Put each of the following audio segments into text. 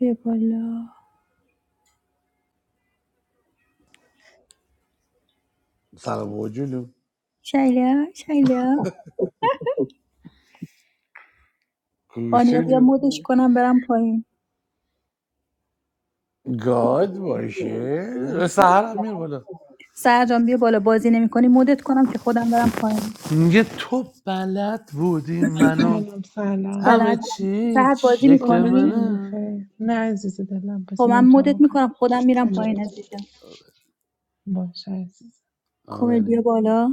بیا بالا سلام و جونو شیلا شیلا آنیا بیا کوچولو مدش کنم برم پایین گاد باشه سهر هم میره بالا سهر جان بیا بالا بازی نمیکنی مدت کنم که خودم برم پایین میگه تو بلد بودی منو Salam سلام salam. همه عزیزم چی سهر بازی شکل Soke میکنی منه tumife. Nazizadalam, but خب I من didn't مدت come. میکنم Come خودم میرم پایین with you. عزیزم Bye. کمیل بیا آوری بالا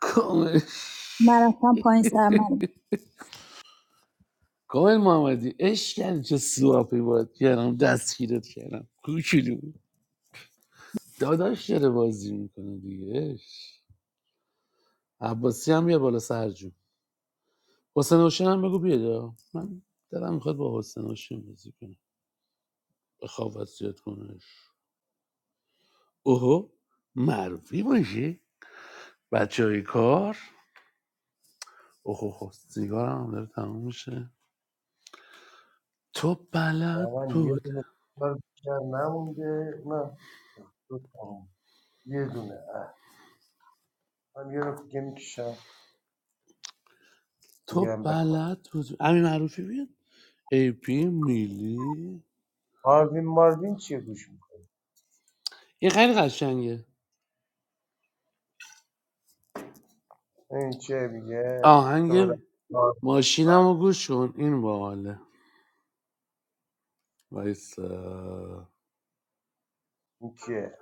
کامل من رفتم پایین سر من کامل محمدی عشق کردی چه سواپی باید کردم دستگیرت کردم کوچولو داداش داره بازی میکنه دیگه عشق. عباسی هم بیا بالا سرجون حسین حسین هم بگو بیاد من دلم میخواد با حسین حسین بازی کنم بخواب وصیت کنش اوهو معروفی باشی بچه های کار اوهو سیگارم هم داره تموم میشه تو بلد واقعا یه بود دونه سیگار بیشتر نمونده اونم دو تا یه دونه اه من یه رو دیگه میکشم تو بگیرم بخواب بلد بود امین معروفی بیاد ای پی میلی آروین ماروین چیه گوش میکنی این خیلی قشنگه این چیه میگه تو بعد از آهنگ کار می‌کنی. ماشینم رو گوش کن این باحاله وایسا این کیه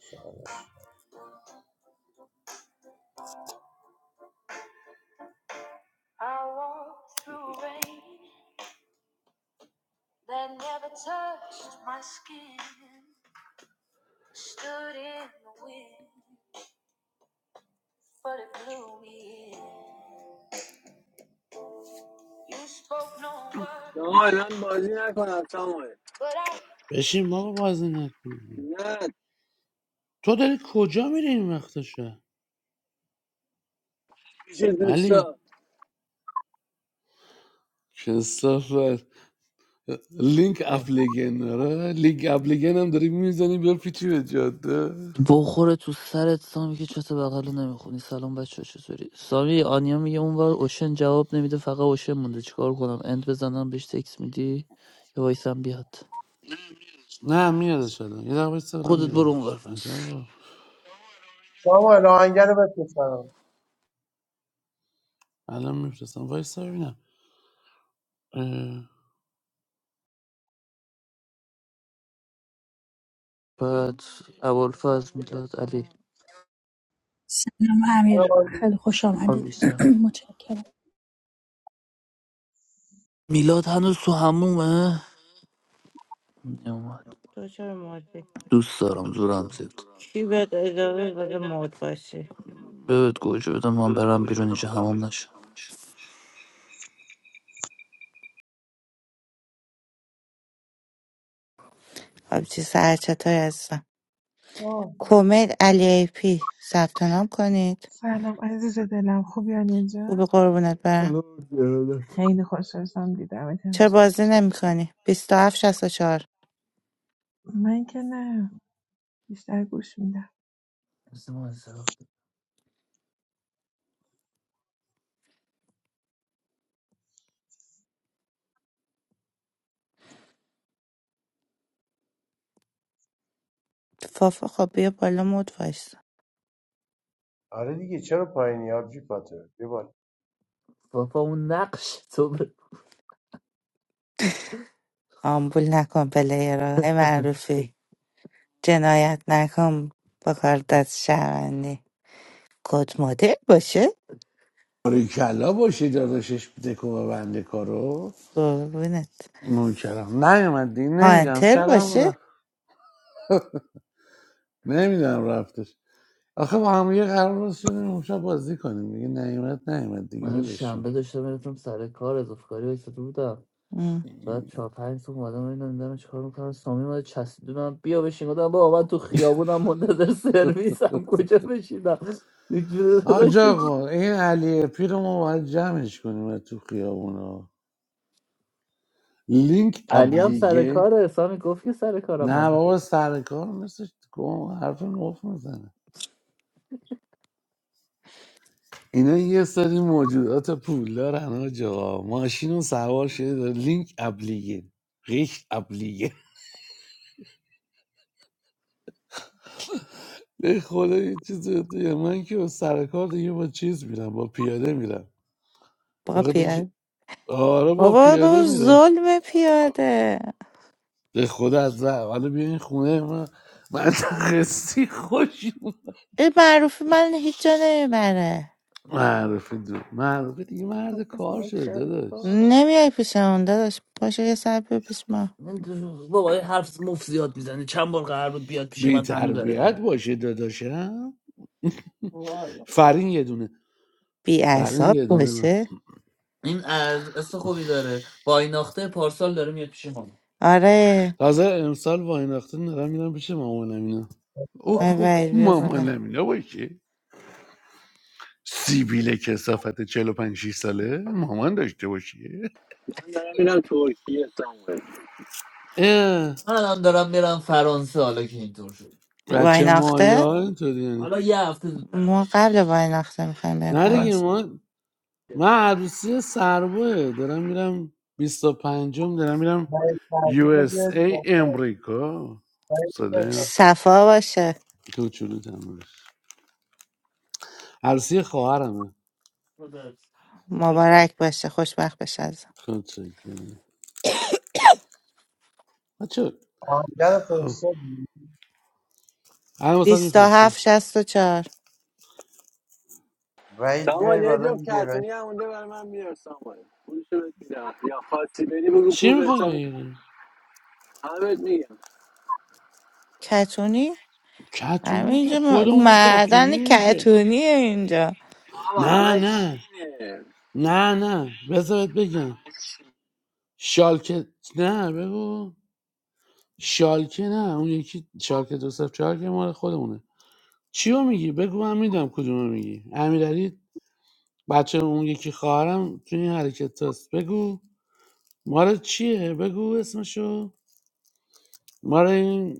شغلش آقا الان بازی نکنم ساموئل بشین بابا بازی نکن نه تو داری کجا میری این وقتشه پیش علی دوستا کسافت لینک اپلیگن آره لینک اپلیگن هم داری میزنی بیا پیچی به جاده بخوره تو سرت سامی که چت بغل رو نمیخونی سلام بچه چطوری سامی آنیا میگه اونور اوشن جواب نمیده فقط اوشن مونده چیکار کنم اند بزنم بهش تکس میدی یا وایسم بیاد نه میادش الان یه دقیقه وایسا برم خودت برو اونور بیارمش پس عجبا سامان آهنگر رو بپسنم الان میفرستم وایسا ببینم بعد ابوالفضل میلاد علی سلام آره امیر ماروین. خیلی خوش آمدید آلیسا متشکرم میلاد هنوز تو همومه نمی‌اومد. تو چرا مودی؟ دوست دارم زورم زد کی بهت اجازه داده مود باشی؟ بهت گوجه بدم من برم بیرون اینجا هموم نشم آبجی سرچطایی هستم آه. کومیل علی ای پی ثبت نام کنید Salam, azizadalam. Khubyan jaa. خوبی قربونت برم سلام ارادت Khayrul khosro zam dida چرا matamza. بازی نمی کنی؟ 27 64 Main kena. Is lagush mida. فافا خب بیا بالا مود وایسا آره دیگه چرا پایینی آبجی پاتر بیا بالا بابا اون نقش تو ب- آمبول نکن پلیرها ای معروفی جنایت نکن با کار دست شهروندی کد مدل باشه اه، کلا باشه داداشش دکو ببنده کارو قربونت نون کردم نیومد دیگه نمیدونم هانتر شاید هم باشه رفت نمیدونم رفتش آخه با هم یه قرار راست شده اون شب بازی کنیم دیگه نیومد نیومد دیگه من ولشون شنبه داشتم میرفتم سر کار اضافه کاری ایستاده بودم ام. بعد چهار پنج صبح اومدم اینا دیدم چیکار میکنم سامی اومده چسبید به من بیا بشین گفتم بابا من تو خیابونم منتظر سرویسم کجا بشینم یک جوری داشت. آجا آقا این علی پیرمو باید جمعش کنیم تو خیابونا لینک علی هم سر ابلیگه کاره سامی گفت که سر کارم نه من بابا سر کار مثل گم حرف مف میزنه اینا یه سری موجودات پولدارن آجا ماشین رو سوار شده لینک ابلیگه قیش ابلیگه به خدا یه چیز دیگه. من که با سر کار دیگه با چیز میرم با پیاده میرم بابا بخاطر اینکه پیاده آره با بابا پیاده بابا میرم ظلم پیاده به خدا از ره حالا بیا این خونه من منطقه سی خوش اومد. این معروفی من هیچ جا نمیبره معرفه دو معرفه دیگه مرد کار شده داداش نمیای پیش اون داداش پاشو یه سر بیا پیش ما بابا یه حرف مفت زیاد میزنه چند بار قرار بود بیاد پیش بی من هنوز داره میاد تربیت باشه داداشم فرین یه دونه بی فرین اعصاب یه دونه من باشه این از است خوبی داره با این ناخته پارسال داره میاد پیش ما آره تازه امسال وایناخته نرم میرم پیش مامانم اینا اوه آه، آی اوه وای بیا بالا مامانم اینا باشه سیبیل کسافت 45 6 ساله مامان داشته باشی من دارم میرم ترکیه ساموئل اه، من الان دارم میرم فرانسه حالا که اینطور شد بچه وایناخته مایا اینطوری یعنی حالا یه هفته زودتر ما قبل وایناخته میخوایم بریم نه دیگه فرانسه ما من عروسی سرباه دارم میرم بیست و پنجم دارم میرم وحید یو فرزاد رو اس بیارید بالا. ای امریکا وحید صدای بیارید بالا. من صفا باشه کوچولو تمومش عروسی خواهرمه مبارک باشه خوشبخت بشه متشکرم. بچه آهنگر خب فرستادی الان واسه بیست و هفت میفرستم شست و چهار وحید ساموئل بیای یه بالا جفت دیگه وحید کتونی هم اونده برای من بیار ساموئل پولشو بهت میدم یا خواستی بری بگو چی پول به میخوای حساب بگیری همه بهت میگم کتونی؟ کتونی که همینجا م- خودمون معدن کتونیم که کتونیه اینجا آقا نه همه نه چینه نه نه بذارت بگم همه چین. شالکه نه بگو شالکه نه اون یکی شالکه دو صفر چهار که مال خودمونه چیو میگی بگو من میدم کدومو میگی امیرعلی بچه اون یکی خواهرم تو این حرکت هست بگو مال چیه بگو اسمشو مال این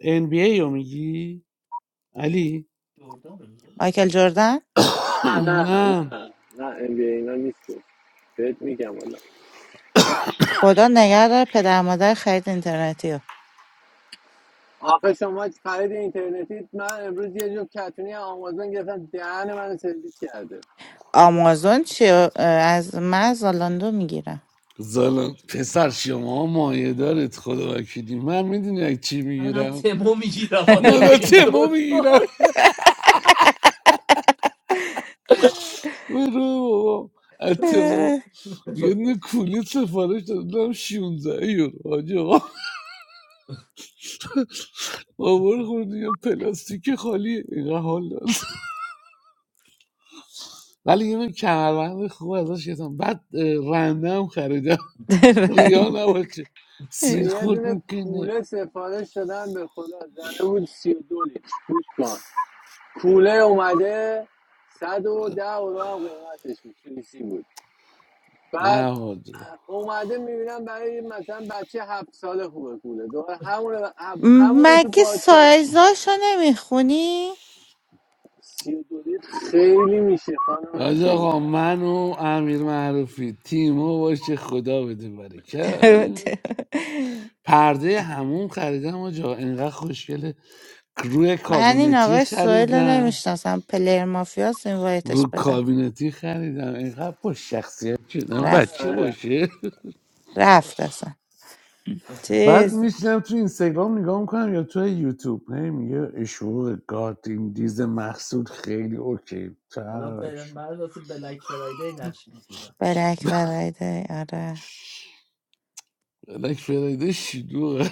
NBA رو میگی علی مایکل جردن نه نه نه نه نه ام بی اینا نیست بهت میگم والا و- خدا نگه داره پدر مادر خرید اینترنتی رو آخه شما خرید اینترنتی من امروز یه جفت کتونی هم آمازون گرفتم دهن من سرویس کرده آمازون چی اه، از من از آلاندو میگیرم زالا پسر شما ها مایه دارت خدا وکیلی من میدونی از چی من از میگیرم تمو میگیرم حالا من که از تمو اینطور میگیرم برو بابا از تمو یه شد. دونه کولی سفارش دادم 16 یورو حاجی آقا آوار خورد یه پلاستیک خالی اینقدر حال داد ولی یه دونه کمربند خوب ازش گرفتم بعد اه، رنده هم خریدم ریا نباشه من سیر یه خورد دونه میکنه کوله سفارش دادم به خدا زده بود سی و دو لیتر گوش کن کوله اومده صد و ده اورو هم قیمتش بود سوئیسی بود نه بعد حاجا اومده میبینم برای مثلا بچه هفت ساله خوبه کوله دوباره همونه همونه تو مگه پادکست سایزاشو نمیخونی؟ سی و دو لیتر خیلی میشه خانم حاج چیز آقا من و امیر معروفی تیمو باشه خدا بده برکت پرده همون خریدم آجا انقدر خوشگله روی من این کابینتی آقای سوئیل رو خریدم نمیشناسم پلیر مافیاس این وایتش رو بدم کابینتی خریدم اینقدر با شخصیت شدم بچه رفت آره. باشه رفت اصلا بعد چیز میشنم تو اینستاگرام نگاه میکنم یا تو یوتیوب هی میگه اشوق گارد این دیز محسود خیلی اوکی حالا بل... ترش من واسه بلک فرایدی نقش میگیرم بلک فرایده آره بلک فرایده شلوغه.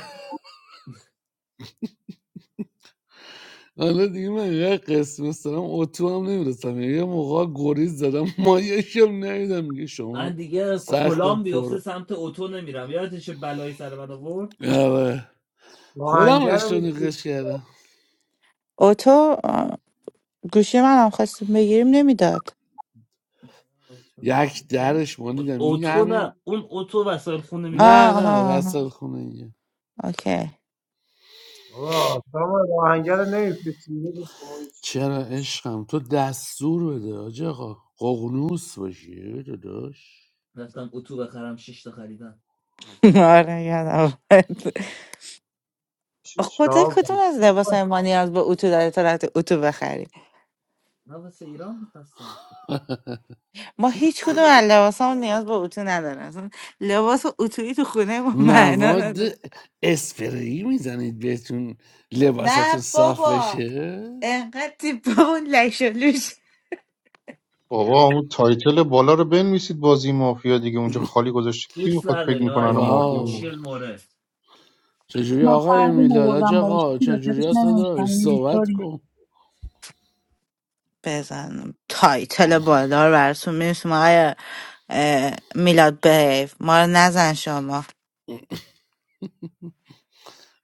حالا دیگه من یه قسمت دارم اتو هم نمیرسم یه موقع گریز زدم مایش هم ندیدم میگه شما من دیگه سخفت کلام پر بیفته سمت اتو نمیرم یادش بلایی سر من آورد آره خودم آهنگر رو اشتونی قش کردم اوتو آه، گوشی من هم خواستیم بگیریم نمیداد یک درش اون مالیدم این اتو همین نه اون اتو وسایل خونه آه نه میفروشه نه آه وسط آه، خونه اینه اوکی آقا سامان آهنگر نمیفتی چرا عشقم تو دستور بده آج آقا قغنوس باشی داداش رفتم اتو بخرم شش تا خریدم آره یادم اومد. شیش خدای تا کدوم بود. از لباس های ما نیاز به اتو داره تا رفتی اتو بخری ما هیچ کدوم از لباس نیاز به اتو نداره اصلا لباس اتویی تو خونه ما معنا مواد نداره اسپری میزنید بهتون لباساتون نه صاف بابا بشه انقدر تیپ اون لش و لوش بابا اون تایتل بالا رو بنویسید بازی مافیا دیگه اونجا خالی گذاشته کی میخواد فکر میکنن مافیا واو بود چجوری من آقای فرقی میلاد آج آوردم بالا آقا چیزی رو کتش چجوری هست ننوشتم داداش صحبت کن بزن تایتل بالا رو براتون میرسیم آقای اه، میلاد بیف ما رو نزن شما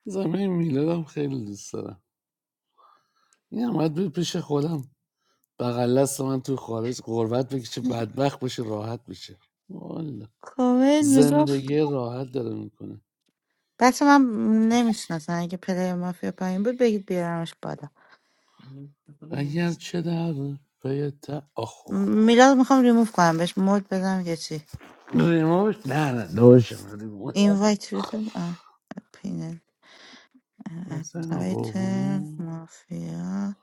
زمین میلادم خیلی دوست دارم این هم بود پیش خودم بغل دست من تو خارج قربت بکشه بدبخت بشه راحت بشه والا کومل میگفت زندگی راحت داره میکنه بچه من نمیشناسم اگه پلیر مافیا پایین بود بگید بیارمش بالا اگر چه در پیت؟ تا آخ م- آخ، آخ. میلاد میخوام ریموف کنم بهش مود بدم یه چی ریموش نه نه دوش ریموش اینوایت ریکن پینل مثلا اتایت قربونو مافیا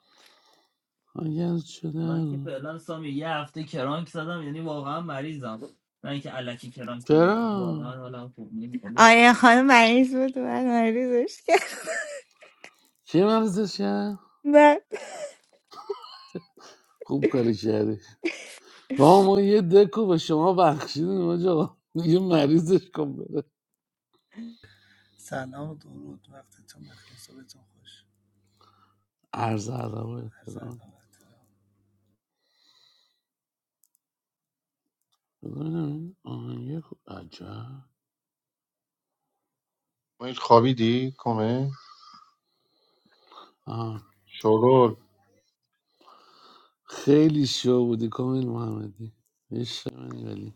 اگر چه من که در فعلا سامی یه هفته کرانک زدم یعنی واقعا مریضم نه اینکه الکی کرانک زدم چرا واقعا حالم خوب نیست آیا خانم مریض بود من مریضش کردم کی مرزش کرد خوب کاری کردی ما ما یه دکو به شما بخشیدیم آجا یه مریضش کن بره سلام و درود وقتتون بخیر صبحتون خوش عرض ادب و عرض ادب احترام و احترام ببینم آهنگ خوب عجب میل خوابیدی کمه آه. شورول خیلی شو بودی کامل محمدی عشق منی ولی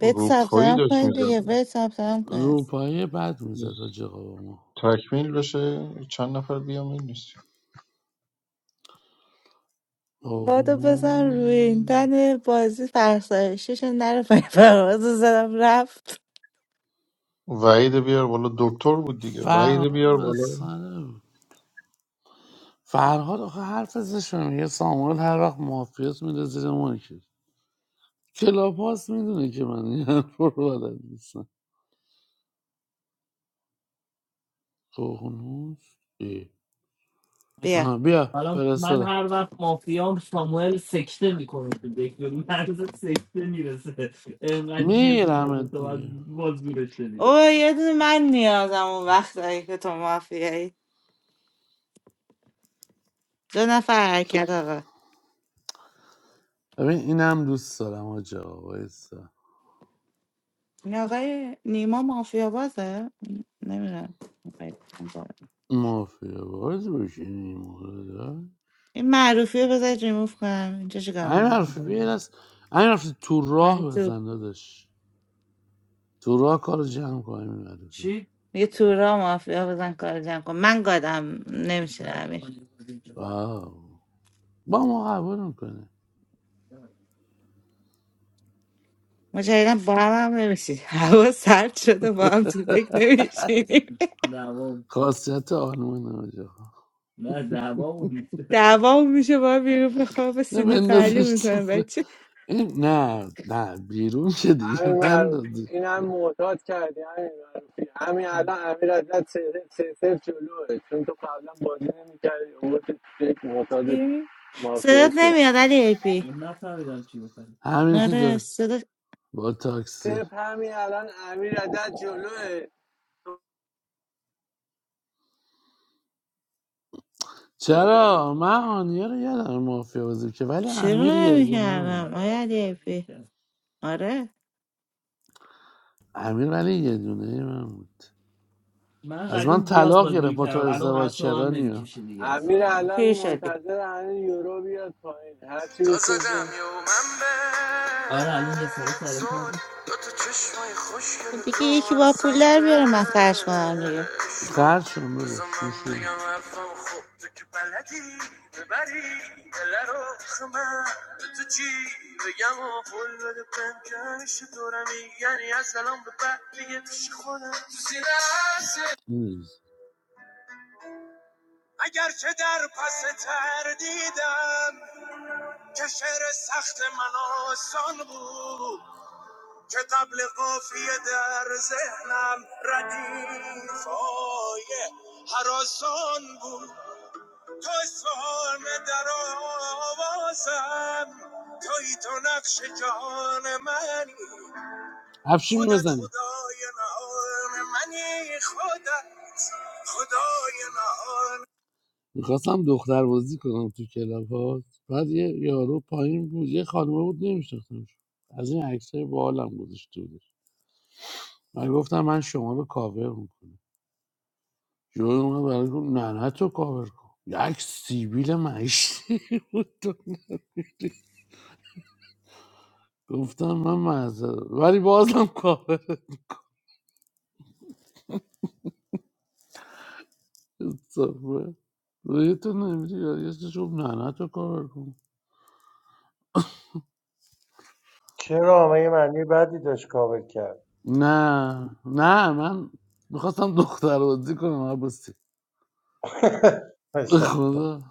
بهت ثبت نام داشت کنید دیگه میزد بهت ثبت نام کنید روپایی بد میزد آجا با ما تکمیل بشه چند نفر بیام این نیست بادو بزن روی آغنون این تن بازی فرسایشیش نره پای پرواز زدم رفت وعید بیار بالا دکتر بود دیگه وعید فرهاد بیار بالا مسخره بود. فرهاد آخه حرف زشته میگه ساموئل هر وقت مافیاس میره زیر مایکش کلاپاس میدونه که من این حرف رو بلد نیستم. ققنوس ای. بیا آها بیا حالا من فرستادم هر وقت مافیام ساموئل سکته میکنه تو دک به مرز سکته میرسه انقدر جیغ میرم میزنه تو باز دیگه باز او میرسه یه دونه من نیازم اون وقت هایی که تو مافیایی دو نفر حرکت آقا ببین اینم دوست دارم آجا وایسا این آقای نیما مافیا بازه نمیدونم مافیا باز بشینی مورد همین این معروفی رو بذارید ریموف کنم اینجا چیکار حرفی بیر می‌کنی؟ از همین حرفی تو راه اومدی بزن داداش تو راه کار جمع کنیم این حرفی چی؟ یه تورا مافیا بزن کار جمع کن من گادم نمیشه امیر واو با ما قبول میکنه مجددا با هم هم نمیشید هوا سرد شده با هم تو دک نمیشینیم دوام خاصیت آنون آجا نه دوام نیست دوام میشه با هم بیرون به خواب نه سینه تعلیم بندازش تو میکنه ف- بچه این نه نه بیرون که دیگه همین معروفی نندازش این هم معتاد کردی همین معروفی همین الان امیر ازت سه سه سه جلوه چون تو قبلا بازی نمیکردی اومد یک معتاد چی؟ مافیا صدات شدی نمیاد علی ای پی من نفهمیدم چی بکنی همین که آره داره صدات با تاکسی سپ همین الان امیر ازت جلوه چرا من آنیا رو یادم مافیا بازی که ولی چرا امیر یه دونه بود نمیکردم آیا علی ای پی آره امیر ولی یه دونه من بود من از من قدیم بیاز طلاق بازی گرفت با تو میکردم الان ازدواج اصلا هم چرا نیا نمیکشه دیگه به امیر سراغ الان پیر شدی منتظر همین یورو بیاد پایین هرچی تا زدم بشوشم یه من به آره الان یه سر سر زل کار دو چشمای خوشگل دیگه تو یکی منو با پول در سمتش بیاره من خرج کنم دیگه قرض شدم من بگم حرفم خوب تو که بلدی ببری دل رو آخه تو چی بگم و قول بده پنجهش دورمی یعنی از الان به بعد دیگه پیش خودم تو سینه هست. اگر که در پس تر دیدم که شعر سخت من آسان بود که قبل قافیه در ذهنم ردیفای هر آسان بود تو اسفحان در آوازم توی تو نقش جهان منی افشین خودت بزنی خدای نهان منی خودت خدای نهان میخواستم دختر بازی کنم تو کلاب ها بعد یه یارو پایین بود یه خانومه بود نمیشناختمش از این عکسای بالم گذاشته بودش من گفتم من شما رو کاور میکنم جوری اومد برای گفت نه نه تو کاور کن یک سیبیل معیشتی بود تو نداری. گفتم من معذرت ولی بازم کاور صافه روی تو نمیری یه چیز گفت نه نه تو کاور کن چرا آقا یه معنی بدی داشت کابل کرد نه نه من میخواستم دختر بازی کنم عباسی به باشه. خدا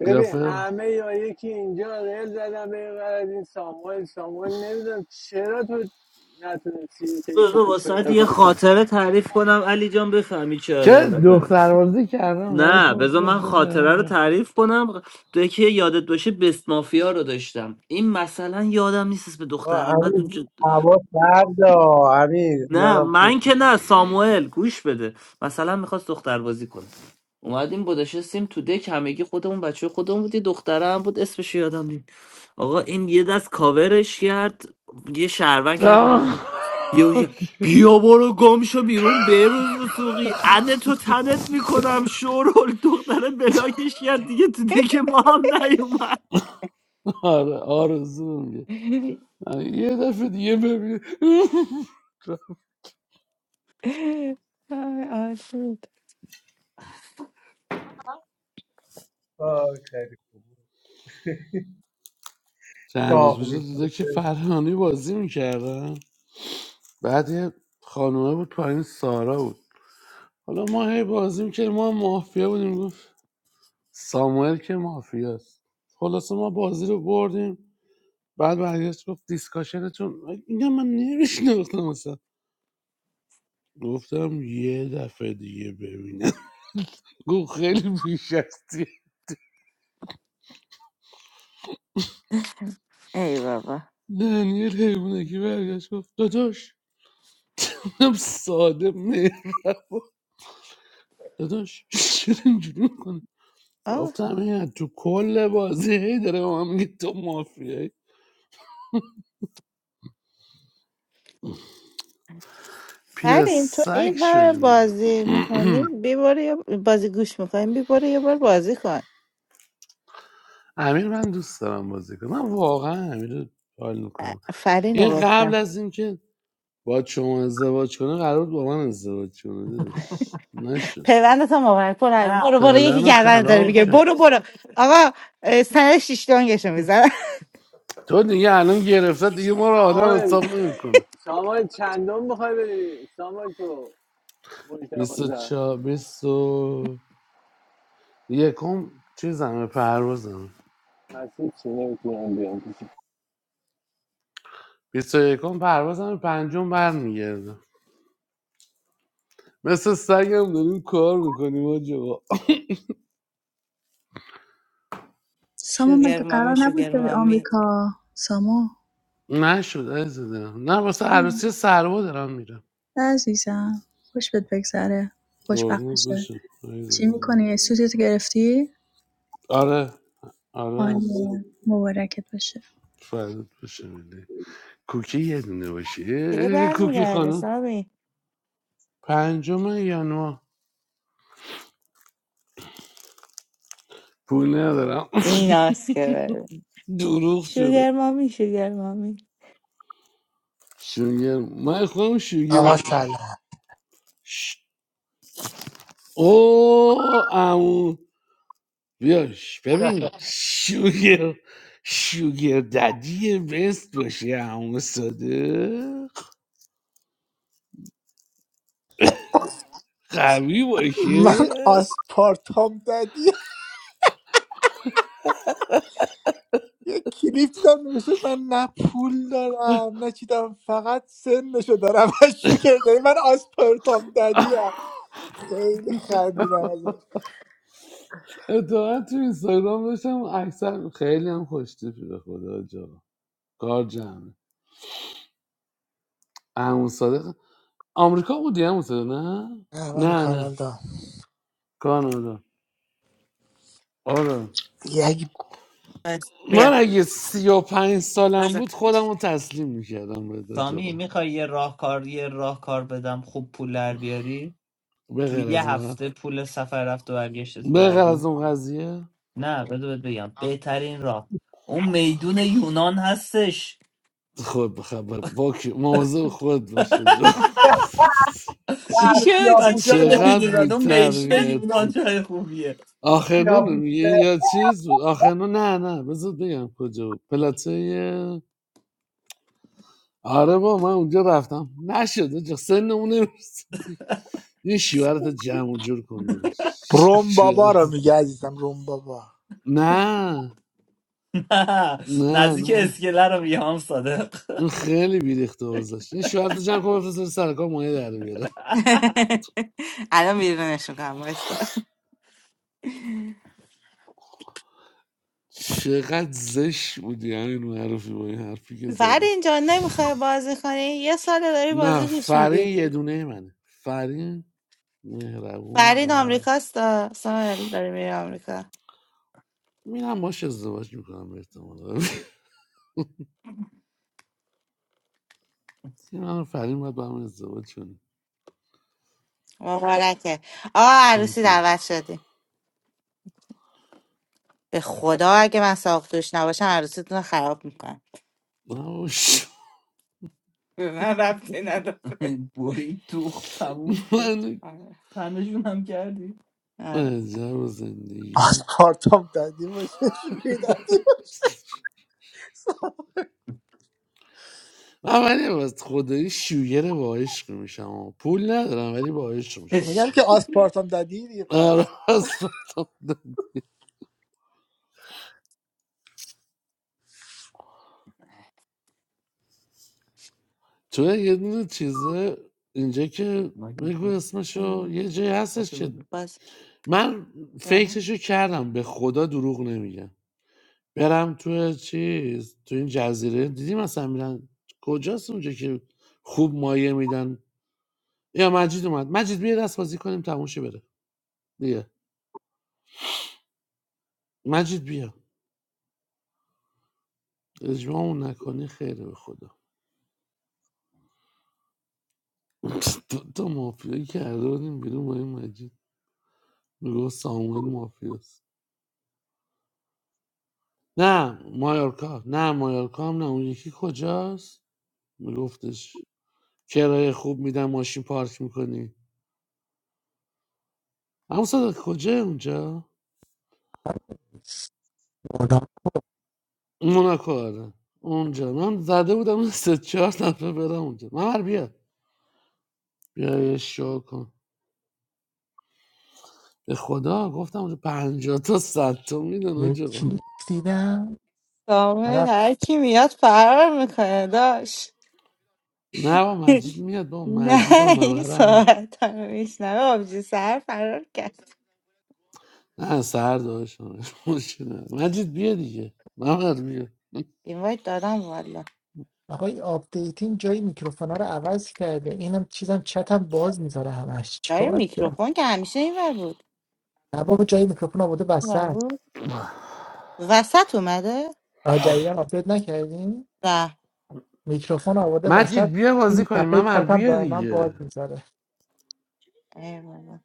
ببین قیافه همه یا یکی اینجا ریل زدن به این ور از این ساموئل ساموئل نمیدونم چرا تو نتونستی که ایتو بذار خوب واسه پیدا یه کنی خاطره تعریف کنم علی جان بفهمی چه چه لازم دختربازی کردم ولی نه خب بذار چه من پیدا خاطره رو نکردم تعریف کنم تو یکی یادت باشه بست مافیا رو داشتم این مثلا یادم نیست اسم آقا دختر امیر اومد هوا سرد آ. امیر نه ندم فکر من کن. که نه ساموئل گوش بده مثلا میخواست دختر بازی کنه اومدیم با نشستیم تو دک همگی خودمون بچه خودمون بود یه دختره هم بود اسمش رو یادم نیم آقا این یه دست کاورش کرد یه شهروند کرد یه بیا برو گم شو بیرون بروز سوقی انه تو تنت میکنم شورول دختره بلاکش کرد دیگه تو دک ما هم نیومد آره آرزو میگه آره، یه دفعه دیگه ببین آی آسود آه، خیلی خوب چند روز داغ پیش تو میکنه دو که فرهانی بازی میکردم بعد یه خانومه بود پایین سارا بود حالا ما هی بازی میکردیم ما هم مافیا بودیم گفت ساموئل که مافیاست خلاصه ما بازی رو بردیم بعد برگشت گفت دیسکاشنتون اینا من نمیشناختم اصلا. گفتم یه دفعه دیگه ببینم گفت خیلی بیش هستی ای بابا دنیل حیوانه که برگشت گفت داداش گفتم ساده مهر داداش چرا اینجوری میکنه گفتم این تو کل بازی هی داره به من میگه تو مافیایی پیر بریم تو سگ این همه شدیم دیگه بازی میکنیم بیباره یه بازی گوش میکنیم بیباره یه بار بازی کن امیر من دوست دارم بازی کنم من واقعا امیر رو حال میکنم فرین رو این قبل گفتم از اینکه با شما ازدواج کنه قرار بود با من ازدواج کنه داداش نشد پیوند تا مبارک برو همین. برو برو یکی پلن گردن داره خراب میگه شد برو برو آقا اه، سر شیشتانگشو میزن تو دیگه الان گرفته دیگه ما رو آدم ساموئل حساب نمیکنه سامان چندم بخوای بری سامان تو برج دوازده 24 20 و یکم چیزمه پروازمه هستی چی نمیتونم بیام کسی 21 پروازمه پنجم برمیگردم مثل سگم داریم کار میکنیم آجا سامان شوگر مگه قرار مامی نبود شوگر بری مامی آمریکا سامان نشد عزیز دلم نه واسه عروسی سروا دارم میرم نه عزیزم خوش بهت بگذره خوشبخت قربونت بشه بشه عزیز چی دلم میکنی؟ سوتت گرفتی؟ آره آره عزیزم عالیه مبارکت باشه فردت بشه ملی کوکی یه دونه باشی اه، که اه، کوکی برمیگرده خانم سامی پنجم یانوار پول ندارم این هست که بره دروغ چرا شوگر مامی شوگر مامی شوگر من خودم شوگر آقا سلام ش... او امو بیا ببین شوگر شوگر ددی بست باشه امو صادق قوی باشه من آسپارتام دادی یه کلیپ دیدم نمیشه من نه پول دارم نه چی دارم فقط سنشو دارم و شکر داری من آسپارتام دادی هم. خیلی خندیدم ازش اتفاقا تو اینستاگرام داشتم اکثر خیلی هم خوشتیپی به خدا جا کار جمعه امو صادق آمریکا بودی امو صادق نه نه من نه نه کانادا کانادا آره یک بس، من بیا اگه سی و پنج سالم بزن. بود خودم رو تسلیم میکردم به داج سامی آقا میخوای یه راهکار یه راهکار بدم خوب پول در بیاری به تو غیر از یه اون ق- هفته پول سفر رفت و برگشت به غیر از داری اون قضیه نه بذار بهت بگم بهترین راه اون میدون یونان هستش خود بخبر با کی- مواظب خود باش داج آقا. چی اینو شد چی بچه ها شد سیاپوسته چقدر نمیدونن اون چی میدون شد بیتربیت یونان جای خوبیه آخر نون رو میگه سیاپوسته یا چیز بود آخر نه نه بذار بگم کجا بود پلاته آره با من اونجا رفتم نشد آجا سن اون نمی‌رسیدی. این شوهرت جمع و جور کنده داشت روم بابا شوهرت رو میگه عزیزم روم بابا نه نه نه نزدیک نه اسکله رو میام صادق این خیلی بیریخته بازش این شوهر تو جمع کن بفرست سر کار مایه در بیاره الان بیرونش میکنم وایستا چقدر زشت بودی همین معروفی با این حرفی که زدی فرین جان نمیخوای بازی کنی یه سال داری نه بازی گوش میدی فرین یه دونه منه فرین مهربون فرین قد آمریکاست آه. سامل داری میری آمریکا این هم باش ازدواج میکنم به احتمال این من فرین باید با هم ازدواج کنیم مبارکه آه thank عروسی you دعوت شدی به خدا اگه من ساقدوش نباشم عروسیتون رو خراب میکنم نه باش. به من ربطی نداره بری تو تموم شد من آره تنشون هم کردی آره عجب و زندگیم آسپارتام دادی باشه شوخی دادی باشه. من ولی از خدایی شوگر با عشق میشم پول ندارم ولی با عشق میشم اش، میگم که آسپارتام دادی دیگه آره پس از تو یه دونه چیزه اینجا که مگه بگو تو اسمشو ام. یه جایی احساس هستش که بده. باز من کنم فکرشو کردم به خدا دروغ نمیگم برم تو چیز تو این جزیره دیدی مثلا میرن کجاست اونجا که خوب مایه میدن یا مجید اومد مجید بیا دست بازی کنیم تموم شه بره بیا مجید بیا اجماعمون نکنی خیره به خدا دو تا مافیا کرده بودیم بیرون با این مجید میگو ساموئل مافیاست نه مایورکا نه مایورکا هم نه اون یکی کجاست میگفتش کرایه خوب میدن ماشین پارک میکنی اما صدا کجا اونجا موناکو آره اونجا من زده بودم اون سه چهار نفر برم اونجا من بیا بیا یه شو کن به خدا گفتم اونجا پنجاه تا صد تا میدن یک آجا کلیپ دیدم سامن طرف هر کی میاد فرار میکنه داشت نه با مجید میاد با نه مجید هم این ممرم هم. ساعت رو میشنوه آبجی سر فرار کرد نه سر داشت مشکل نداره. مجید بیا دیگه ممر بیا این وایت دادم والا آقای آپدیتین جای میکروفونا رو عوض کرده اینم چیزم چتم باز میذاره همش جای چیکار کنم میکروفون که همیشه این ور بود نه بابا جای میکروفون آورده اون ور وسط بود وسط اومده آه جدیدن آپدیت نکردین نه میکروفون آورده وسط مجید بیا بازی این کنیم صفحه ممر چتم بیا دائما باز دیگه میذاره ای بابا.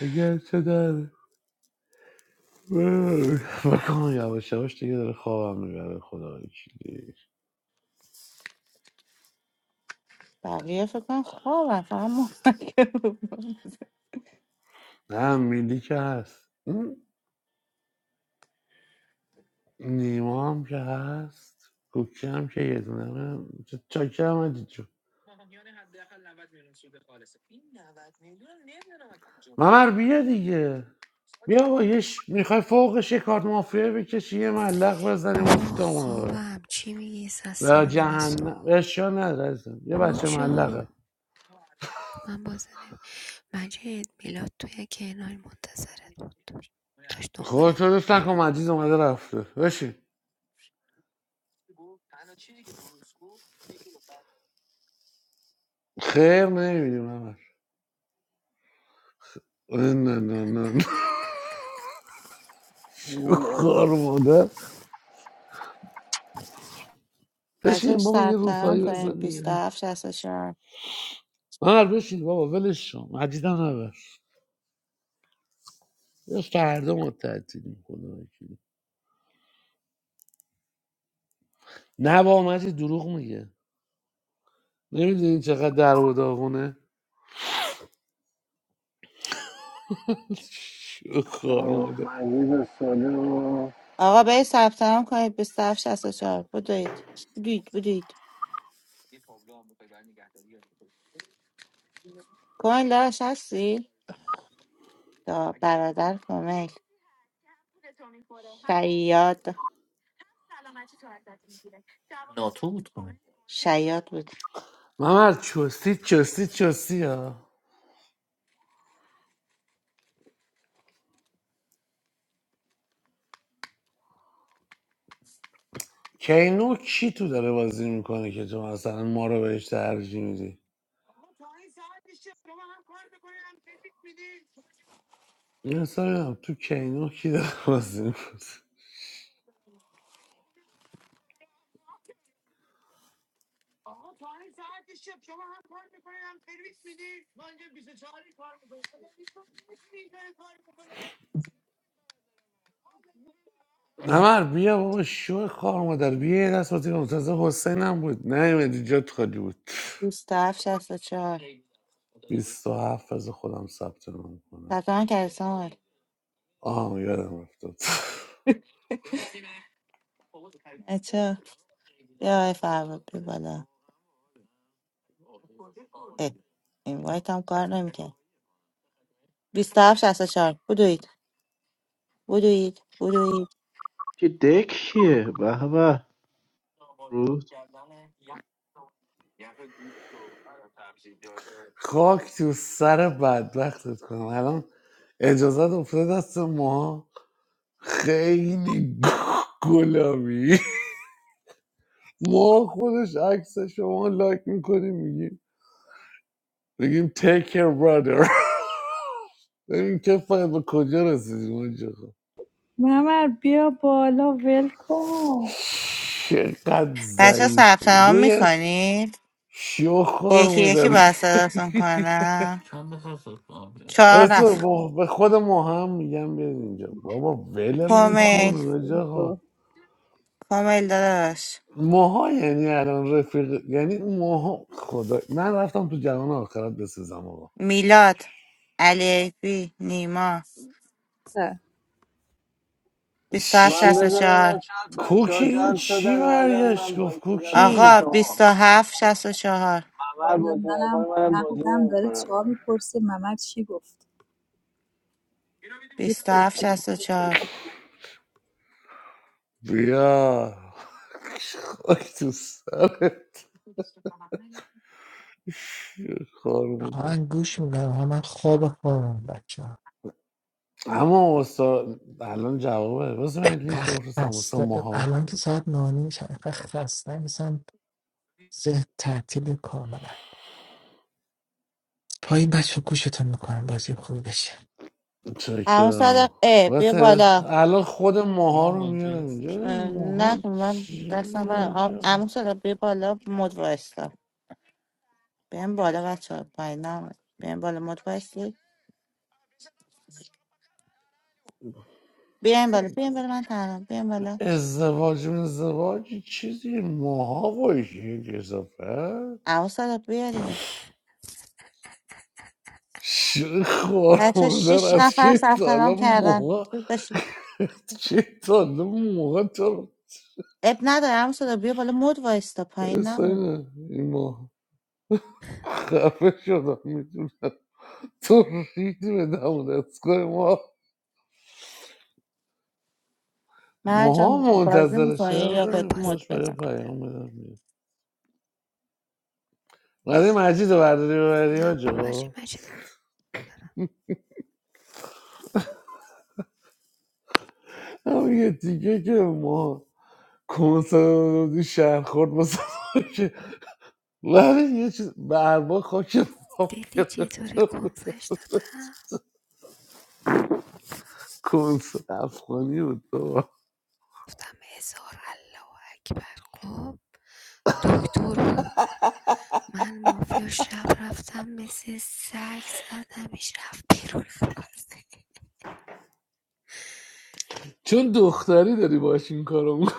اگر چه در بکنم یواش یواش دیگه داره خوابم میبره خدا وکیلی بقیه فکر کنم خوابم فقط مستقه بود نه میلی که هست اون نیما هم که هست کوکی هم که یه دونه چاکی هم مجید جون ممر بیا دیگه بیا با یش میخوای فوقش یه کارت مافیا بکشی یه ملق بزنیم بابا افتمون رو خوابم چی میگی ساعت سه به و نیم جهنم صبح اشیا نداره عزیزم. یه روم بچه شو ملقه من بازه نمی مجید میلاد توی کنار منتظرت بود داشت دنبالت خودتو دوست میگشت نکن مجید اومده رفته بشین خیر نمیدیم همش نه نه نه نه کار مادر بچه بشین بابا یه ثبت نام روپایی کنید بزنیم بده 27 چهار. مر بشین بابا ولش شم مجیدم نبر یه فردا ما تعطیلیم خدا وکیلی. نه بابا مجید دروغ میگه نمیدونی چقدر در و داغونه شو کار مادر مجید و ساله و آقا به ثبت نام کنید 27 64 بودید بودید بودید کوین لاش هستی؟ دا برادر کومیل شیاد تو بود کن شیاد بود ممر چستی چستی چستی ها کینو کی تو داره بازی میکنه که تو مثلا ما رو بهش ترجیح میدی این اصلا نمی‌دونم، تو کینو کی داره بازی میکنه نمر بیا بابا شو کار مادر بیا یه دست بازی کنم تازه حسین هم بود نه ایمدی جات خالی بود 27 64 27 از خودم ثبت نام کنم ثبت نام کردی سامال آه یادم رفت اچه بیا آقای فرود بی بالا اه، این وایت هم کار نمیکرد 27 64 بودید بدوید بدوید که دک کیه به به درود خاک تو سر بدبختت کنم الان اجازت افتاد دست ما خیلی گلابی ما خودش عکس شما لایک میکنیم میگیم بگیم take your brother ببین که فاید به کجا رسیدیم اونجا ممر بیا بالا ول کن چقدر بچه ها ضعیف ثبت نام بیا یه میکنید شو خار یکی یکی مادر باید صداتون کنم چند نفر ثبت نام کردن چهار راست نفر به به خود ماها هم میگم بیاد اینجا بابا ولمون وای، کن کومیل رجا ها کومیل داداش ماها یعنی الان رفیق یعنی ماها خدا من رفتم تو جهان آخرت بسزم آقا میلاد علی ایپی نیما دختر. بیست و هفت من شست و بذار ببینم چهار شاید بچه کوکی ها این جمع چی شدن اومدم برگشت من گفت بایستدم پیش آقا کوکی بیست شما و هفت شست و چهار ممر والا بازی نکنه منم منم بازی مغزم داره نمیکنم سوال میپرسه ممر چی گفت یه بیست و هفت پرسش. شست و چهار بیا خاک تو سرت خار آهنگ گوش میدم آها من خواب خوابم بچه اما استاد الان جوابه واسه من لینک رو اینقدر بفرستم واسه خسته ماها الان که ساعت نانی میشه اینقدر خسته میشم ذهن تعطیل کاملا پایین بچه گوشتون میکنم بازی خوب بشه اما چکرم صدق اه بیا واسه بالا الان خود من ماها رو منتظر میارم اینجا اه، ببینم نه ماها خب من چی دستم برم عجب. اما صدق بیا بالا مد وایستا. بیایم بالا بچه ها پایین نام بیایم بالا مد باشی بیایم بالا بیایم بالا من تنها بیایم بالا ازدواج من ازدواج چیزی ماها باشی کسافه عمو صادق بیا دیگه خور بچه ها مادر شیش از نفر که تا ثبت حالا نام کردن ماها زود باشید چه تا حالا تا اب نداره عمو صادق بیا بالا مد وایستا پایین اصلا نمون اینه، این ماه خفه شدم میدونم تو توفیق به دولتگاه ما ماها مرجان بازی منتظر میکنی شهر و یا من بهت بزنیم بازی مد خوش به یه بزن میکنم پیام بدم بیام. ولی مجید رو برداری ببری نه حاج بابا چی آقا مجید هم یه دیگه که ما کنسرت رو دادی شهر خورد واسه که ولی یه چیز به اربا خاک ما دیدی چطوری گرفته بود کنسش دادم کنسرت افغانی بود بابا. گفتم هزار الله اکبر خب دکتر بود من مافیا شب رفتم مثل سگ زدمش رفت بیرون بازی چون دختری داری باش این کارو می‌کنی.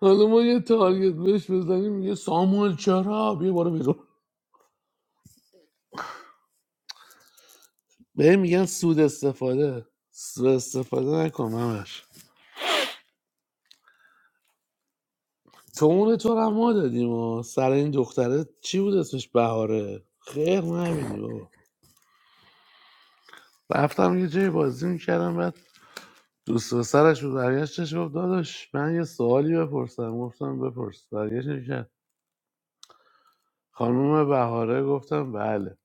حالا ما یه تارگت بهش بزنیم یه ساموئل چرا بیا بارو بیرون به میگن سود استفاده سود استفاده نکن همش تو اون تو رو هم ما دادیم و سر این دختره چی بود اسمش بهاره خیر نبینی بابا رفتم یه جای بازی میکردم بعد دوست و سرش بود برگشتش گفت داداش من یه سوالی بپرسم گفتم بپرس برگشتش کرد خانم بهاره گفتم بله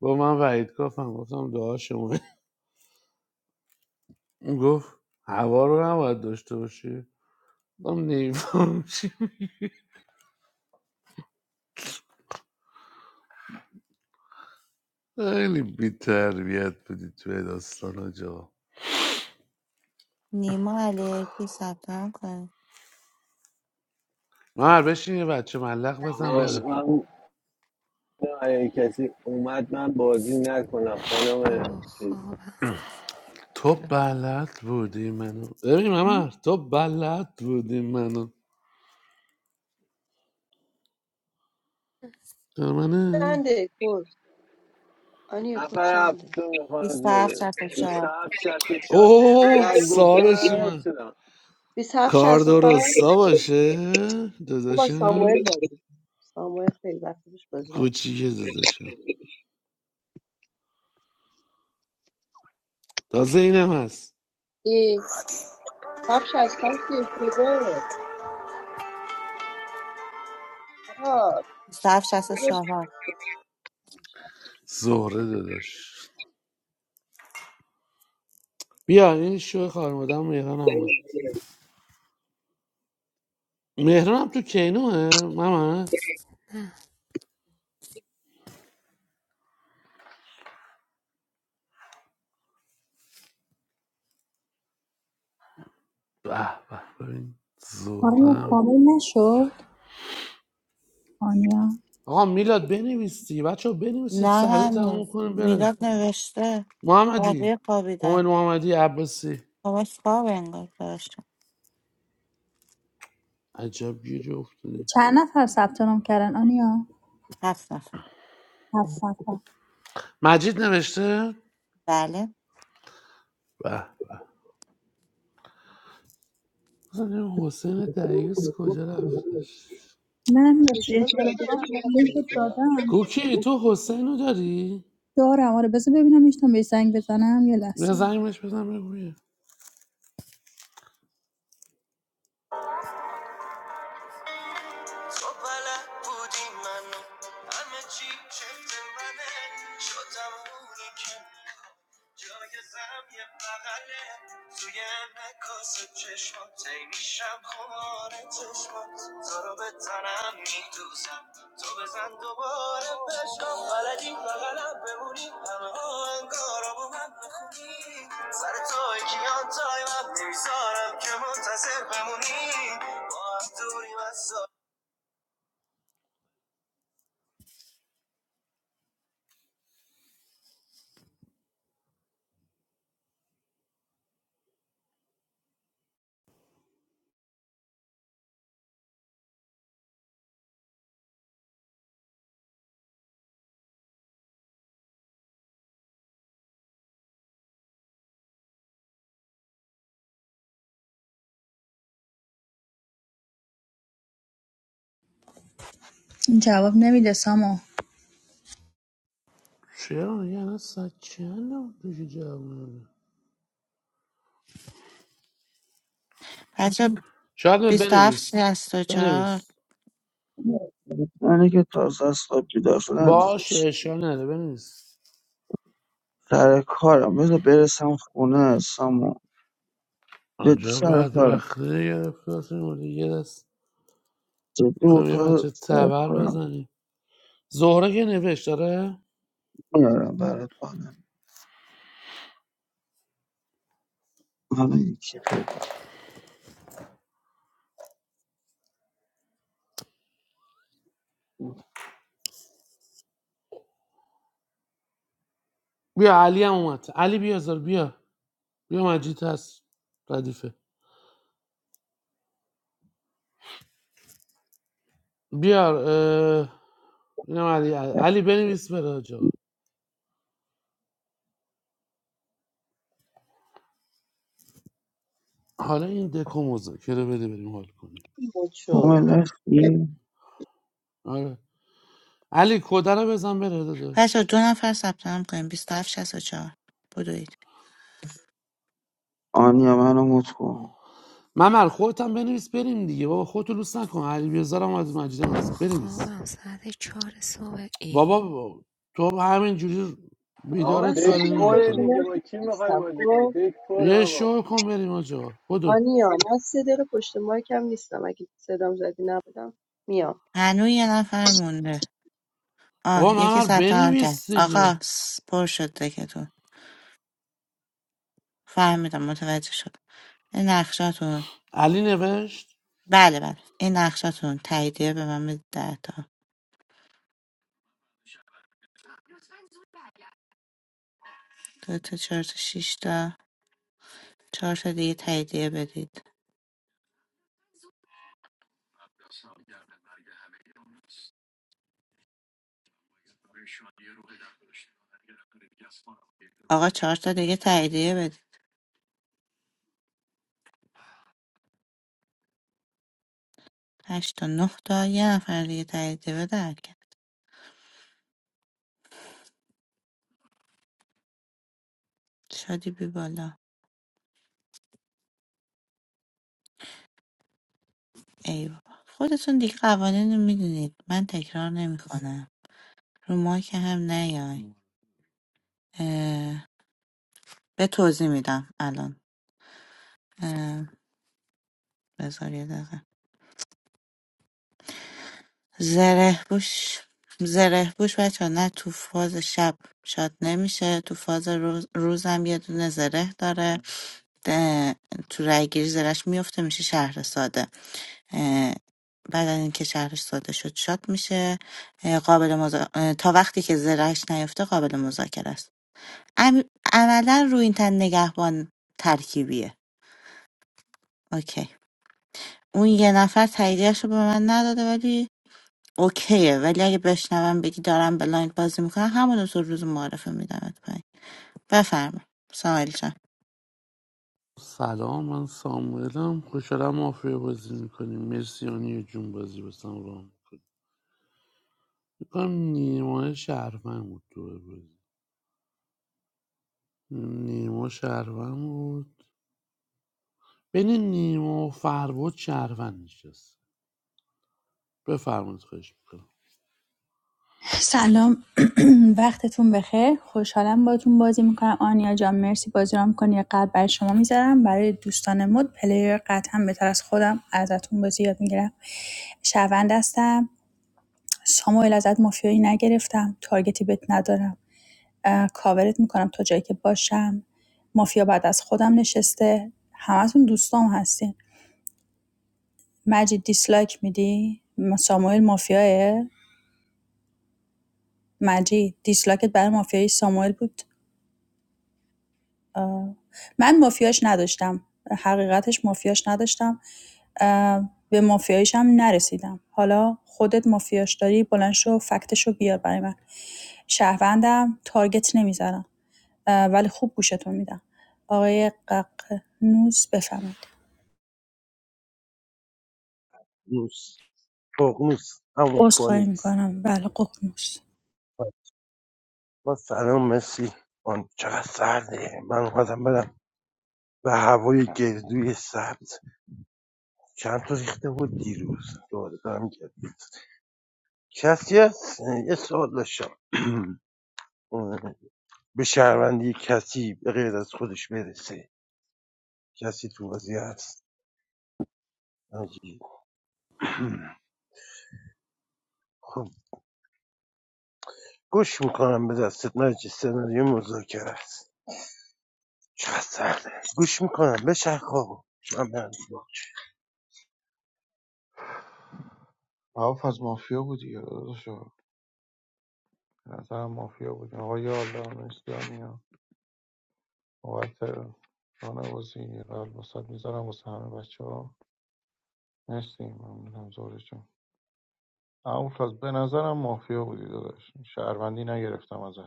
با من وعید کافم گفتم دعا شما گفت هوا رو نباید داشته باشی گفتم نمیفهم. خیلی بی تربیت بودی توی داستان آجا نیما علیکی ثبت نام کنه بزنید. مر بشین یه بچه ملق بزن آقا بره من اگه کسی اومد من بازی نکنم خانم بابا چیز خوابم تو بلد بودی منو ببین ممر تو بلد بودی منو در منه چنده کد آنیا کد نفر چنده هفتم خانم 27 زوره 64 27 64 اوه انقدر گفته صاحبش من حفظ من شدم. 27 کار 65 درستا باشه با ساموئل داداشم بازی ساموئل خیلی وقت پیش بازی نکرد کوچیکه داداشم تازه اینم هست ای 27 65 که اشتباهه آقا 27 64 زهره داداش بیا این شو خارمادم مهران هم اومد مهران هم تو کینوه ممر نه به به ببین آنیا زورم کامل نشد آنیا آقا میلاد بنویس دیگه بچه ها، بنویسید نه سریع هنوز تموم کنیم بره میلاد نوشته محمدی بقیه قومل خوابیدن محمدی عباسی همش خواب انگار داشتم عجب گیری افتادی چند نفر ثبت نام کردن آنیا هفت نفر هفت نفر مجید نوشته بله به اصلا این حسین دعیوس کجا رفتش من بهش شده تارگت اطلاعات هم لینک رو نکنید آه. دادم کوکی تو حسین رو داری؟ دارم آره بذار ببینم میتونم بهش زنگ بزنم یه یه لحظه زنگ بهش بزن بگو تو بلد بودی منو همه چی چفت منه شدم اونی که میخوام جایزم یه بغله توی انعکاس چشمات ای میشم خمار چشمات تو رو به تنم میدوزم تو بزن دوباره بشم بلدی بغلم بمونی همه آهنگارا با من بخونی سر توی کیان تای من نمیذارم که منتظر بمونی با هم دوریم جواب نمیده سامو چرا میگه الان ساعت چند پیش جوونه بچه شاید می بیست و هفت بنویس شصت و چهار بنویس I think it's a little bit different. I'm باشه اشکال نداره بنویس going to work. I'm going to be a salesman. I'm going آجا to بعد work. I'm وقتی گرفت کاسه مورد یه دست going to do میخوایم یه something. بچه تبر بزنیم زهره که نوشت داره I'm going to work. I'm going to do something. بیا علی هم اومد علی بیا زار بیا بیا مجید هست ردیفه بیار اه، اینم علی علی بنویس بره آجا حالا این دکو مذاکره بده بریم حال کنیم این مد I'm going شد to آره علی کده رو بزن بره بچه داداش دو نفر ثبت نام کنیم بیست و هفت شصت و چهار بدوید work. I'm going to do something. I'm going to work. I'm going to do something. I'm going to work. ممر خودت هم بنویس بریم دیگه بابا خودتو لوس نکن علی بیازار هم از مجیدم بابا هست بنویس خوابم ساعت چهار صبحه بابا با- تو همین جوری آه، آقا من بیدارت سه دک کاری دقیقه پره پشت نمیکنه دیگه با مایک کی میخوای نیستم بازی کنی خب دک پره یه آقا شو کن بریم آجا بدو آنیا من سه دقیقه پشت مایکم نیستم اگه صدام زدی نبودم میام هنوز یه نفر مونده بابا آه یکی ممر ثبت نام کرد بنویس آقا دیگه س- پر شد دکتون فهمیدم متوجه شد این نقشاتون علی نوشت بله بله این نقشاتون تاییدیه به من بدید ده تا دو تا چهار تا شیش تا چهار تا دیگه تاییدیه بدید آقا چهار تا دیگه تاییدیه بدید هشت تا نه تا یه نفر دیگه تاییدیه بده هر کی. شادی بی بالا ای بابا خودتون دیگه قوانین رو میدونید من تکرار نمیکنم رو ما که هم نیاین اه، به توضیح میدم الان اه، بذار یه دقیقه زره بوش زره بوش بچه نه تو فاز شب شاد نمیشه تو فاز روز روزم یه دونه زره داره ده- تو رای گیری زرش میفته میشه شهر ساده اه، بعد از اینکه شهرش ساده شد شاد میشه اه، قابل مذا- اه، تا وقتی که زرهش نیفته قابل مذاکره است ام- عملا رو این تن نگهبان ترکیبیه اوکی اون یه نفر تاییدیش رو به من نداده ولی اوکیه ولی اگه بشنوم بگی دارم بلایند بازی میکنم همون روز روز معرفه میدمت پایین بفرما سامال جان سلام من ساموئلم خوشحالم مافیا بازی میکنیم مرسی آنی جون بازی بسم رام میکنم نیما شهرمن بود تو بازی نیما شهرمن بود بین نیما و فرود شهرمن نشست بفرمایید خواهش میکنم سلام وقتتون بخیر خوشحالم باتون بازی میکنم آنیا جان مرسی بازی رام کنی یه قلب برای شما میذارم برای دوستان مد پلیر قطعا بهتر از خودم ازتون بازی یاد میگیرم شهروند هستم ساموئل ازت مافیایی نگرفتم تارگتی بهت ندارم اه، کاورت میکنم تا جایی که باشم مافیا بعد از خودم نشسته همتون دوستام هستین مجید دیسلایک میدی؟ م- ساموئل مافیاه؟ مجید دیسلایکت برای مافیای ساموئل بود؟ آه. من مافیاش نداشتم حقیقتش مافیاش نداشتم اه، به مافیایش هم نرسیدم حالا خودت مافیاش داری بلند شو فکتش بیار برای من شهروندم تارگت نمیزنم ولی خوب گوشتون میدم آقای ققنوس بفهمید نوس ققنوس همون عذرخواهی فونیکس میکنم بله ققنوس با سلام مسی آن چقدر سرده من اومدم برم به هوای گردوی سبز چند تا ریخته بود دیروز دوباره دارم گرد کسی هست یه سوال داشتم به شهروندی کسی به غیر از خودش برسه کسی تو بازی هست ناجی. خب گوش میکنم به دستت ناجی سناریو مذاکره است چقدر سخته گوش میکنم به شرخ آقا من برم تو باغ. عوف از مافیا بود دیگه داداشو به نظرم مافیا بود آقای الله مرسی آنیا بابت رانوازی یه قلب واسات میذارم واسه همه بچه ها مرسی ممنونم زورشون اما فاز به نظرم مافیا بودی داداش شهروندی نگرفتم ازت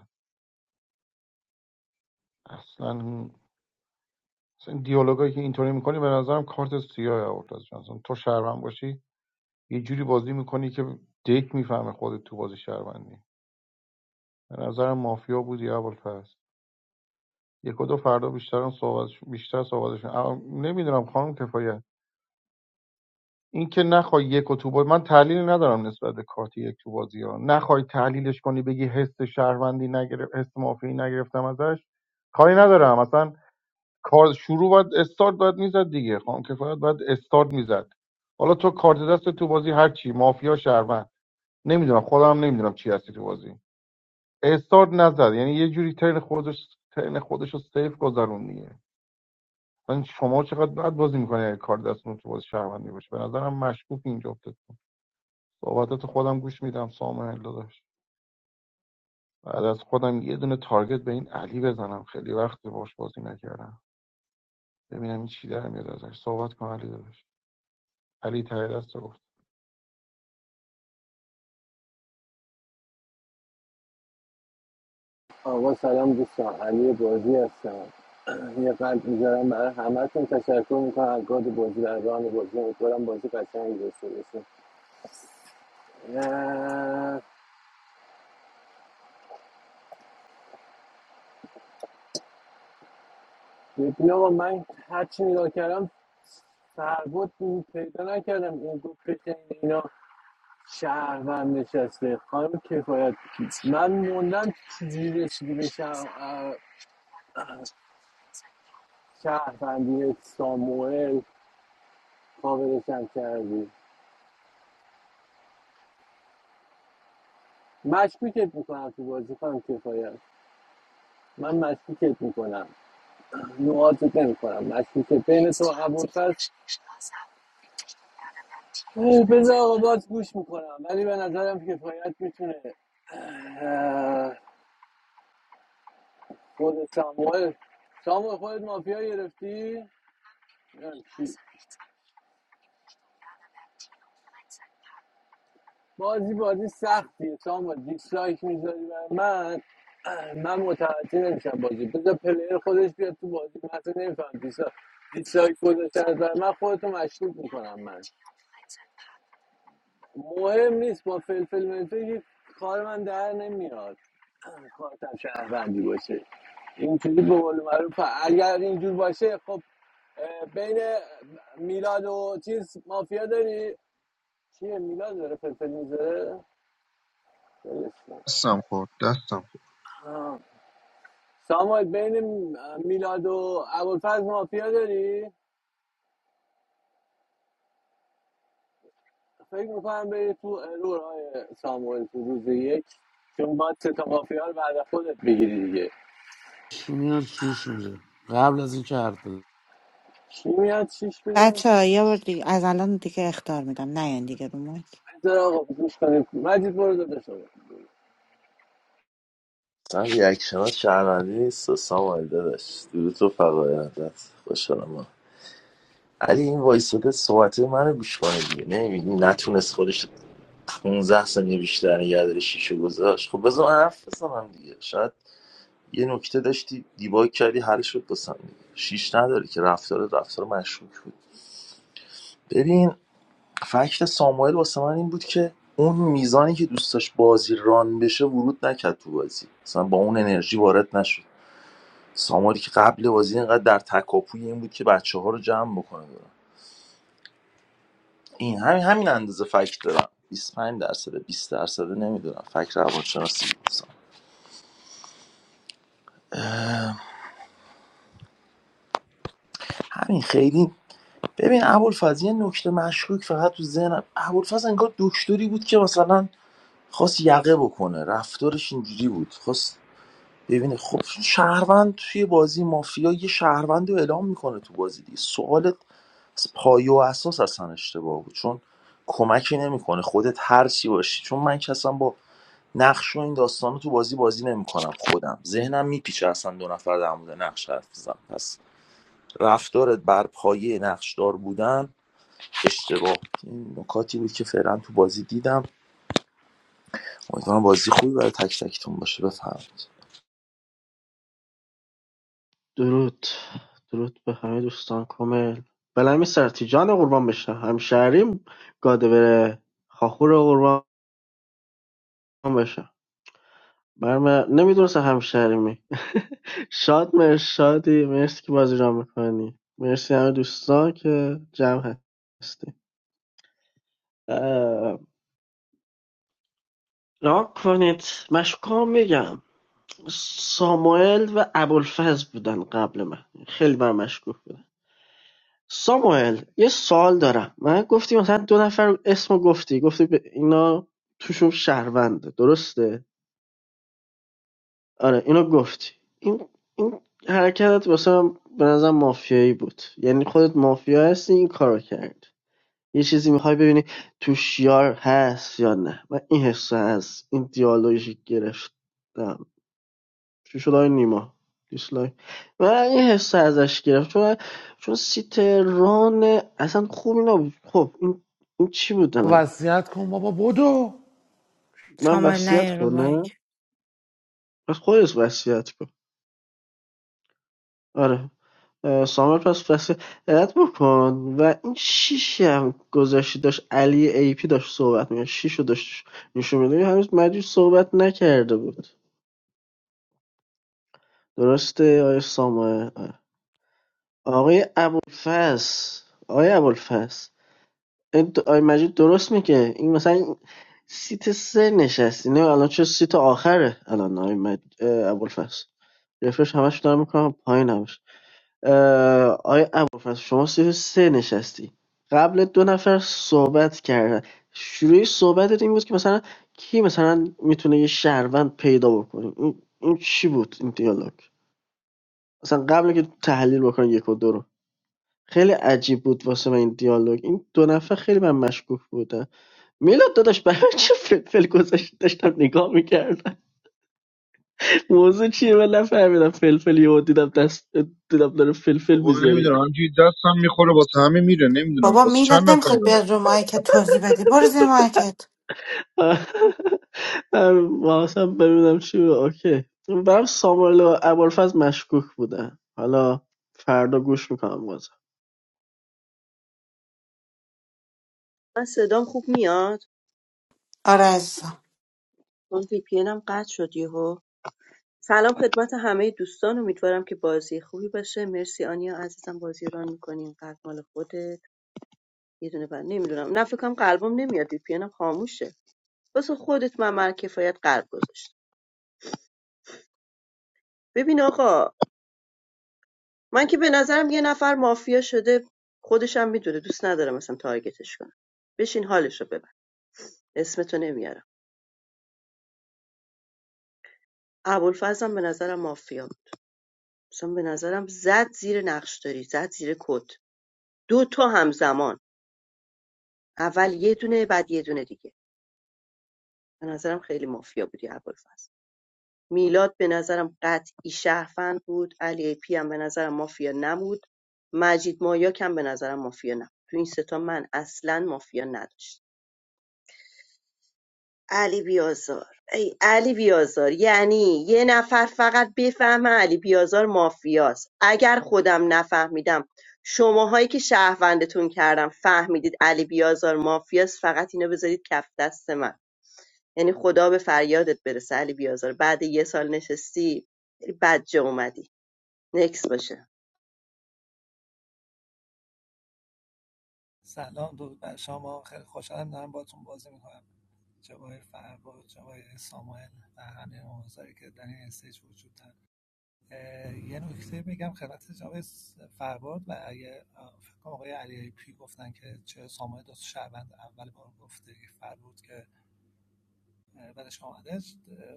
اصلا اصلا این دیالوگایی که اینطوری میکنی به نظرم کارت سیاه اورتاز جان اصلا تو شهروند باشی یه جوری بازی میکنی که دک میفهمه خودت تو بازی شهروندی به نظرم مافیا بودی ابوالفضل یک و دو فردا بیشتر هم صحبت بیشتر صحبتشون نمیدونم خانم کفایت این که نخوای یک و تو با- من تحلیلی ندارم نسبت به کارت یک تو بازی ها نخوای تحلیلش کنی بگی حس شهروندی نگرفت، حس مافی نگرفتم ازش کاری ندارم اصلا کار شروع باید استارت باید میزد دیگه خانم کفایت باید استارت میزد حالا تو کارت دست تو بازی هر چی مافیا شهروند نمیدونم خودم نمیدونم چی هستی تو بازی استارت نزد یعنی یه جوری ترن خودش ترن خودش رو سیف گذرون دیگه من شما چقدر بد بازی میکنه کار دستتون تو بازی شهروندی باشه به نظرم مشکوک اینجا صحبتات خودم گوش میدم ساموئل داداش بعد از خودم یه دونه تارگت به این علی بزنم خیلی وقت باش بازی نکردم ببینم این چی در میاد ازش صحبت کن علی داداش علی ته دست گفت آقا سلام دوستان علی بازی هستم یه قلب میذارم برای همتون تشکر میکنم از گاد بازی در ران بازی امیدوارم بازی قشنگی داشته باشیم اه، ببین آقا من هرچی نگاه کردم فربود پیدا نکردم این گفت بشین اینا شهروند نشسته خانم کفایت من موندم چجوری رسیدی به شهر- اه، شهروندی ساموئل کاملشم کردی مشکوکت میکنم تو بازی کنم کفایت من مشکوکت میکنم نوازت نمیکنم مشکوکت بین تو عبورتر بذار آقا باز گوش میکنم ولی به نظرم کفایت میتونه خود ساموئل ساموئل خودت مافیا گرفتی؟ نه، بازی بازی سختیه سامان دیسلایک میذاری برای من من متوجه نمیشم بازی بذار پلیر خودش بیاد تو بازی من اصلا نمیفهم دیسلایک دیسلایک گذاشتن از برای من خودتو مشکوک میکنم من مهم نیست با فلفل ملفل که کار من در نمیاد کارتم شهروندی باشه اینجوری به قول معروف اگر اینجور باشه خب بین میلاد و چیز مافیا داری چیه میلاد داره فلفل میذاره دستم خورد دستم خورد ساموئل بین میلاد و ابوالفضل مافیا داری؟ فکر میکنم بری تو ارور های ساموئل تو روز یک چون باید سه تا مافیا رو بعد خودت بگیری دیگه چی میاد چیش میره قبل از اینکه حرف بزن چی میاد چیش میده؟ بچه ها یه بار دیگه از الان دیگه اختار میدم نیاین دیگه رو مایک بذار آقا گوش کنیم مجید برو دادش آقا من ریاکشنات شهروندی نیست و سامال داداش درود و فقایندت خوشحالم من علی این وایساده صحبت منو گوش کنه دیگه نمیبینی نتونست خودش 15 ثانیه بیشتر نگه داره شیشه گذاشت خب بذار من حرف بزنم دیگه شاید یه نکته داشتی دیباگ کردی حل شد بسن دیگه شیش نداره که رفتار رفتار مشکوک بود ببین فکت ساموئل واسه من این بود که اون میزانی که دوست داشت بازی ران بشه ورود نکرد تو بازی مثلا با اون انرژی وارد نشد ساماری که قبل بازی اینقدر در تکاپوی این بود که بچه ها رو جمع بکنه دارم. این همین همین اندازه فکت دارم 25 درصد 20 درصد نمیدونم فکر روانشناسی بودم همین خیلی ببین ابوالفضل یه نکته مشکوک فقط تو ذهنم ابوالفضل انگار دکتری بود که مثلا خواست یقه بکنه رفتارش اینجوری بود خواست ببینه خب شهروند توی بازی مافیا یه شهروند رو اعلام میکنه تو بازی دیگه سوالت از پایه و اساس اصلا اشتباه بود چون کمکی نمیکنه خودت هر چی باشی چون من که اصلا با نقش و این داستان رو تو بازی بازی نمیکنم خودم ذهنم میپیچه اصلا دو نفر در مورد نقش حرف بزنم پس رفتارت بر پایه نقشدار بودن اشتباه بود. این نکاتی بود که فعلا تو بازی دیدم امیدوارم بازی خوبی برای تک تکتون باشه بفرمایید درود درود به همه دوستان کامل بلمی سرتی جان قربان بشم همشهریم گاده بره خاخور قربان بشم برم نمیدونستم همشهریمی شاد مرشادی مرسی که بازی را میکنی مرسی همه دوستان که جمع هستی را کنید مشکام میگم ساموئل و ابوالفضل بودن قبل من خیلی بر مشکوک بودن ساموئل یه سوال دارم من گفتی مثلا دو نفر اسمو گفتی گفتی به اینا توشون شهرونده درسته آره اینو گفتی این این حرکتت واسه من به نظر مافیایی بود یعنی خودت مافیا هستی این کارو کرد یه چیزی میخوای ببینی تو شیار هست یا نه من این حس از این دیالوژی گرفتم چی شد آقای نیما دیسلایک من این حس ازش گرفت چون چون سیت اصلا خوبی نبود خب این این چی بود الان وصیت کن بابا بدو من کامل وصیت نه رو کنم مایک. پس خودت وصیت کن آره اه، سامر پس وصیت بکن و این شیشی هم گذاشتی داشت علی ای پی داشت صحبت میگه شیشو داشت نشون میده هنوز مجید صحبت نکرده بود درسته آقای سامر آره. آقای ابوالفضل آقای ابوالفضل این د- آقای مجید درست میگه این مثلا این سیت سه نشستی نه الان چه سیت آخره الان آقای مجید اه، ابوالفضل رفرش همش دارم میکنم پایین همش اه، آقای ابوالفضل شما سیت سه نشستی قبل دو نفر صحبت کردن شروع صحبتت این بود که مثلا کی مثلا میتونه یه شهروند پیدا بکنه این, این چی بود این دیالوگ مثلا قبل که تحلیل بکنه یک و دو رو خیلی عجیب بود واسه من این دیالوگ این دو نفر خیلی من مشکوک بودن میلاد داداش برای چه فلفل گذاشت داشتم نگاه میکردم موضوع چیه من نفهمیدم فلفل یهو دیدم دست دیدم داره فلفل بابا میذاری نمیدونم همجوری دستم میخوره واسه همه میره نمیدونم بابا واسه میلاد چند نفر نمیخواد بیاد رو مایکت توضیح بدی برو زیر مایکت واسم ببینم چی بود. اوکی برام ساموئل و ابوالفضل مشکوک بودن حالا فردا گوش میکنم بازم من صدام خوب میاد آره عزیزم چون وی پی هم قطع شد یهو سلام خدمت همه دوستان امیدوارم که بازی خوبی باشه مرسی آنیا عزیزم بازی رو ران میکنین قلب مال خودت یه دونه بر نمیدونم نه فکر کنم قلبم نمیاد وی پی انم خاموشه واسه خودت من مر کفایت قلب گذاشت ببین آقا من که به نظرم یه نفر مافیا شده خودشم میدونه دوست ندارم مثلا تارگتش کنم بشین حالش رو ببر اسمتو نمیارم ابوالفضلم به نظرم مافیا بود. مثلا به نظرم زد زیر نقشداری، زد زیر کت دو تا همزمان اول یه دونه بعد یه دونه دیگه به نظرم خیلی مافیا بودی ابوالفضل میلاد به نظرم قطعی شهروند بود علی ای پی هم به نظرم مافیا نبود مجید مایاک هم به نظرم مافیا نبود تو این ستا من اصلا مافیا نداشت علی بیازار ای علی بیازار یعنی یه نفر فقط بفهمه علی بیازار مافیاست اگر خودم نفهمیدم شماهایی که شهروندتون کردم فهمیدید علی بیازار مافیاست فقط اینو بذارید کف دست من یعنی خدا به فریادت برسه علی بیازار بعد یه سال نشستی خیلی بد اومدی نکس باشه سلام درود بر شما خیلی خوشحالم دارم باهاتون بازی میکنم جوای فرباد جوای ساموئل و همه آموزهایی که در این استیج وجود دارن یه نکته میگم خدمت جناب س- فرباد و اگه فکر کنم آقای علی پی گفتن که چه ساموئل دو شهروند اول بار گفته فربود که اه، بدش آمده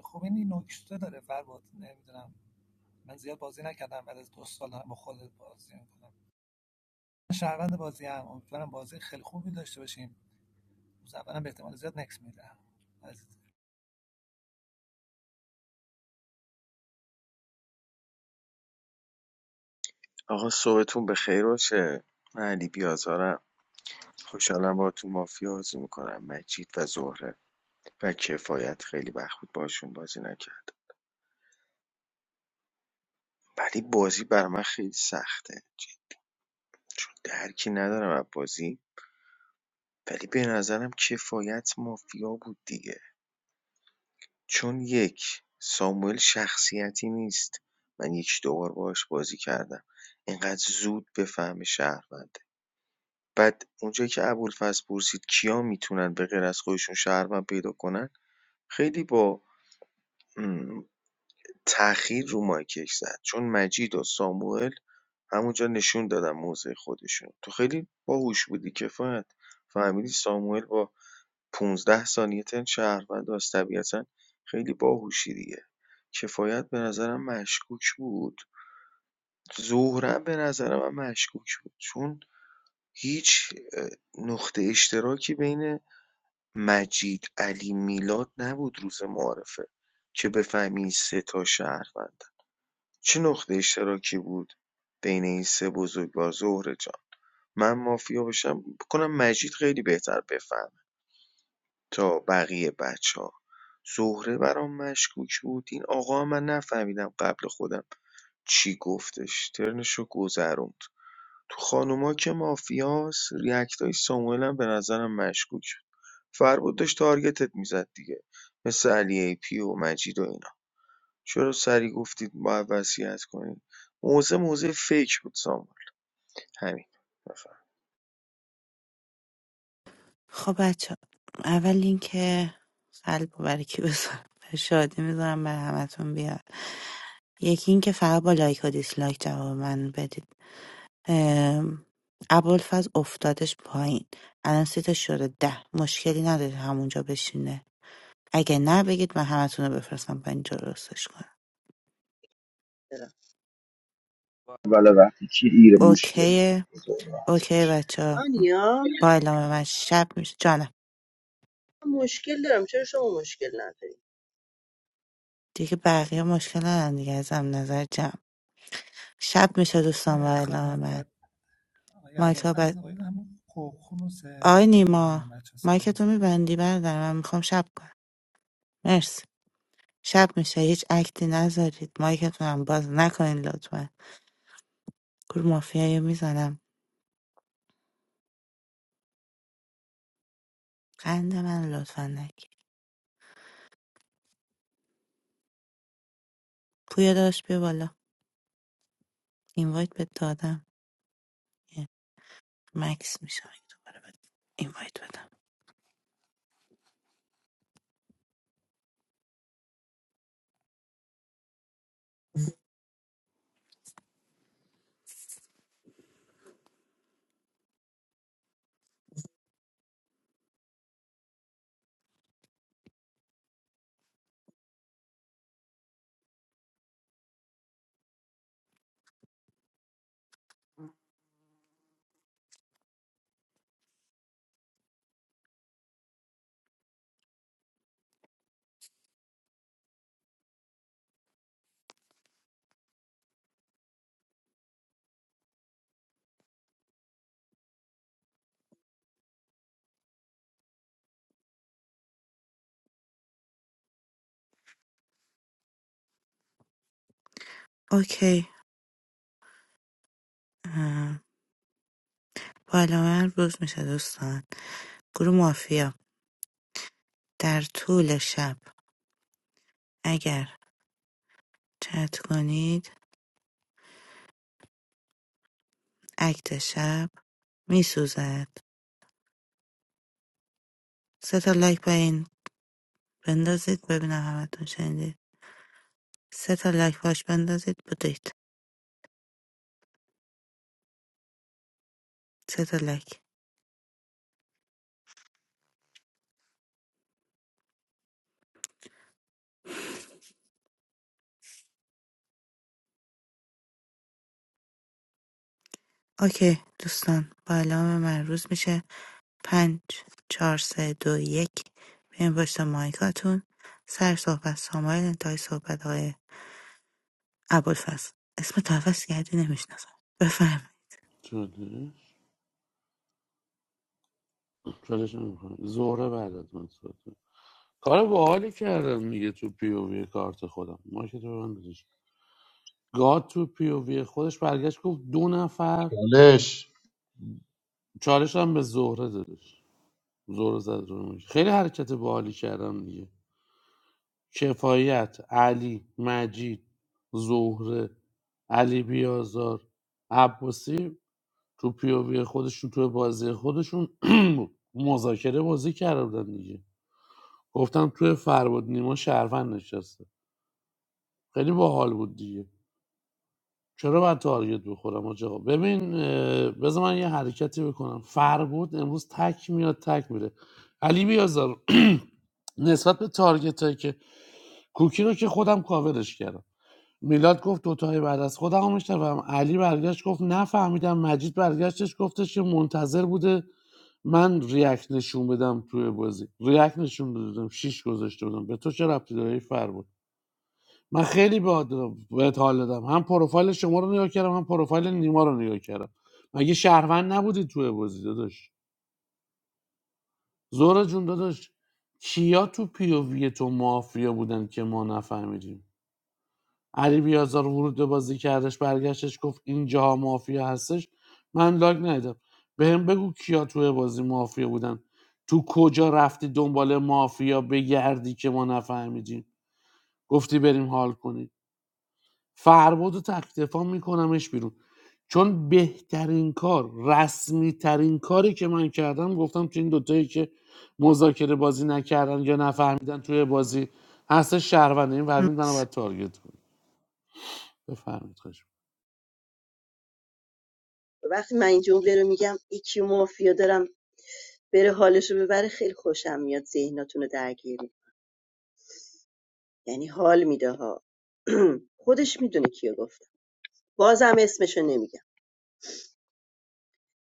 خب این نکته داره فرباد نمیدونم من زیاد بازی نکردم بعد از دو سال دارم با خودت بازی میکنم من شهروند بازی هم امیدوارم بازی خیلی خوبی داشته باشیم روز اولم به احتمال زیاد نکس میدم از آقا صبحتون بخیر باشه من علی بیازارم خوشحالم با تو مافیا بازی میکنم مجید و زهره و کفایت خیلی وقت بود باشون بازی نکرد ولی بازی بر من خیلی سخته چون درکی ندارم از بازی ولی به نظرم کفایت مافیا بود دیگه چون یک ساموئل شخصیتی نیست من یک دوبار باهاش بازی کردم اینقدر زود بفهمه شهروند بعد اونجایی که ابوالفضل پرسید کیا میتونن به غیر از خودشون شهروند پیدا کنن خیلی با تأخیر تاخیر رو مایکش زد چون مجید و ساموئل همونجا نشون دادن موضع خودشون تو خیلی باهوش بودی کفایت فهمیدی ساموئل با 15 ثانیه تن شهروند است طبیعتا خیلی باهوشی دیگه کفایت به نظرم مشکوک بود زهره به نظرم من مشکوک بود چون هیچ اه، نقطه اشتراکی بین مجید علی میلاد نبود روز معارفه که بفهمی این سه تا شهروند چه نقطه اشتراکی بود بین این سه بزرگوار زهره جان من مافیا بشم. کنم مجید خیلی بهتر بفهمه تا بقیه بچه ها زهره برام مشکوک بود این آقا من نفهمیدم قبل خودم چی گفتش ترنشو گذروند تو خانوما که مافیاست ریاکتای ساموئل هم به نظرم مشکوک بود فربود داشت تارگتت میزد دیگه مثل علی ای پی و مجید و اینا چرا سری گفتید باید وصیت کنید موزه موزه فیک بود ساموئل همین بفهم خب بچه اول اینکه قلب رو برای کی بذارم برای شادی میذارم برای همتون بیاد یکی اینکه فقط با لایک و دیسلایک جواب من بدید ام، ابوالفضل افتادش پایین الان سیتش شده ده مشکلی نداره همونجا بشینه اگه نه بگید من همتون رو بفرستم پایین جا درستش کنم برم. I'm going اوکیه اوکی بچه آنیا با اعلام من شب میشه جانم. مشکل دارم چرا شما مشکل نداری دیگه بقیه مشکل ندارن دیگه از هم نظر جمع شب میشه دوستان با خانم اعلام من گاد آقای مایکا بد ابوالفضل آقای هم خوبخونوس آی نمیدونم نیما بچه صدا مایک تو میزن میبندی بردار من میخوام شب کنم مرسی شب میشه هیچ اکتی نذارید مایکتون هم باز نکنین لطفا گروه مافیایی میزنم قند من لطفا نگیر پویا داشت بیا بالا اینوایت بهت دادم یه مکس میشه اگه دوباره بهت اینوایت بدم اوکی اه، بالا من روز میشه دوستان گروه مافیا در طول شب اگر چت کنید اکت شب میسوزد سه تا لایک با این بندازید ببینم همتون شنیدید سه تا لایک باش بندازید بدید سه تا لایک اوکی دوستان با علام من روز میشه پنج چهار سه دو یک بیاین پشت مایکاتون سر صحبت سامایل انتهای صحبت های ابوالفضل اسم تو عوض کردی نمیشناسم بفرمایید چالش چالش نمیکنه زهره بعد از من صحبت کنه. کار باحالی کردم میگه تو پی او وی کارت خودم ما که تو هم بزش گاد تو پی او وی خودش برگشت گفت دو نفر چالش چالش هم به زهره دادش زهره زد رو مایش. خیلی حرکت باحالی کردم دیگه کفایت علی مجید زهره علی بیازار عباسی تو پیووی خودشون تو بازی خودشون مذاکره بازی کرده بودن دیگه گفتم توی فرباد نیما شهروند نشسته خیلی باحال بود دیگه چرا باید تارگت بخورم آج آقا ببین اه، بذار من یه حرکتی بکنم فربود امروز تک میاد تک میره علی بیازار نسبت به تارگت هایی که کوکی رو که خودم کاورش کردم میلاد گفت دوتای بعد از خودم رو میشنوم علی برگشت گفت نفهمیدم مجید برگشتش گفتش که منتظر بوده من ریاکت نشون بدم توی بازی ریاکت نشون دادم شیش گذاشته بودم به تو چه ربطی داره این فر بود من خیلی بهت بهت حال دادم هم پروفایل شما رو نگاه کردم هم پروفایل نیما رو نگاه کردم مگه شهروند نبودی توی بازی داداش زورا جون داداش کیا تو پی او وی تو مافیا بودن که ما نفهمیدیم علی بیازار ورود به بازی کردش برگشتش گفت اینجاها مافیا هستش من لاگ ندیدم بهم بگو کیا توی بازی مافیا بودن تو کجا رفتی دنبال مافیا بگردی که ما نفهمیدیم گفتی بریم حال کنیم فرباد و تکتفا میکنمش بیرون چون بهترین کار رسمی ترین کاری که من کردم گفتم که این دوتایی که مذاکره بازی نکردن یا نفهمیدن توی بازی هست شهرونده این فهمید منو مرس باید تارگت کنید بفهمید وقتی من این جمله رو میگم یکی مافیا دارم بره حالش رو ببره خیلی خوشم میاد ذهناتون رو درگیر یعنی حال میده ها خودش میدونه کیو گفت بازم اسمشو نمیگم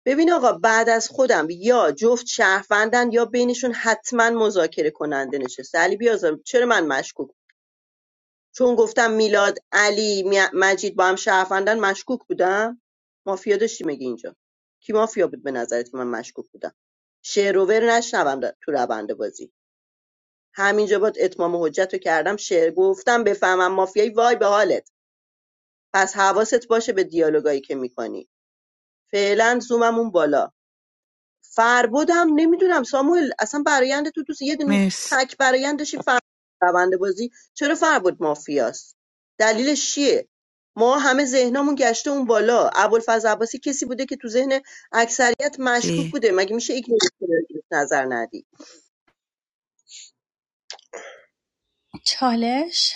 ببین آقا بعد از خودم یا جفت شهروندن یا بینشون حتما مذاکره کننده نشسته علی بیازار چرا من مشکوک چون گفتم میلاد علی می- مجید با هم شهروندن مشکوک بودم مافیا داشتی مگه اینجا کی مافیا بود به نظرت که من مشکوک بودم شعر و ور نشنوم در- تو روند بازی همینجا باد اتمام حجت رو کردم شعر گفتم بفهمم مافیایی وای به حالت پس حواست باشه به دیالوگایی که میکنی فعلا زوممون بالا فربدم نمیدونم ساموئل اصلا برایند تو دوست یه دونه مرسی تک برایندشی فربد روند بازی چرا فربد مافیاست دلیلش چیه ما همه ذهنمون گشته اون بالا ابوالفضل عباسی کسی بوده که تو ذهن اکثریت مشکوک بوده مگه میشه ایگنورش کنی، نظر ندی چالش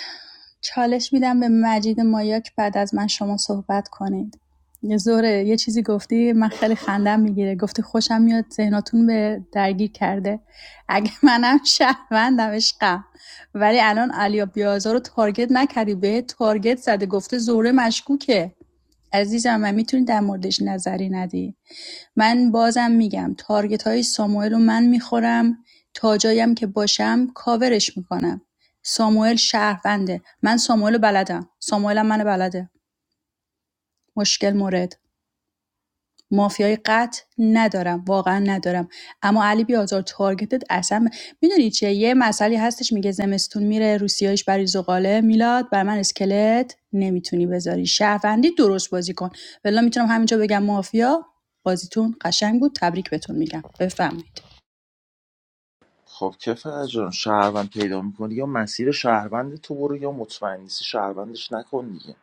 چالش میدم به مجید مایا که بعد از من شما صحبت کنید یه زوره یه چیزی گفتی من خیلی خندم میگیره گفتی خوشم میاد ذهناتون به درگیر کرده اگه منم شهروندم عشقم ولی الان علیا بیازار رو تارگت نکردی به تارگت زده گفته زوره مشکوکه عزیزم من میتونی در موردش نظری ندی من بازم میگم تارگت های ساموئل رو من میخورم تا جایم که باشم کاورش میکنم ساموئل شهرونده من ساموئلو بلدم ساموئلم منو بلده مشکل مورد مافیای قطع ندارم واقعا ندارم اما علی بیازار تارگتت اصلا ب... میدونی چیه یه مسئله هستش میگه زمستون میره روسیایش برای زغاله میلاد بر من اسکلت نمیتونی بذاری شهروندی درست بازی کن ولی میتونم همینجا بگم مافیا بازیتون قشنگ بود تبریک بهتون میگم بفهمید خب که فرج جان شهروند پیدا میکنی یا مسیر شهروند تو برو یا مطمئن نیستی شهروندش نکن دیگه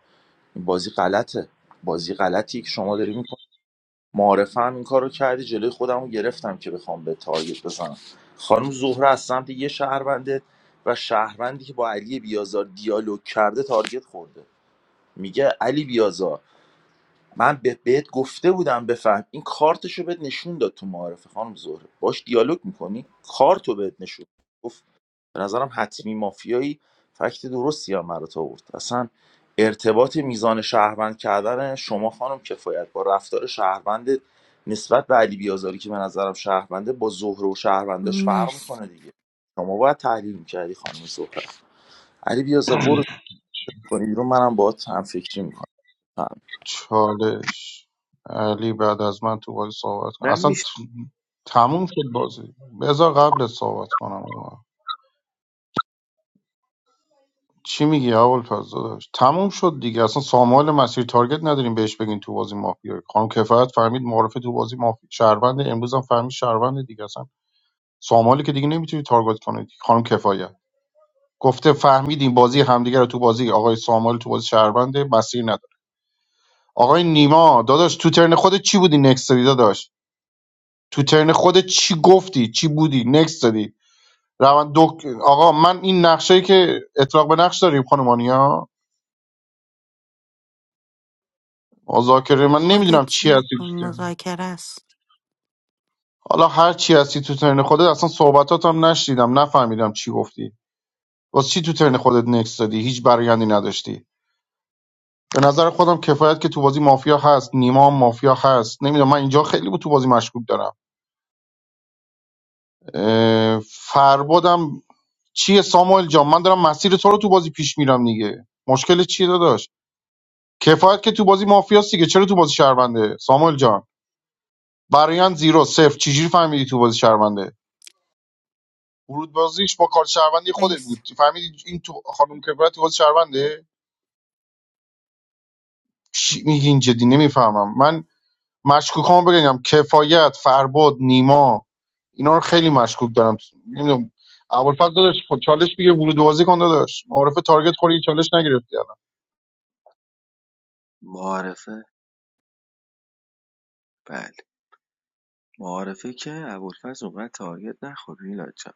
این بازی غلطه بازی غلطی که شما داری میکنی معارفه هم این کارو کردی جلوی خودم رو گرفتم که بخوام به تارگت بزنم خانم زهره از سمت یه شهرونده و شهروندی که با علی بیازار دیالوگ کرده تارگت خورده میگه علی بیازار من به- بهت گفته بودم بفهم این کارتشو بهت نشون داد تو معارفه خانم زهره باش دیالوگ میکنی کارتو بهت نشون داد. گفت به نظرم حتمی مافیایی فکت درستی هم برات آورد اصلا ارتباط میزان شهروند کردن شما خانم کفایت با رفتار شهروند نسبت به علی بیازاری که به نظرم شهرونده با زهره و شهرونداش فرق مرسی میکنه دیگه شما باید تحلیل میکردی خانم زهره علی بیازار برو کنی بیرون منم باهات هم فکری میکنم چالش علی بعد از من تو بازی صحبت کن من اصلا ت- میشه تموم شد بازی بذار قبل صحبت کنم چی میگی هوالپس داداش تموم شد دیگه اصلا سامال مسیر تارگت نداریم بهش بگین تو بازی مافیا خانم کفایت فهمید معرفه تو بازی مافیا شهروند امروز هم فهمید شهروند دیگه اصلا سامالی که دیگه نمیتونی تارگت کنید خانم کفایت گفته فهمیدیم بازی همدیگه رو تو بازی آقای سامال تو بازی شهروند مسیر نداره آقای نیما داداش تو ترن خودت چی بودی نکست دادی داداش تو ترن خودت چی گفتی چی بودی نکست دادی روان دک... آقا من این نقشایی که اطلاق به نقش داریم خانم مذاکره من خودت نمیدونم چی چی می‌خوای؟ هستی تو ترن. مذاکره است حالا هر چی هستی تو ترن خودت اصلا صحبتات هم نشنیدم نفهمیدم چی گفتی واسه چی تو ترن خودت نکس دادی هیچ برایندی نداشتی به نظر خودم کفایت که تو بازی مافیا هست نیما هم مافیا هست نمیدونم من اینجا خیلی بود تو بازی مشکوک دارم اه، فربادم چیه ساموئل جان من دارم مسیر تو رو تو بازی پیش میرم دیگه مشکل چیه داداش کفایت که تو بازی مافیاست دیگه چرا تو بازی شهرونده ساموئل جان برایند زیرو صفر چجوری فهمیدی تو بازی شهرونده ورود بازیش با کار شهروندی خودت مرسی بود فهمیدی این تو خانم کفایت خود شهرونده چی میگین جدی نمیفهمم من مشکوکامو بگم کفایت فرباد نیما اینا رو خیلی مشکوک دارم نمیدونم ابوالفضل داداش خب چالش میگه ورود بازی کن داداش معرف تارگت خوری چالش نگرفتی الان معارفه بله معارفه که ابوالفضل اونقدر تارگت نخورد میلاد جان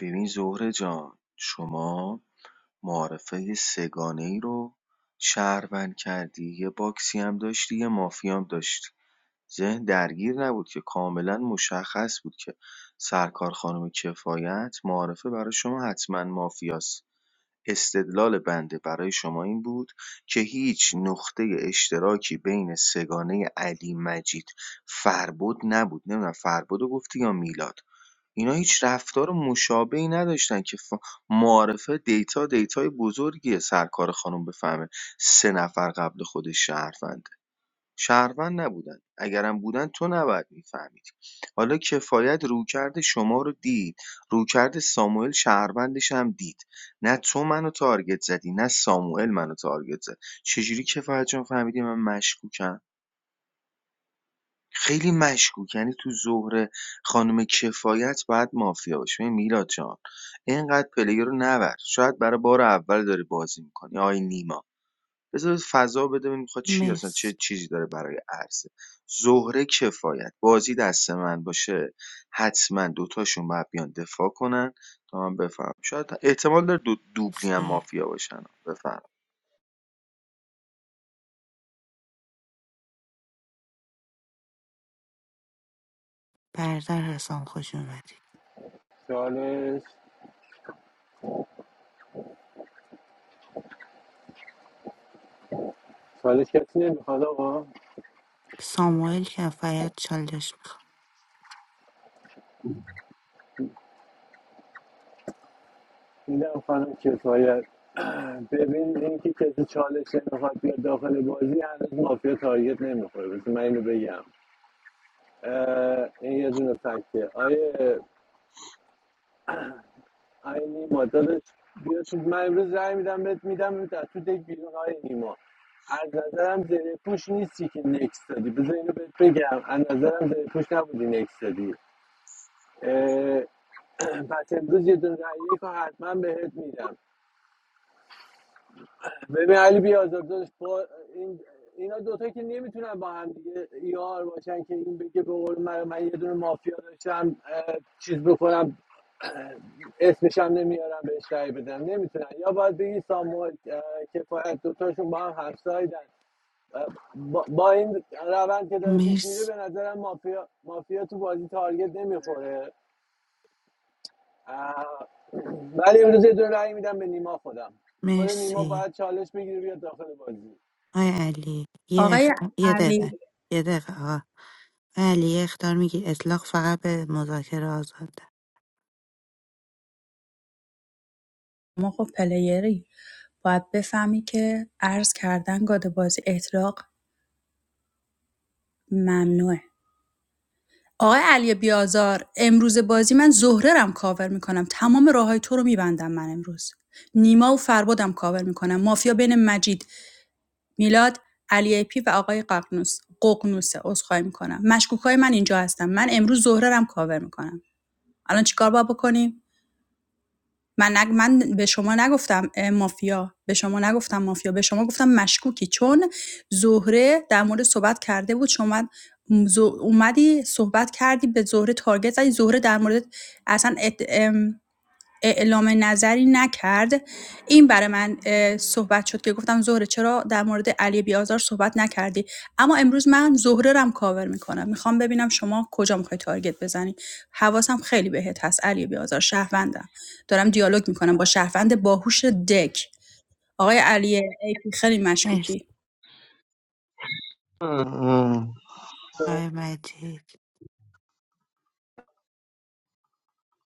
ببین زهره جان شما معارفه سگانه ای رو شهروند کردی یه باکسی هم داشتی یه مافیا هم داشتی ذهن درگیر نبود که کاملا مشخص بود که سرکار خانم کفایت معارفه برای شما حتما مافیاست استدلال بنده برای شما این بود که هیچ نقطه اشتراکی بین سگانه علی مجید فربد نبود نمیدونم فربد رو گفتی یا میلاد اینا هیچ رفتار مشابهی نداشتن که ف... معارفه دیتا دیتای بزرگی سرکار خانم بفهمه سه نفر قبل خودش شهروند شهروند نبودن اگرم بودن تو نباید میفهمید حالا کفایت رویکرد شما رو دید رویکرد ساموئل شهروندش هم دید نه تو منو تارگت زدی نه ساموئل منو تارگت زد چجوری کفایت جان فهمیدی من مشکوکم خیلی مشکوک یعنی تو زهره خانم کفایت باید مافیا باشه ببین میلاد جان اینقدر پلیر رو نبر شاید برای بار اول داری بازی میکنی آی نیما بذار فضا بده ببین میخواد چی اصلا چه مرسی چیزی داره برای عرضه زهره کفایت بازی دست من باشه حتما دوتاشون باید بیان دفاع کنن تا من بفهم شاید احتمال داره دو دوبلی هم مافیا باشن بفهم برادر حسام خوش اومدی چالش چالش کسی نمیخواد آقا ساموئل که کفایت چالش میخواد میدم خانم کفایت ببین اینکه کسی چالش نمیخواد بیاد داخل بازی هنوز مافیا تارگت نمیخوره بس من اینو بگم اه، این یه دونه فکته آیه ای نیما داداش بیا تو من امروز رای میدم بهت میدم تا تو دک بیرون های نیما از نظرم زره پوش نیستی که نکس دادی بذار اینو بهت بگم از نظرم زره پوش نبودی نکس دادی اه، پس امروز یه دون رای یک رو حتما بهت میدم ببین علی بیازار با این اینا دوتا که نمیتونن با هم دیگه یار باشن که این بگه به قول من من یه دونه مافیا داشتم اه، چیز بکنم اه، اسمش هم نمیارم بهش رأی بدم نمیتونن یا باید بگی ساموئل اه، کفایت دوتاشون با هم همسایدن اه، با, با این روند که داره پیش میره مرسی به نظرم مافیا مافیا تو بازی تارگت نمیخوره اه، ولی امروز یه دونه رأی میدم به نیما خودم خود نیما مرسی باید چالش بگیره بیاد داخل بازی آی علی یه آقای اختار یه علی دقیقه یه دقیقه آقا آی علی یه اختار میگی اطلاق فقط به مذاکره آزاده ما خب پلیری باید بفهمی که عرض کردن گاده بازی اطلاق ممنوعه آقای علی بیازار امروز بازی من زهره رم کاور میکنم تمام راههای تو رو میبندم من امروز نیما و فربادم کاور میکنم مافیا بین مجید میلاد علی ای پی و آقای ققنوس ققنوسه عذرخواهی میکنم مشکوک های من اینجا هستم من امروز زهره رم کاور میکنم الان چیکار باید بکنیم من نگ... من به شما نگفتم مافیا به شما نگفتم مافیا به شما گفتم مشکوکی چون زهره در مورد صحبت کرده بود شما ز- اومدی صحبت کردی به زهره تارگت زدی زهره در مورد اصلا ات... ام... اعلام نظری نکرد این برای من صحبت شد که گفتم زهره چرا در مورد علی بیازار صحبت نکردی اما امروز من زهره رم کاور میکنم میخوام ببینم شما کجا میخوای تارگت بزنی حواسم خیلی بهت هست علی بیازار شهروندم دارم دیالوگ میکنم با شهروند باهوش دک آقای علی ایپی خیلی مرسی مشکوکی اه، آی مجید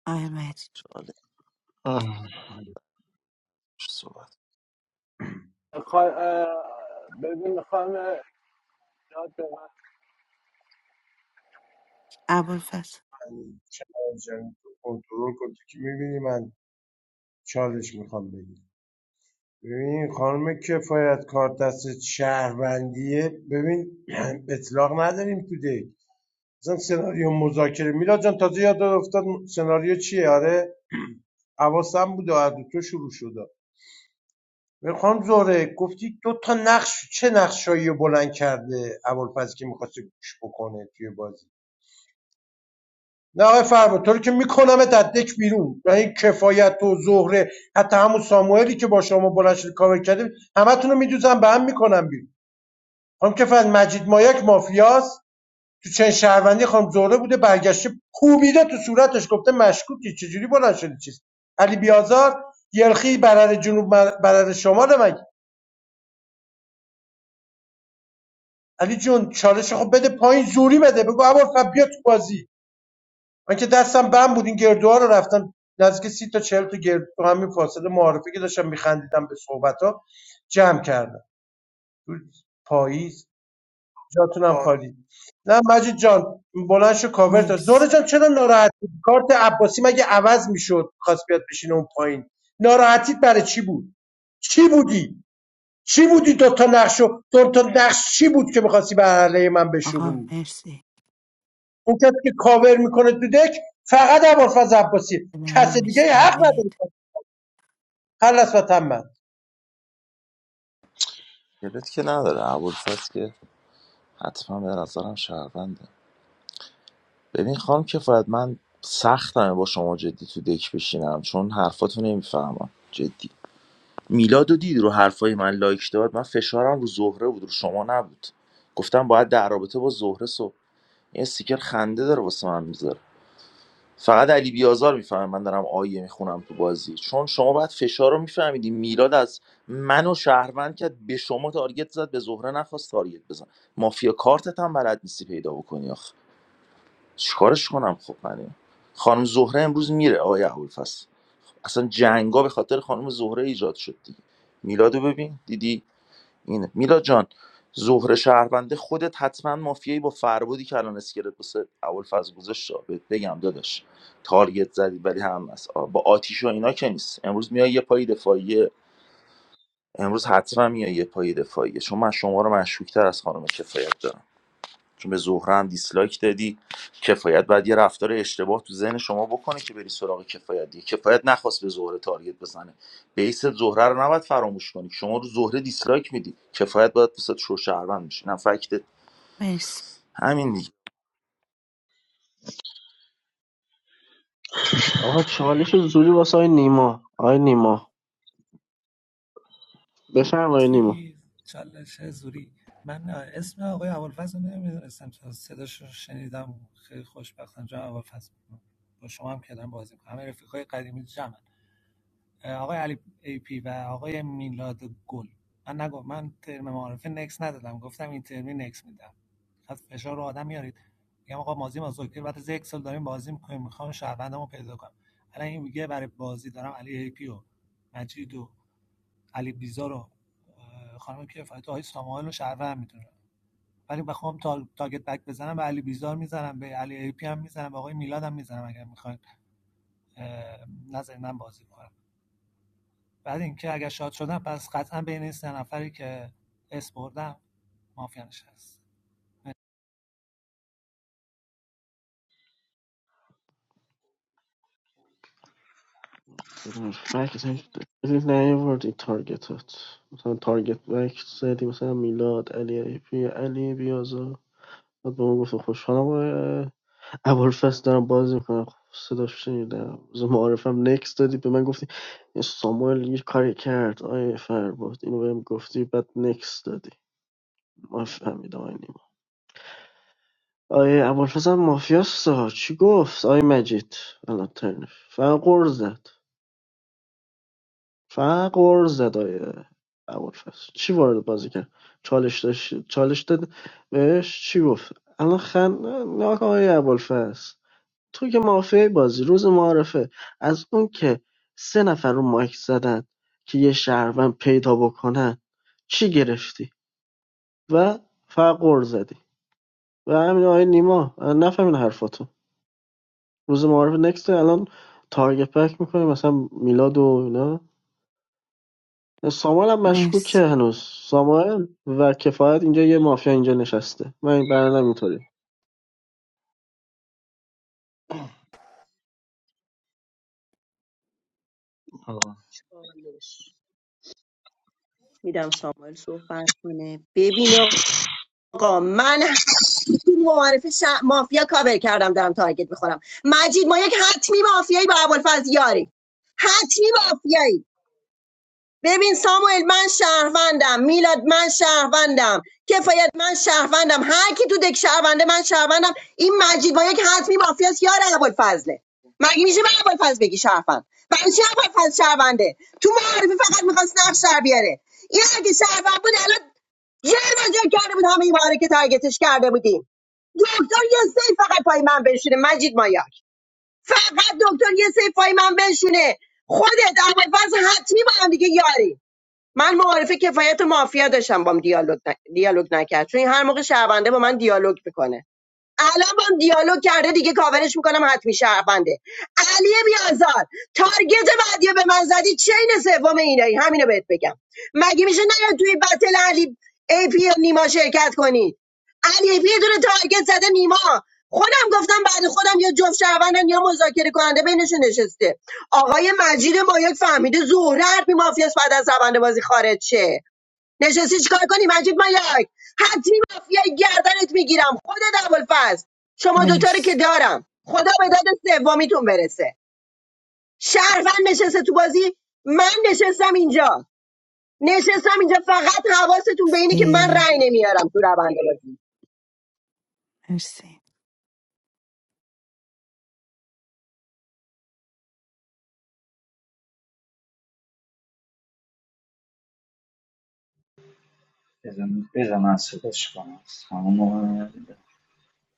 آی مجید اه، من خا- اه، ببین خانم ایجاد به ابوالفضل چند جنگ رو کنترل کن تو که میبینی من چالش میخوام بگیرم ببین خانم کفایت کار دست شهروندیه ببین اطلاق نداریم تو دیگ مثلا سناریو مذاکره میلاد جان تازه یاد افتاد سناریو چیه آره حواسم بود و از تو شروع شد ببین خانم زهره گفتی دو تا نقش چه نقشایی رو بلند کرده ابوالفضل که میخواسته گوش بکنه توی بازی نه آقای فرما تو رو که میکنم دک بیرون و این کفایت و زهره حتی همون ساموئلی که با شما بلند شده کاور کرده همتون رو میدوزم به هم میکنم بیرون خانم کفت مجید مایک مافیاست تو چند شهروندی خانم زهره بوده برگشته کوبیده تو صورتش گفته مشکوکی چجوری بلند شدی چیز علی بیازار یلخی برر جنوب بر- برر شمال مگه علی جون چالش خب بده پایین زوری بده بگو ابوالفضل بیا تو بازی من که دستم بم بود این گردوها رو رفتم نزدیک سی تا چهل تا گردو تو همین فاصله معارفه که داشتم میخندیدم به صحبت ها جمع کردم تو پاییز جاتونم خالی نه مجید جان بلند شو کاور تا مرسی زهره جان چرا ناراحتی کارت عباسی مگه عوض میشد خواست بیاد بشینه اون پایین ناراحتیت برای چی بود چی بودی چی بودی دو تا نقشو دو تا نقش چی بود که میخواستی به علیه من آقا بشورونی مرسی اون کسی که کاور میکنه تو دک فقط عبالفز عباسی کس دیگه حق نداره نمیشنوید خلص و تمام گلت که نداره ابوالفضل که حتما به نظرم شهرونده ببین خانم کفایت من سختمه با شما جدی تو دک بشینم چون حرفاتو نمیفهمم جدی میلاد و دید رو حرفای من لایک داد من فشارم رو زهره بود رو شما نبود گفتم باید در رابطه با زهره سو این استیکر خنده داره واسه من میذاره فقط علی بیازار میفهمه من دارم آیه میخونم تو بازی چون شما باید فشار رو میفهمیدی میلاد از منو و شهروند کرد به شما تارگت زد به زهره نخواست تارگت بزن مافیا کارتت هم بلد نیستی پیدا بکنی آخ چیکارش کنم خب من اینو؟ خانم زهره امروز میره آیه ابوالفضل اصلا جنگا به خاطر خانم زهره ایجاد شد دیگه میلادو ببین دیدی اینه میلا جان ظهر شهرونده خودت حتما مافیایی با فربودی که الان اسکلت واسه اول فاز گذاشت آ، بهت بگم داداش تارگت زدی ولی هم از آ، با آتیش و اینا که نیست امروز میای یه پای دفاعیه امروز حتما میای یه پای دفاعیه چون من شما رو مشکوکتر از خانم کفایت دارم چون به زهره هم دیسلایک دادی کفایت بعد یه رفتار اشتباه تو ذهن شما بکنه که بری سراغ کفایت دیگه کفایت نخواست به زهره تارگت بزنه بیس زهره رو نباید فراموش کنی شما رو زهره دیسلایک میدی کفایت باید وسط شو شهروند میشه نه فکت مرسی همین دیگه آقا چالش زوری واسه آی نیما آی نیما بفرم آی نیما سی چالش زوری من اسم آقای ابوالفضل رو نمیدونستم تا صداش رو شنیدم خیلی خوشبختم جناب ابوالفضل با شما هم کردم بازی میکنم همه رفیقای قدیمی جمع آقای علی ای پی و آقای میلاد گل من نگو من ترم معارفه نکس ندادم گفتم این ترمی نکس میدم خط فشار رو آدم میارید میگم آقا مازی ما زوکر بعد از یک سال داریم بازی میکنیم میخوام شهروندمو پیدا کنم الان این میگه برای بازی دارم علی ای پی و مجید و علی بیزا رو اه، خانم کفایت و آقای ساموئل رو شهروند میدونم ولی بخوام تا تاگت بک بزنم به علی بیزار میزنم به علی ای پی هم میزنم به آقای میلاد هم میزنم اگر میخواین نظر من بازی کنم بعد اینکه اگر شاد شدم پس قطعا بین این سه نفری که اس بردم مافیا نشست بدون فکت نیوردی تارگتت مثلا تارگت بک زدی مثلا میلاد علی ای پی علی بیازار بعد به ما گفتم خوشحالم آقای ابوالفضل دارم بازی میکنم صداش شنیدم روز معارفم نکس دادی به من گفتی این ساموئل یه کاری کرد آیه فرباد اینو بهم گفتی بعد نکس دادی ما فهمیدم آیه نیما آیه ابوالفضل هم مافیاستا چی گفت آیه مجید الان ترنف فقط قرض زد فقط قرض زد آیه ابوالفضل چی وارد بازی کرد چالش داشت چالش داد بهش چی گفت الان خن نه آقای ابوالفضل تو که مافیای بازی روز معارفه از اون که سه نفر رو مایک زدن که یه شهروند پیدا بکنن چی گرفتی و فقط قر زدی و همین آقای نیما نفهمین حرفاتون روز معارفه نکست الان تارگت بک میکنه مثلا میلاد و اینا سامال هم مشکوکه مرسی هنوز سامال و کفایت اینجا یه مافیا اینجا نشسته من این برنامه اینطوری آه. چالش. میدم ساموئل صحبت کنه ببین آقا من تو معارف ش... مافیا کاور کردم دارم تارگت میخورم مجید ما یک حتمی مافیایی با ابوالفضل یاری حتمی مافیایی ببین ساموئل من شهروندم میلاد من شهروندم کفایت من شهروندم هر کی تو دک شهرونده من شهروندم این مجید با یک حتمی مافیاس یار ابوالفضله مگه میشه به ابوالفضل بگی شهروند برای چی ابوالفضل شهرونده تو معرفی فقط میخواست نقش در بیاره این اگه شهروند بود الان جر کرده بود همه این باره که تارگتش کرده بودیم دکتر یه سیف فقط پای من بشونه مجید مایاک فقط دکتر یه سیف پای من بشونه خودت اول حتمی با هم دیگه یاری من معارفه کفایت مافیا داشتم بام دیالوگ ن... دیالوگ نکرد چون هر موقع شهرونده با من دیالوگ میکنه الان با دیالوگ کرده دیگه کاورش میکنم حتمی شهربنده علی بیازار تارگت بعدی به من زدی چین سوم اینایی همینو بهت بگم مگه میشه نه توی بتل علی ای پی و نیما شرکت کنید علی ای پی یه دونه تارگت زده نیما خودم گفتم بعد خودم یا جفت شهروندن یا مذاکره کننده بینشون نشسته آقای مجید مایک فهمیده زهره حرفی مافیاس بعد از زبنده بازی خارج شه نشستی چیکار کنی مجید مایاک حتمی مافیای گردنت میگیرم خودت ابوالفضل شما دوتا رو که مرسی دارم خدا به داد سومیتون برسه شهروند نشسته تو بازی من نشستم اینجا نشستم اینجا فقط حواستون به اینه که من مرسی رأی نمیارم تو روند بازی مرسی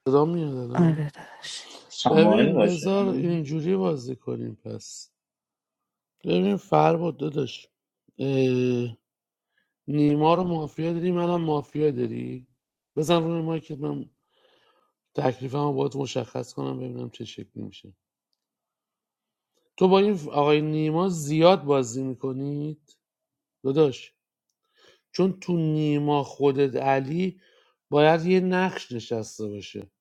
صدا میاد الان؟ آره داداش ببین بذار اینجوری بازی کنیم پس ببین فرباد داداش اه، نیما رو مافیا داری منم مافیا داری بزن روی مایکت من تکلیفم باید مشخص کنم ببینم چه شکلی میشه تو با این آقای نیما زیاد بازی میکنید داداش چون تو نیما خودت علی باید یه نقش نشسته باشه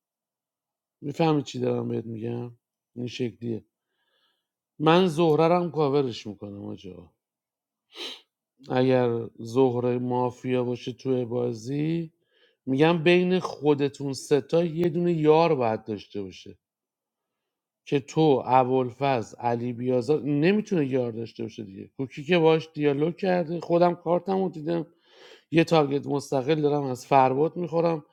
میفهمی چی دارم بهت میگم این شکلیه من زهررم کاورش میکنم آجا اگر زهره مافیا باشه توی بازی میگم بین خودتون ستا یه دونه یار باید داشته باشه که تو ابوالفضل علی بیازار نمیتونه یار داشته باشه دیگه کوکی که باش دیالوگ کرده خودم کارتم رو دیدم یه تارگت مستقل دارم از فرباد میخورم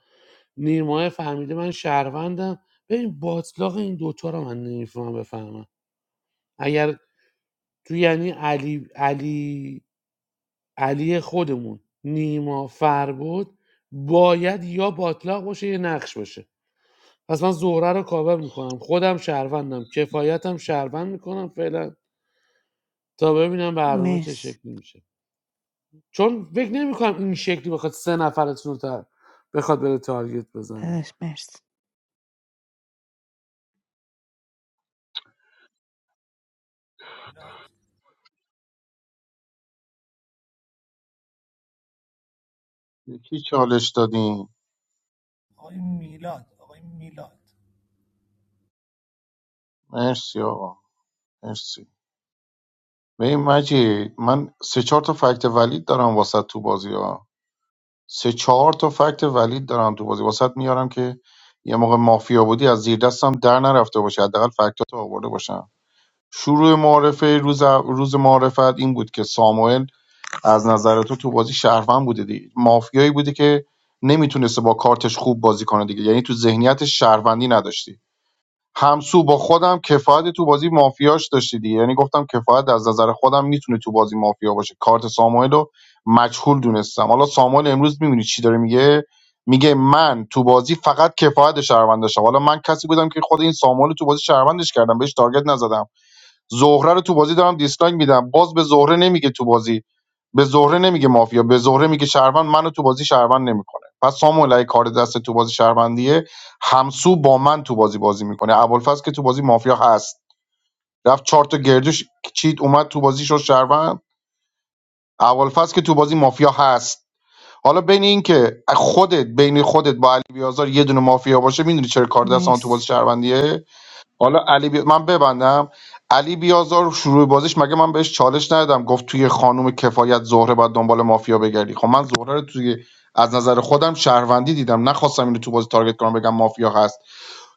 نیمای فهمیده من شهروندم ببین باطلاق این دوتا رو من نمیفهمم بفهمم اگر تو یعنی علی علی علی خودمون نیما فربود باید یا باطلاق باشه یا نقش باشه پس من زهره رو کاور میکنم خودم شهروندم کفایتم شهروند میکنم فعلا تا ببینم برنامه چه مرسی شکلی میشه چون فکر نمیکنم این شکلی بخواد سه نفرتون رو تا- بخواد بره تارگت بزنه داداش مرسی میلاد یکی چالش دادیم آقای میلاد آقای میلاد مرسی آقا مرسی ببین مجید من سه چهار تا فکت ولید دارم واسه تو بازی ها. سه چهار تا فکت ولید دارم تو بازی واسط میارم که یه موقع مافیا بودی از زیر دستم در نرفته باشه حداقل فکتاتو آورده باشم شروع معارفه روز روز معارفت این بود که ساموئل از نظر تو تو بازی شهروند بوده دیگه مافیایی بوده که نمیتونسته با کارتش خوب بازی کنه دیگه یعنی تو ذهنیت شهروندی نداشتی همسو با خودم کفایت تو بازی مافیاش داشتی دیگه یعنی گفتم کفایت از نظر خودم میتونه تو بازی مافیا باشه کارت ساموئل رو مجهول دونستم حالا ساموئل امروز میبینی چی داره میگه میگه من تو بازی فقط کفایت شهروند داشتم حالا من کسی بودم که خود این ساموئل رو تو بازی شهروندش کردم بهش تارگت نزدم زهره رو تو بازی دارم دیسلایک میدم باز به زهره نمیگه تو بازی به زهره نمیگه مافیا به زهره میگه شهروند منو تو بازی شهروند نمیکنه پس ساموئل اگه کار دست تو بازی شهروندیه همسو با من تو بازی بازی میکنه ابوالفضل که تو بازی مافیا هست رفت چهار تا گردش چیت اومد تو بازی شد شهروند ابوالفضل که تو بازی مافیا هست حالا بین این که خودت بین خودت با علی بیازار یه دونه مافیا باشه میدونی چرا کار دست من تو مرسی بازی شهروندیه حالا علی بی... من ببندم علی بیازار شروع بازیش مگه من بهش چالش ندادم گفت توی خانم کفایت زهره باید دنبال مافیا بگردی خب من زهره رو توی از نظر خودم شهروندی دیدم نخواستم اینو تو بازی تارگت کنم بگم مافیا هست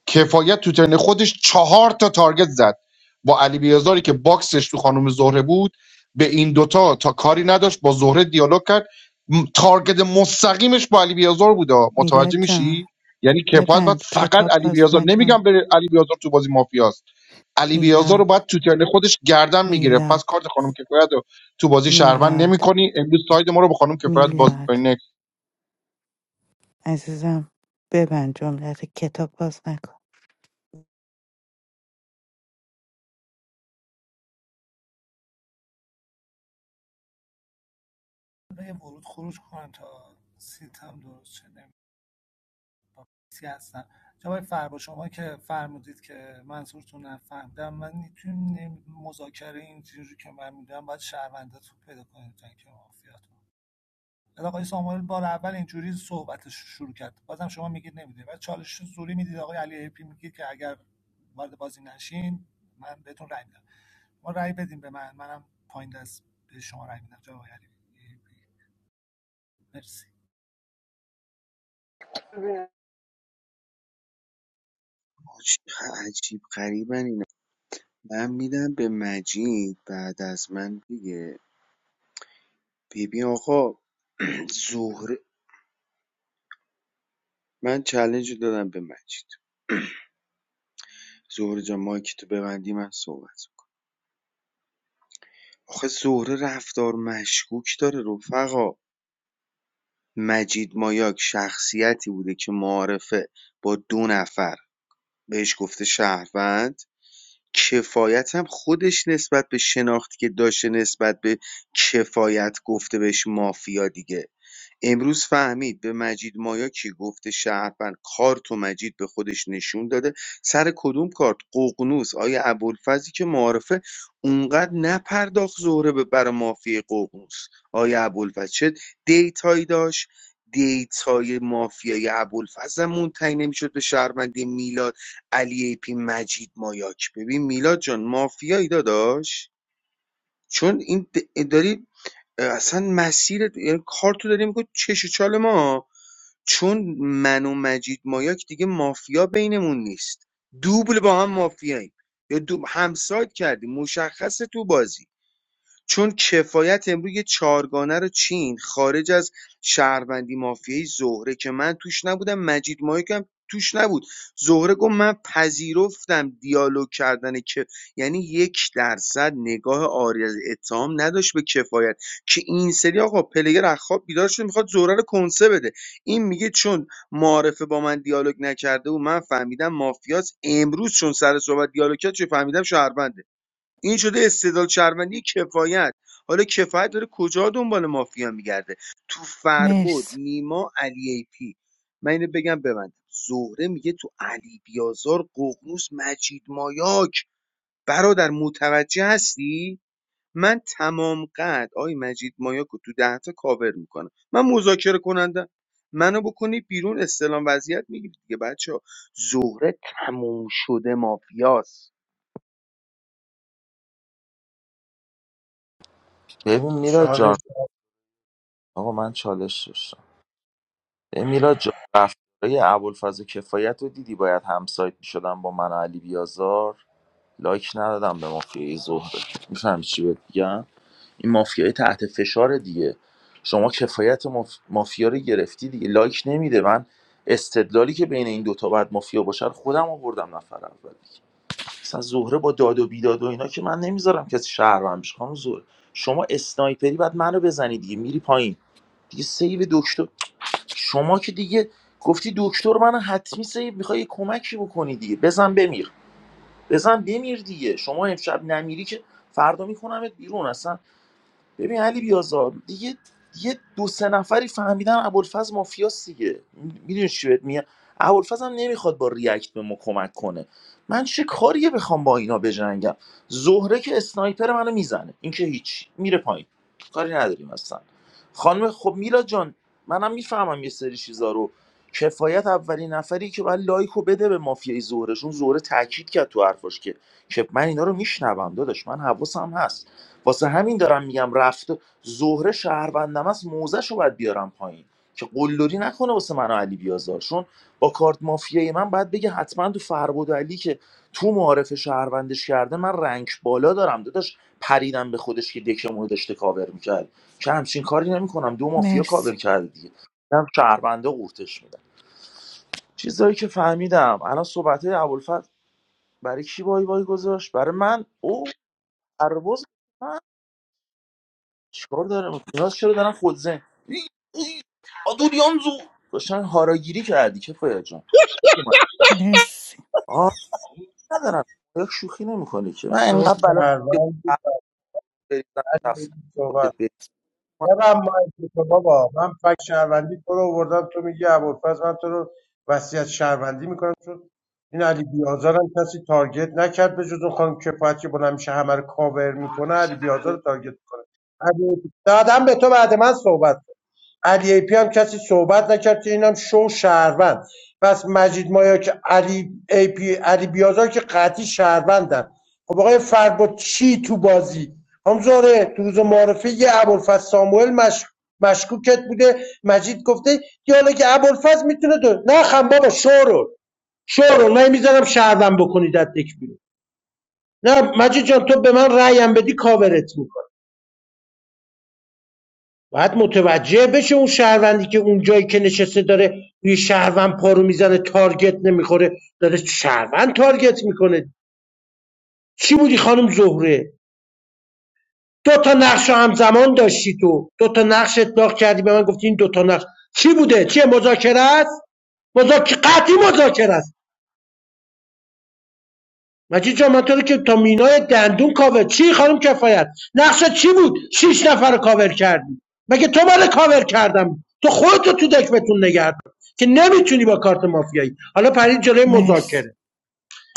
کفایت تو ترن خودش چهار تا تارگت زد با علی بیازاری که باکسش تو خانم زهره بود به این دوتا تا کاری نداشت با زهره دیالوگ کرد م- تارگت مستقیمش با علی بیازار بود آ. میلاد متوجه میشی جان یعنی کفایت باید ببند فقط کتاب علی باز بیازار نمیگم نکن بره علی بیازار تو بازی مافیاست علی بیازار رو میلاد باید تو ترن خودش گردن میگیره پس کارت میلاد خانم کفایت رو تو بازی شهروند میلاد نمیکنی امروز ساید ما رو با خانم کفایت باز میکنی نه میلاد عزیزم ببند جملت کتاب باز نکن حالا یه ورود خروج کنم تا سیتم درست شه نمی‌دونم با کسی هستم جناب آقای فربا شما که فرمودید که منظورتون نفهمیدم من میتونیم مذاکره اینجوری که من میدونم باید شهرونده تو پیدا کنید تا اینکه مافیاتون بعد آقای ساموئل بار اول اینجوری صحبتش شروع کرد بازم شما میگید نمیدونید بعد چالش زوری میدید آقای علی ایپی میگه که اگر وارد بازی نشین من بهتون رای میدم ما رای بدیم به من منم پایین دست به شما رای میدم جناب آقای علی ایپی مرسی من آج، عجیب غریبن اینا من میدم به مجید بعد از من دیگه ببین آقا زهره من چلنج رو دادم به مجید زهره جان مایک تو ببندی من صحبت کنم آخه زهره رفتار مشکوک داره رفقا مجید مایاک شخصیتی بوده که معارفه با دو نفر بهش گفته شهروند کفایت هم خودش نسبت به شناختی که داشته نسبت به کفایت گفته بهش مافیا دیگه امروز فهمید به مجید مایا کی گفته شهروند کارت و مجید به خودش نشون داده سر کدوم کارت ققنوس آیا ابوالفضلی که معارفه اونقدر نپرداخت زهره به برا مافیای ققنوس آیا ابوالفضل چه دیتایی داشت دیتای مافیای ابوالفضل هم منتهی نمیشد به شهروندی میلاد علی ای پی مجید مایاک ببین میلاد جان مافیایی داداش چون این د- داری اصلا مسیر یعنی کار تو داری میکنی چش و چال ما چون من و مجید مایاک دیگه مافیا بینمون نیست دوبل با هم مافیاییم یا دو... همسایت کردیم مشخص تو بازی چون کفایت امروز یه چهارگانه رو چین خارج از شهروندی مافیایی زهره که من توش نبودم مجید مایکم توش نبود زهره گفت من پذیرفتم دیالوگ کردن که یعنی یک درصد نگاه آری از اتهام نداشت به کفایت که این سری آقا پلگر از خواب بیدار شده میخواد زهره رو کنسه بده این میگه چون معارفه با من دیالوگ نکرده و من فهمیدم مافیاس امروز چون سر صحبت دیالوگ کرد چه فهمیدم شهرونده این شده استدلال شهروندی کفایت حالا کفایت داره کجا دنبال مافیا میگرده تو فربد مرسی نیما علی ای پی من اینو بگم ببندم زهره میگه تو علی بیازار ققنوس مجید مایاک برادر متوجه هستی من تمام قد آی مجید مایاک رو تو ده تا کاور میکنم من مذاکره کننده منو بکنید بیرون استلام وضعیت میگیرید دیگه بچه زهره تموم شده مافیاست ببین میلاد جان چالش آقا من چالش داشتم ببین میلاد جان رفتارای ابوالفضل کفایت رو دیدی باید همسایت میشدن با من و علی بیازار لایک ندادم به مافیای زهره میفهمی چی بهت میگم این مافیای تحت فشار دیگه شما کفایت ماف... مافیا رو گرفتی دیگه لایک نمیده من استدلالی که بین این دوتا باید مافیا باشن خودم آوردم نفر اول مثلا زهره با داد و بیداد و اینا که من نمیذارم کسی شهروند بشه خانم زهره شما اسنایپری بعد منو بزنی دیگه میری پایین دیگه سیو دکتر شما که دیگه گفتی دکتر من حتمی سیو میخوای کمکی بکنی دیگه بزن بمیر بزن بمیر دیگه شما امشب نمیری که فردا میکنمت بیرون اصلا ببین علی بیازار دیگه یه دو سه نفری فهمیدن ابوالفضل مافیاس دیگه میدونی چی بهت میگم ابوالفضل هم نمیخواد با ریاکت به ما کمک کنه من چه کاریه بخوام با اینا بجنگم زهره که اسنایپر منو میزنه این که هیچ میره پایین کاری نداریم اصلا خانم خب میلا جان منم میفهمم یه سری چیزا رو کفایت اولین نفری که باید لایکو بده به مافیای زهرهشون زهره تاکید کرد تو حرفاش که که من اینا رو میشنوم داداش من حواسم هست واسه همین دارم میگم رفته زهره شهروندم است موزش رو باید بیارم پایین که قلدری نکنه واسه من و علی بیازار با کارت مافیای من باید بگه حتما تو فربود و علی که تو معارف شهروندش کرده من رنگ بالا دارم داداش پریدم به خودش که دکمون رو داشته کاور میکرد که همچین کاری نمیکنم دو مافیا مرسی کاور کرده دیگه هم شهرونده قورتش میدم چیزایی که فهمیدم الان صحبت ابوالفضل برای کی وای وای گذاشت برای من او پرواز چیکار دارم نیاز چرا دارن خود زن ای، ای، آدوریانزو داشتن هاراگیری کردی که فایا جان مرسی آه ندارم یک شوخی نمیکنی که من شورت انقدر بلا پرونده بریزم کف علی خودت بری. ببن مایک تو بابا من فک شهروندی تو رو آوردم تو میگی ابوالفضل من تو رو وصیت شهروندی میکنم چون این علی بیازارم کسی تارگت نکرد به جز اون خانم کفایت که بلند میشه همه رو کاور میکنه علی بیازار رو تارگت میکنه علی... دادم به تو بعد من صحبت علی ای پی هم کسی صحبت نکرد که اینم شو شهروند پس مجید مایا که علی ای پی علی بیازار که قطعی شهروندن خب آقای فربد چی تو بازی هم زاره تو روز معرفه یه ابوالفضل ساموئل مش... مشکوکت بوده مجید گفته که حالا که ابوالفضل میتونه دو نه خم بابا شورو شورو نه میذارم شهروند بکنید از دک بیرون. نه مجید جان تو به من رأیم بدی کاورت می‌کنم. باید متوجه بشه اون شهروندی که اون جایی که نشسته داره یه شهروند پارو میزنه تارگت نمیخوره داره شهروند تارگت میکنه چی بودی خانم زهره دو تا نقش رو همزمان داشتی تو دو تا نقش اطلاق کردی به من گفتی این دو تا نقش چی بوده چیه مذاکره است مذاکره قطعی مذاکره است مجید جان من تو رو که تا مینای دندون کاور چی خانم کفایت نقشه چی بود شیش نفر رو کاور کردی مگه تو من کاور کردم تو خودتو تو دکمتون نگه دار که نمیتونی با کارت مافیایی حالا پرید جلوی مرسی مذاکره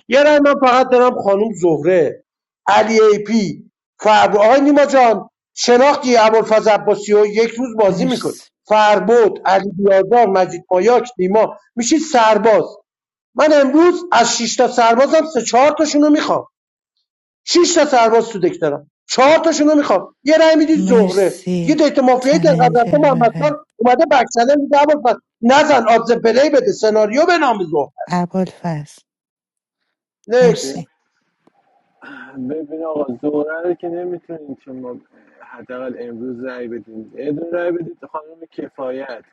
یه رای من فقط دارم خانم زهره علی ای پی فربو آقای نیما جان شناختی ابوالفضل عباسی و یک روز بازی میکنی مرس- فربود علی بیازار مجید مایاک نیما میشید سرباز من امروز از شش تا سربازم سه چهار تاشون رو میخوام شش تا سرباز تو دک دارم چهار تاشونو میخوام یه رای میدید زهره یه مرسی دیت مافیایی در رفته چلنجر محمد بره خان اومده بکسله میگه عباس نزن آدز پلی بده سناریو به نام زهره است ابوالفضل نکس مرسی ببین ببین آقا زوره رو که نمیتونید شما حداقل امروز رای بدید یه دونه رای بدید خانم کفایت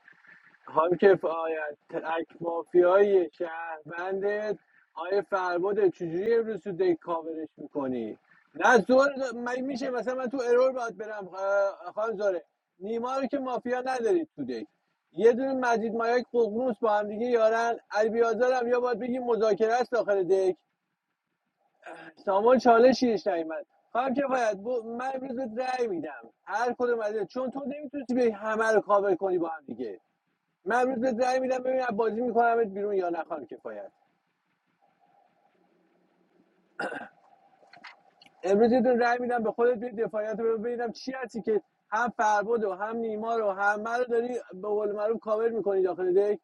خانم کفایت تک مافیای شهروندت آیه فرباد چجوری امروز تو دک کاورش میکنی نه زور من میشه مثلا من تو ارور باید برم اه، خانم زوره نیما رو که مافیا ندارید تو دک یه دونه مجید مایک ققنوس با هم دیگه یارن علی بیازار هم یا باید بگیم مذاکره است داخل دک سامان چالشیش نیمد خواهم کفایت با من امروز بهت رأی میدم هر کدوم از اینا. چون تو نمیتونی به همه رو کاور کنی با هم دیگه من امروز بهت رأی میدم ببینم بازی میکنمت بیرون یا نه خانم کفایت امروز یه دونه رأی میدم به خودت بیاد دفاعیت ببینم چی هستی که هم فربد و هم نیما رو همه رو داری به قول معروف کاور میکنی داخل دک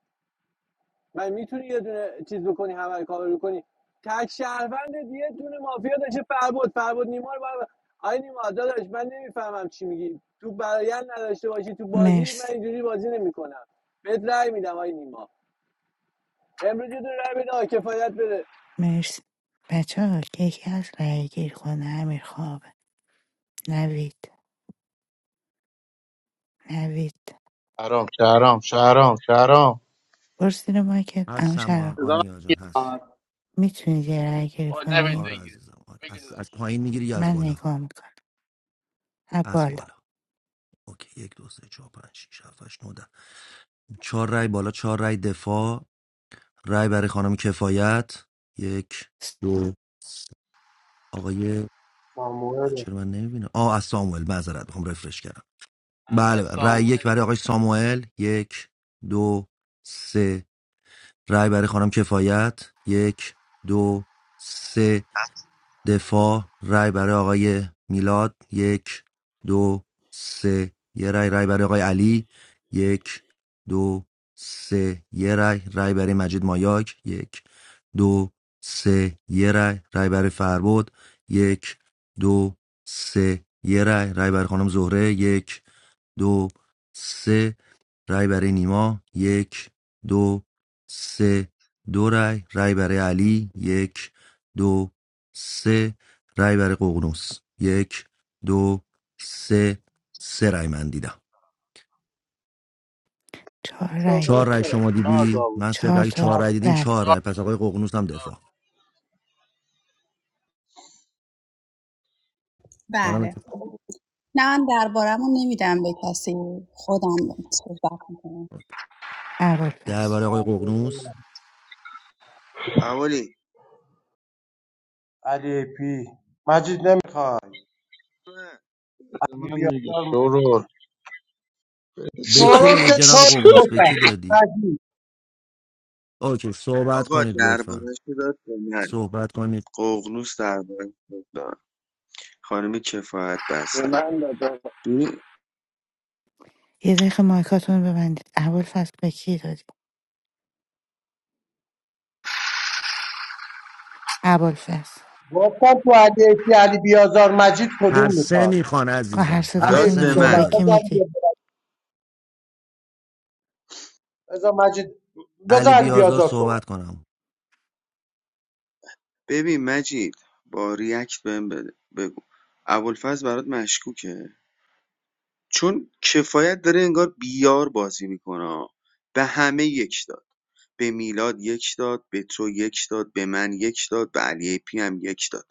من میتونی یه دونه چیز بکنی همه رو کاور بکنی تک شهروند یه دونه مافیا داشته فربد فربد نیما رو بر... آی نیما داداش من نمیفهمم چی میگی تو برایند نداشته باشی تو بازی من مرسی اینجوری بازی نمیکنم بهت رأی میدم آی نیما امروز یه دونه رأی بده آی کفایت بره مرسی بچه ها یکی از رای گیر کنه امیر خوابه نوید نوید شهرام شهرام شهرام شهرام برسی رو مایکت اما هستم آن شرم I آنیا جان هست میتونید یه رای گیر never did کنید آره it. عزیزم آره از, Because از پایین میگیری یا از من بالا نگاه میکنم از ابوالا بالا اوکی یک دو سه چهار پنج شیش هفت هشت نو ده چهار رای بالا چهار رای دفاع رای برای خانم کفایت یک دو سه. آقای ساموئل چرا من نمیبینم آه از ساموئل معذرت میخوام رفرش کردم I بله was بله. رای Samuel. یک برای آقای ساموئل یک دو سه رای برای خانم کفایت یک دو سه دفاع رای برای آقای میلاد یک دو سه یه رای رای برای آقای علی یک دو سه یه رای رای برای مجید مایاک یک دو سه یه رای رای برای فربود یک دو سه یه رای رای برای خانم زهره یک دو سه رای برای نیما یک دو سه دو رای رای برای علی یک دو سه رای برای ققنوس یک دو سه سه رای من دیدم چهار رای آها چهار بود رای شما Four دیدی dollars. من سه چهار اگه تا چهار بود رای دیدین بله Four چهار رای پس dollars. آقای ققنوس هم Four. دفاع آرام بله اتفاق نه من دربارم نمیدم به کسی خودم صحبت میکنم ده ابوالفضل برای آقای ققنوس اولی علی پی مجید نمیخواد علی من دیگه بیازار م- شورول. چی به کی شورا دادی که جناب توی ققنوس به مطلق کی دادی مجید اوکی صحبت آقا کنید لطفا دربارش رو داد به من صحبت کنید ققنوس دربارش رو داد خانم کفایت بستن من داد ببین، یه دقیقه مایکاتون رو ببندید ابوالفضل به کی دادی ابوالفضل گفتم تو علی پی علی بیازار مجید هر کدوم سه میخواد میخوان خب هر عزیزم هر علی داد ستاشون سه پی به میخوام میخوان صحبت به من کی بذار داداش علی میدی مجید بذار علی علی بیازار بیازار صحبت صحبت کنم ببین مجید با ریاکت بهم بده بگو ابوالفضل برات مشکوکه چون کفایت داره انگار بیار بازی میکنه به همه یک داد به میلاد یک داد به تو یک داد به من یک داد به علی پی هم یک داد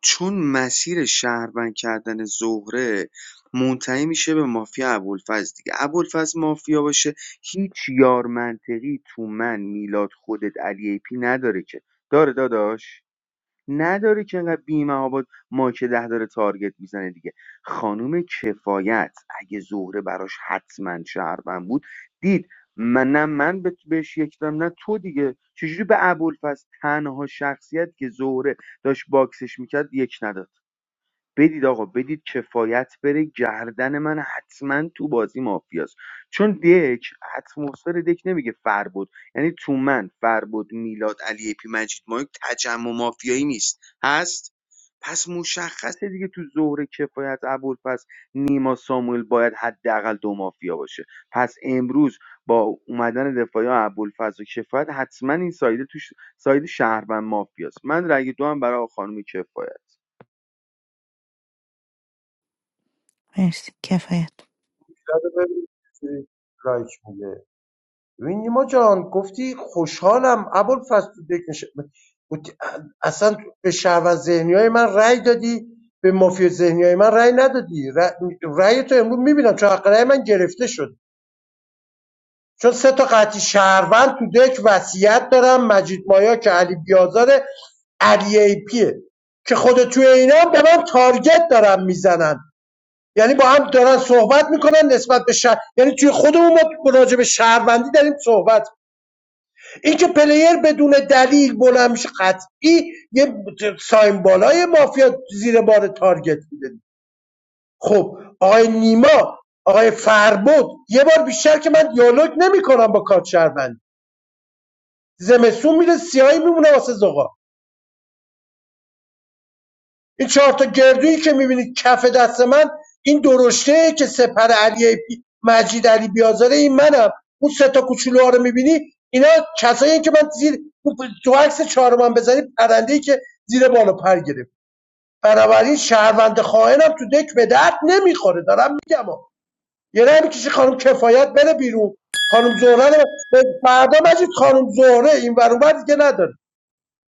چون مسیر شهروند کردن زهره منتهی میشه به مافیا ابوالفضل دیگه ابوالفضل مافیا باشه هیچ یار منطقی تو من میلاد خودت علی ای پی نداره که داره داداش نداره که انقدر بیمه مایک ده داره تارگت میزنه دیگه خانوم کفایت اگه زهره براش حتما شهروند بود دید من نه من به- بهش یک دادم نه تو دیگه چجوری به ابوالفضل تنها شخصیت که زهره داشت باکسش میکرد یک نداد بدید آقا بدید کفایت بره گردن من حتما تو بازی مافیاست چون دک اتمسفر دک نمیگه فر بود یعنی تو من فر بود میلاد علی اپی مجید مایک تجمع مافیایی نیست هست پس مشخصه دیگه تو ظهر کفایت پس نیما ساموئل باید حداقل دو مافیا باشه پس امروز با اومدن دفاعی ابوالفضل و کفایت حتما این سایده توش ساید شهروند مافیاست من رأی دو هم برای خانم کفایت مرسی کفایت کرده ببین چی لایک میده ببین نیما جان گفتی خوشحالم ابوالفضل تو دک نشه اصلا به شهروند ذهنیای من رأی دادی به مافیا ذهنیای من رأی ندادی ر- رأی تو امروز میبینم چون حق رأی من گرفته شد چون سه تا قطعی شهروند تو دک وصیت دارم مجید مایا که علی بیازاره علی ای پیه که خود توی اینا هم به من تارگت دارن میزنن یعنی با هم دارن صحبت میکنن نسبت به شهر یعنی توی خودمون ما راجع به شهروندی داریم صحبت این که پلیر بدون دلیل بلند میشه قطعی یه ساین بالای مافیا زیر بار تارگت میده خب آقای نیما آقای فربود یه بار بیشتر که من دیالوگ نمیکنم با کارت شهروند زمسون میره سیاهی میمونه واسه زغال این چهار تا گردویی که میبینید کف دست من این درشته که سپر علی پی- مجید علی بیازاره این منم اون سه تا کوچولو ها رو میبینی اینا کسایی که من زیر تو عکس چهارم من بزنی پرنده که زیر بال و پر گرفت بنابراین شهروند خائنم تو دک به درد نمیخوره دارم میگم ها. یه رای میکشی خانم کفایت بره بیرون خانم زهره رو فردا مجید خانم زهره این ور اون ور دیگه نداره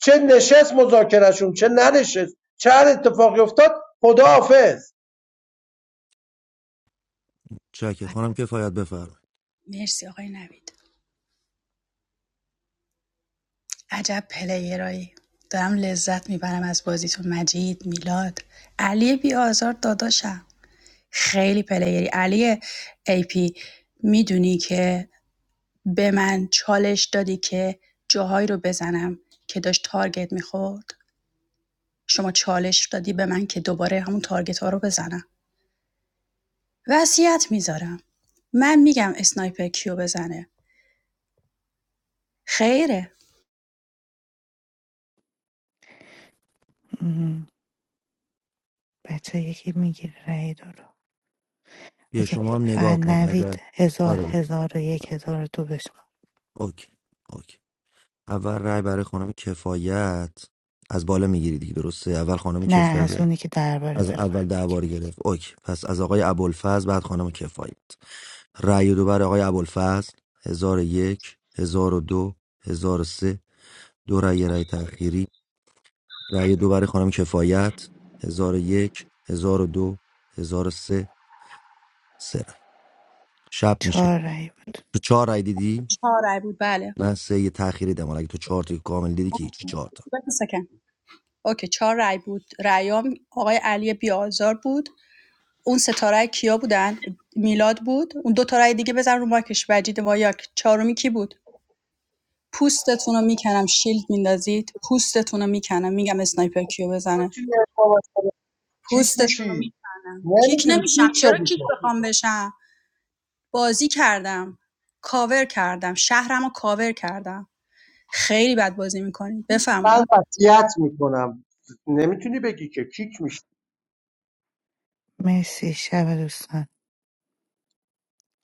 چه نشست مذاکرهشون چه ننشست چه هر اتفاقی افتاد خداحافظ چکه خانم کفایت بفرم مرسی آقای نوید عجب پلیرایی دارم لذت میبرم از بازیتون مجید میلاد علی بی آزار داداشم خیلی پلیری علی ای پی میدونی که به من چالش دادی که جاهایی رو بزنم که داشت تارگت میخورد شما چالش دادی به من که دوباره همون تارگت ها رو بزنم وصیت میذارم من میگم اسنایپر کیو بزنه خیره م، بچه یکی میگیره رأی دو رو یه اوکی شما هم نگاه فقط کن اگر نوید هزار آره هزار و یک هزار و دو بشه اوکی اوکی اول رای برای خانم کفایت از بالا میگیری دیگه درسته اول خانم نه از کفایت اونی که درباره از داره اول باید بگیری درباره گرفت اوکی پس از آقای ابوالفضل بعد خانم کفایت رای دو برای آقای ابوالفضل 1001 1002 1003 دو هزار و سه. دو رای رأی تأخیری رأی دو برای خانم کفایت هزار و یک هزار و دو هزار و سه سه رأی شب میشه چهار رأی بود تو چهار رأی دیدی چهار رای بود بله من سه یه تأخیری دارم اگه تو چهار تا کامل دیدی که هیچی چهار تا بفرست اوکی چهار رای بود رأیام آقای علی بیازار بود اون ستاره کیا بودن میلاد بود اون دو تا رأی دیگه بزن رو ماکش وجید وایاک چهارمی کی بود پوستتون رو میکنم شیلد میندازید پوستتون رو میکنم میگم اسنایپر کیو تو بزنه توی اقامت پوستتون رو میشی میکنم کیک نمیتونی نمیشم چیک چرا شدی کیک تو بخوام بشم بازی کردم کاور کردم شهرم رو کاور کردم خیلی بد بازی میکنید من بفرمایید وصیت میکنم نمیتونی بگی که کیک میشی مرسی شب دوستان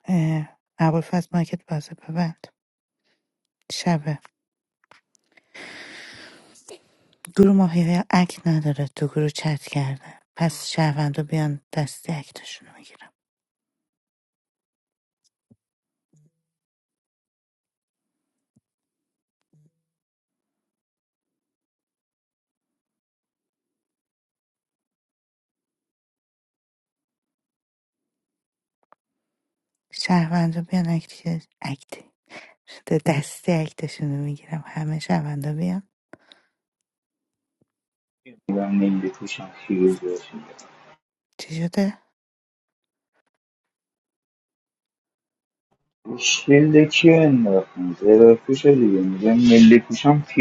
اه، ابوالفضل مایکت بازه ببند شبه گروه ماهی اک نداره تو گروه چت کرده پس شهروندا بیان دستی اکتشون رو میگیرم شهروندا بیان اکتی که- اکتی دستی اکتشون رو میگیرم همه شهروندا بیان چی شده to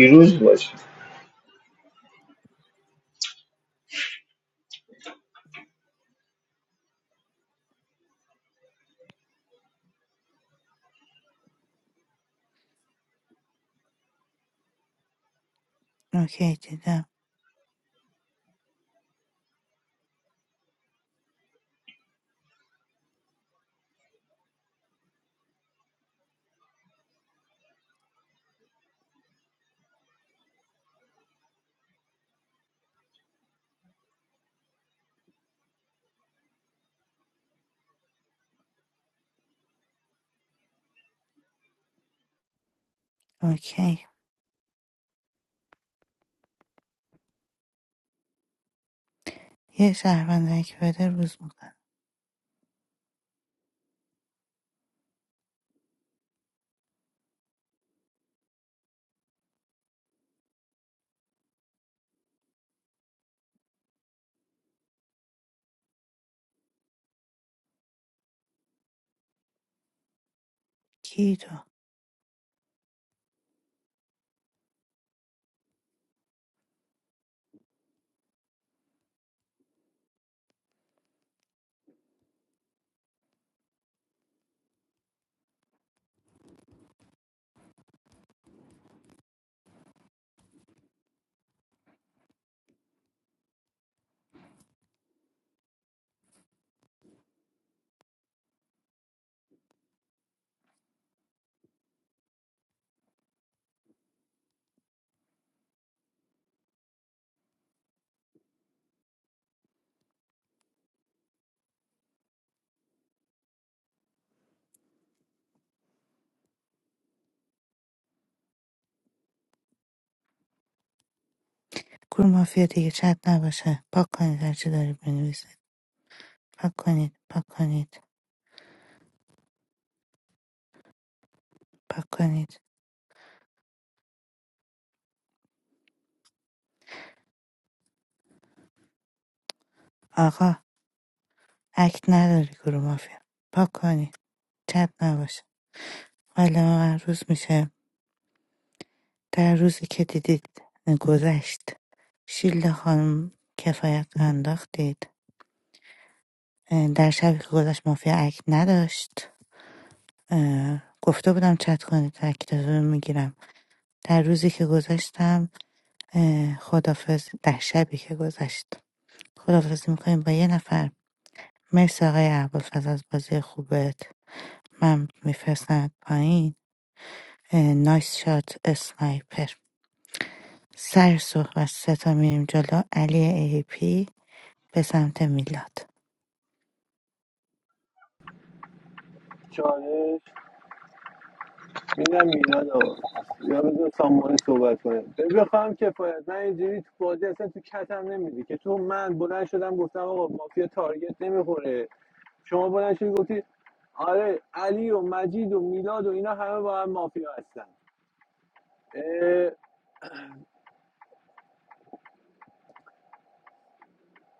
do something. اوکی دیدم اوکی یه شهروند رای که بده روز میکنم کی تو گروه مافیا دیگه چت نباشه پاک کنید هر چی دارید بنویسید پاک کنید پاک کنید پاک کنید آقا اکت نداری گروه مافیا پاک کنید چت نباشه حالا عروض میشه در روزی که دیدید گذشت شیلد خانم کفایت رو انداختید اه، در شبی که گذشت مافیا اکت نداشت اه، گفته بودم چت کنید اکتتون رو میگیرم در روزی که گذشتم اه، خداحافظ در شبی که گذشت خداحافظی میکنیم با یه نفر مرسی آقای ابوالفضل از بازی خوبت من میفرستم پایین اه، نایس شات اسنایپر سر صحبت سه تا میریم جلو علی ای پی به سمت میلاد چالش میدم میلاد آقا یا بذار سامانی صحبت کنه ببین بخوام کفایت من اینجوری تو بازی اصلا تو کتم نمیدی که تو من بلند شدم گفتم آقا مافیا تارگت نمیخوره شما بلند شدی گفتی آره علی و مجید و میلاد و اینا همه با هم مافیا هستن اه،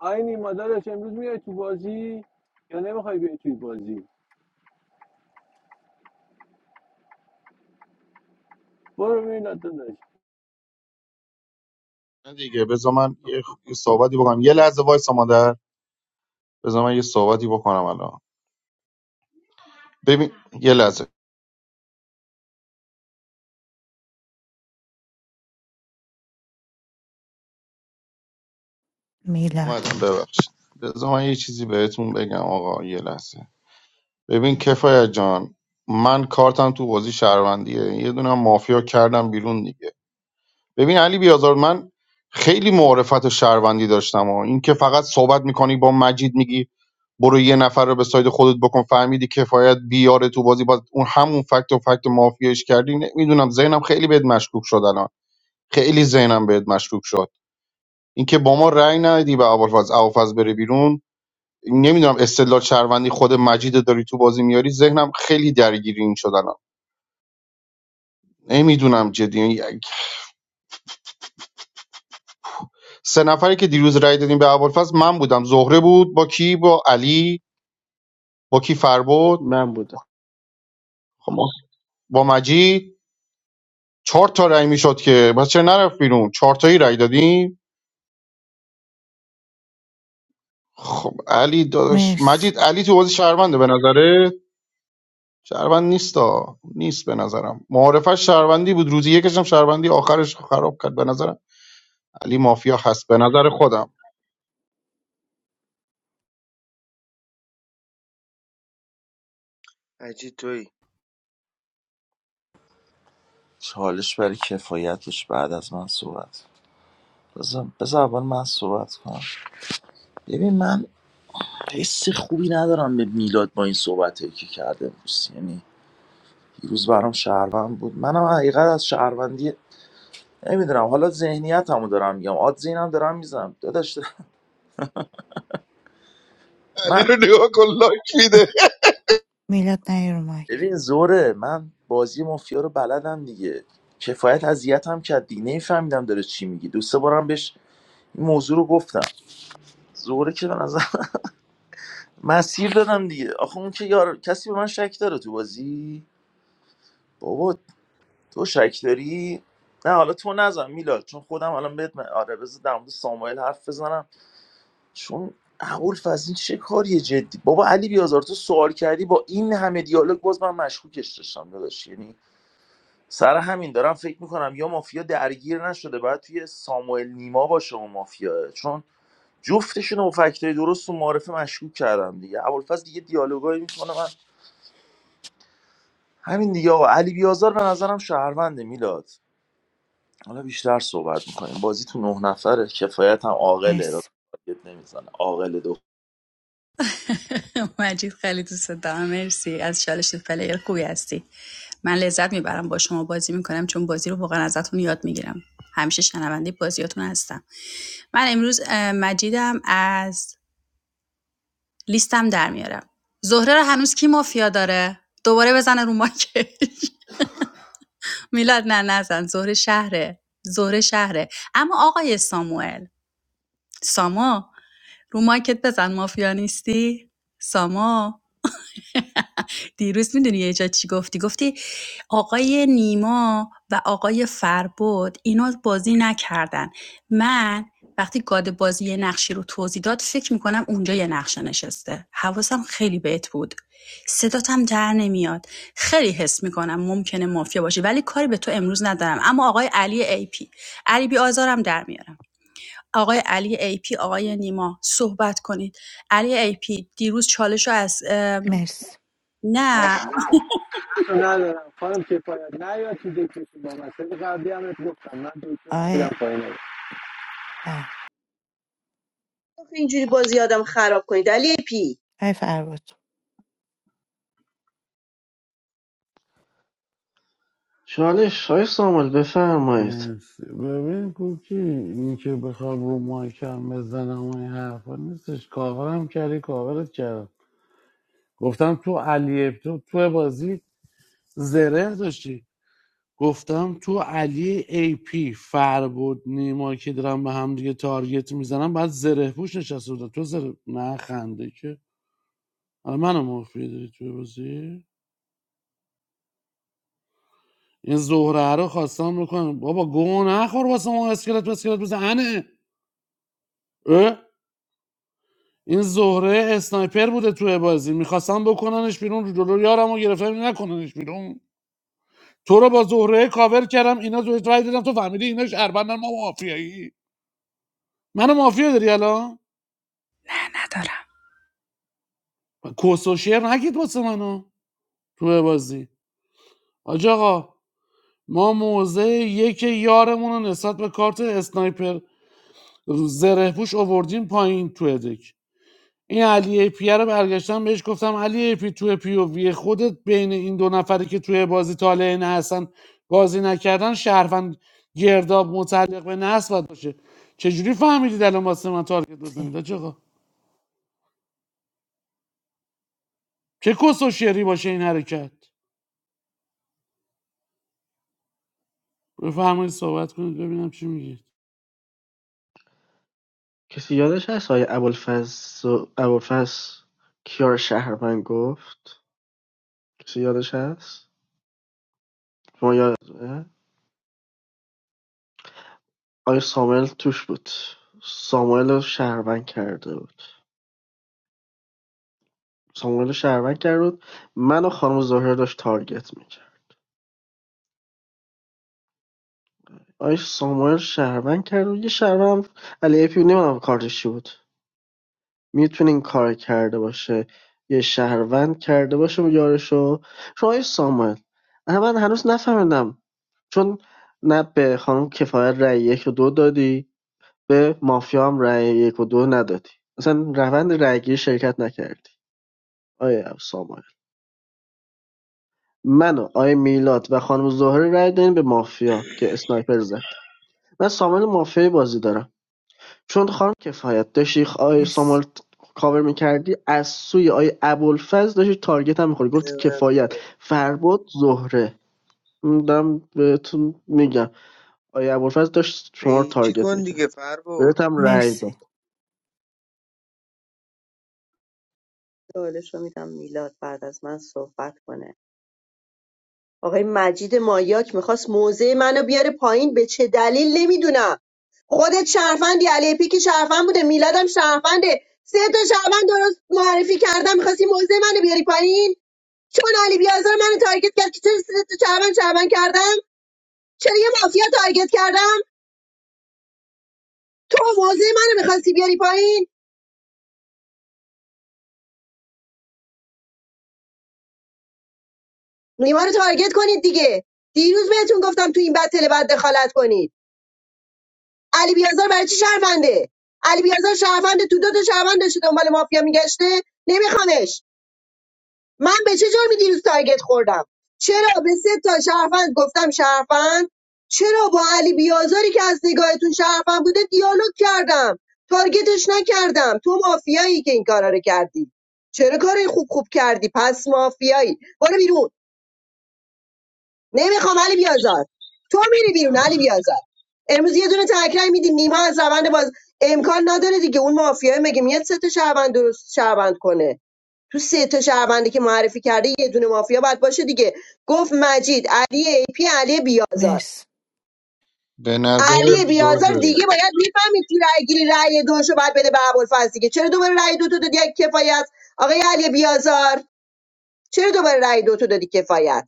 آی نیما داداش امروز میای تو بازی یا نمیخوای بیای توی بازی برو میلاد داداش نه دیگه بذار من یه خ- یه صحبتی بکنم یه لحظه وایسا مادر بذار من یه صحبتی بکنم الان ببین یه لحظه میلاد اومدم ببخشید بذار من یه چیزی بهتون بگم آقا یه لحظه ببین کفایت جان من کارتم تو بازی شهروندیه یه دونم مافیا کردم بیرون دیگه ببین علی بیازار من خیلی معرفت و شهروندی داشتم و این که فقط صحبت میکنی با مجید میگی برو یه نفر رو به ساید خودت بکن فهمیدی کفایت بیاره تو بازی باز اون همون فکت و فکت مافیاش کردی نمیدونم ذهنم خیلی بهت مشکوک شد الان خیلی ذهنم بهت مشکوک شد اینکه با ما رأی ندی به ابوالفضل ابوالفضل بره بیرون نمیدونم استدلال شهروندی خود مجید داری تو بازی میاری ذهنم خیلی درگیر این شد الان نمیدونم جدی سه نفری که دیروز رأی دادیم به ابوالفضل من بودم زهره بود با کی با علی با کی فربود من بودم خب، با مجید چهار تا رأی میشد که بس چرا نرفت بیرون چهار تایی رأی دادیم خب علی داداش مرس مجید علی تو بازی شهرونده به نظره شهروند نیستا نیست به نظرم معارفش شهروندی بود روزی یکش هم شهروندی آخرش خراب کرد به نظرم علی مافیا هست به نظر خودم عجیب تویی چالش برای کفایتش بعد از من صحبت بذار بذار اول من صحبت کنم ببین من حس خوبی ندارم به میلاد با این صحبت که کرده امروز یعنی دیروز برام شهروند بود منم حقیقت از شهروندی نمیدونم حالا ذهنیتمو دارم میگم آد زینم دارم میزنم داداش علی من رو نگاه کن لایک میده میلاد نیا رو مایک ببین زوره من بازی مافیا رو بلدم دیگه کفایت اذیتم کرد دیگه نمیفهمیدم داره چی میگی دو سه بارم بهش این موضوع رو گفتم زوره که به نظر مسیر دادم دیگه آخه اون که یار کسی به من شک داره تو بازی بابا تو شک داری نه حالا تو نزن میلاد چون خودم الان بهت م- آره بذار در مورد ساموئل حرف بزنم چون ابوالفضل این چه کاریه جدی بابا علی بیازار تو سوال کردی با این همه دیالوگ باز من مشکوکش داشتم داداش یعنی سر همین دارم فکر میکنم یا مافیا درگیر نشده باید توی ساموئل نیما باشه و مافیا چون جفتشون رو با فکتای درست و معرفه مشکوک کردم دیگه ابوالفضل دیگه دیالوگایی میکنه من همین دیگه آقا علی بیازار به نظرم شهرونده میلاد حالا بیشتر صحبت میکنیم بازی تو نه نفره کفایت هم عاقله راست مرس تارگت نمیزنه عاقل مجید خیلی دوست دارم مرسی از چالش پلیر خوبی هستی من لذت میبرم با شما بازی میکنم چون بازی رو واقعا ازتون یاد میگیرم همیشه شنونده بازیاتون هستم من امروز اه، مجیدم از لیستم در میارم زهره رو هنوز کی مافیا داره دوباره بزنه رو ماکش میلاد نه نزن زهره شهره زهره شهره اما آقای ساموئل ساما رو ماکت بزن مافیا نیستی ساما دیروز میدونی یه جا چی گفتی گفتی آقای نیما و آقای فربود اینا بازی نکردن من وقتی گاد بازی یه نقشی رو توضیح داد فکر میکنم اونجا یه نقشه نشسته حواسم خیلی بهت بود صداتم در نمیاد خیلی حس میکنم ممکنه مافیا باشی ولی کاری به تو امروز ندارم اما آقای علی ای پی علی بی آزارم در میارم آقای علی ای پی آقای نیما صحبت کنید علی ای پی دیروز چالش رو از ام، مرس آه، نه من تو ندارم خانم کفایت نه یا تو دکتر با من سری قبلی هم بهت گفتم من دکترم میرم آی پایین بل اینجوری بازی آدم خراب کنید علی پی آی فرود چالش های سامال بفرمایید مرسی ببین کوکی این که بخوام رو مایکم بزنم و این حرفا نیستش کاورم کردی کاورت کردم گفتم تو علی تو تو بازی زره داشتی گفتم تو علی ای پی فر بود نیما که دارم به هم دیگه تارگت میزنم بعد زره پوش نشسته بودن تو زره نه خنده که حالا منو مافیا داری تو بازی این زهره رو خواستم بکنم بابا گو نخور واسه ما اسکلت اسکلت بزنه اه؟ این زهره اسنایپر بوده توی بازی میخواستم بکننش بیرون رو جلو یارم رو گرفتم نکننش بیرون تو رو با زهره کاور کردم اینا زهره رای دادم تو فهمیدی اینا شهروندن ما مافیایی منو مافیا داری الان نه ندارم کس و شعر نگید واسه منو تو بازی حاج آقا ما موضع یک یارمون رو نسبت به کارت اسنایپر زره پوش آوردیم پایین تو دک این علی ای پی رو برگشتم بهش گفتم علی ای پی تو پی او وی خودت بین این دو نفری که توی بازی طالع هستن بازی نکردن شهروند گرداب متعلق به نسل باشه چجوری فهمیدید الان واسه من تارگت بزنید حاج آقا چه کس و شعری باشه این حرکت بفرمایید صحبت کنید ببینم چی میگید کسی یادش هست آقای ابوالفضل ابوالفضل کیار شهروند گفت کسی یادش هست شما یادتونه آقای ساموئل توش بود ساموئل رو شهروند کرده بود ساموئل رو شهروند کرده بود من و خانم زهره داشت تارگت میکرد آقای ساموئل شهروند کرد و یه شهروند هم- علی اپی نمیدونم کارش چی بود میتونه این کارو کرده باشه یه شهروند کرده باشه یارشو چون آقای ساموئل اما من هنوز نفهمیدم چون نه به خانم کفایت رأی یک و دو دادی به مافیا هم رأی یک و دو ندادی اصلا روند رأیگیری شرکت نکردی آیا ساموئل من و آیا میلاد و خانم زهره رأی دادیم به مافیا که اسنایپر زد من ساموئل مافیای بازی دارم چون خانم کفایت داشتی خ- آقای مرسی سامال کاور میکردی از سوی آقای ابوالفضل داشتی تارگت هم میخوری گفت کفایت فرباد زهره این دارم بهتون میگم آقای ابوالفضل داشت شما رو قیچی تارگت کن دیگه میکرد فر بود بهت هم رأی داد مرسی سوالش رو میدم میلاد بعد از من صحبت کنه آقای مجید مایاک میخواست موزه منو بیاره پایین به چه دلیل نمیدونم خودت شرفندی علی پیک شرفند بوده میلادم شرفنده سه تا شرفند درست معرفی کردم میخواستی موزه منو بیاری پایین چون علی بیازار منو تارگت کرد که چرا سه تا شرفند شرفند کردم چرا یه مافیا تارگت کردم تو موزه منو میخواستی بیاری پایین نیما رو تارگت کنید دیگه دیروز بهتون گفتم تو این بتل بعد دخالت کنید علی بیازار برای چی شهرونده علی بیازار شهرونده تو دو تا شهروند داشته دنبال مافیا میگشته نمیخوامش من به چه جرمی دیروز تارگت خوردم چرا به سه تا شهروند گفتم شهروند چرا با علی بیازاری که از نگاهتون شهروند بوده دیالوگ کردم تارگتش نکردم تو مافیایی که این کارا رو کردی چرا کار خوب خوب کردی پس مافیایی برو بیرون نمیخوام علی بیازار تو میری بیرون علی بیازار امروز یه دونه تکرای میدی نیما از روند باز امکان نداره دیگه اون مافیای مگه میاد سه تا شهروند درست شهروند کنه تو سه تا شهروندی که معرفی کرده یه دونه مافیا باید باشه دیگه گفت مجید علی ای پی علی بیازار مرسی به نظر علی بیازار زوره دیگه باید میفهمید تو رای گیری رای دوشو باید بده به ابوالفضل دیگه چرا دوباره رای دو تو دادی کفایت آقای علی بیازار چرا دوباره رای دو تو دادی کفایت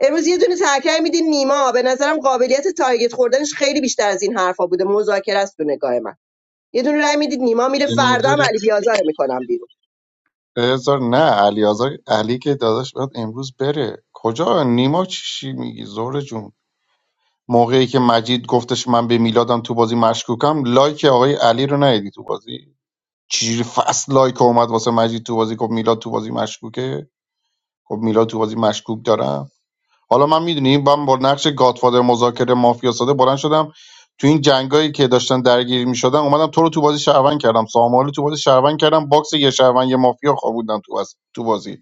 امروز یه دونه ترکه میدین نیما به نظرم قابلیت تارگت خوردنش خیلی بیشتر از این حرفا بوده مذاکره است تو نگاه من یه دونه رای میدید نیما میره به فردا هم نظر علی بیازار میکنم بیرون بذار نه علی آزار علی که داداش باید امروز بره کجا نیما چی میگی زهر جون؟ موقعی که مجید گفتش من به میلادم تو بازی مشکوکم لایک آقای علی رو ندیدی تو بازی چجوری فصل لایک اومد واسه مجید تو بازی گفت میلاد تو بازی مشکوکه گفت میلاد تو بازی مشکوک دارم حالا من میدونی من با نقش گادفادر مذاکره مافیا ساده بلند شدم تو این جنگایی که داشتن درگیر میشدن اومدم تو رو تو بازی شهروند کردم سامال رو تو بازی شهروند کردم باکس یه شهروند یه مافیا خوابوندم تو بازی تو بازی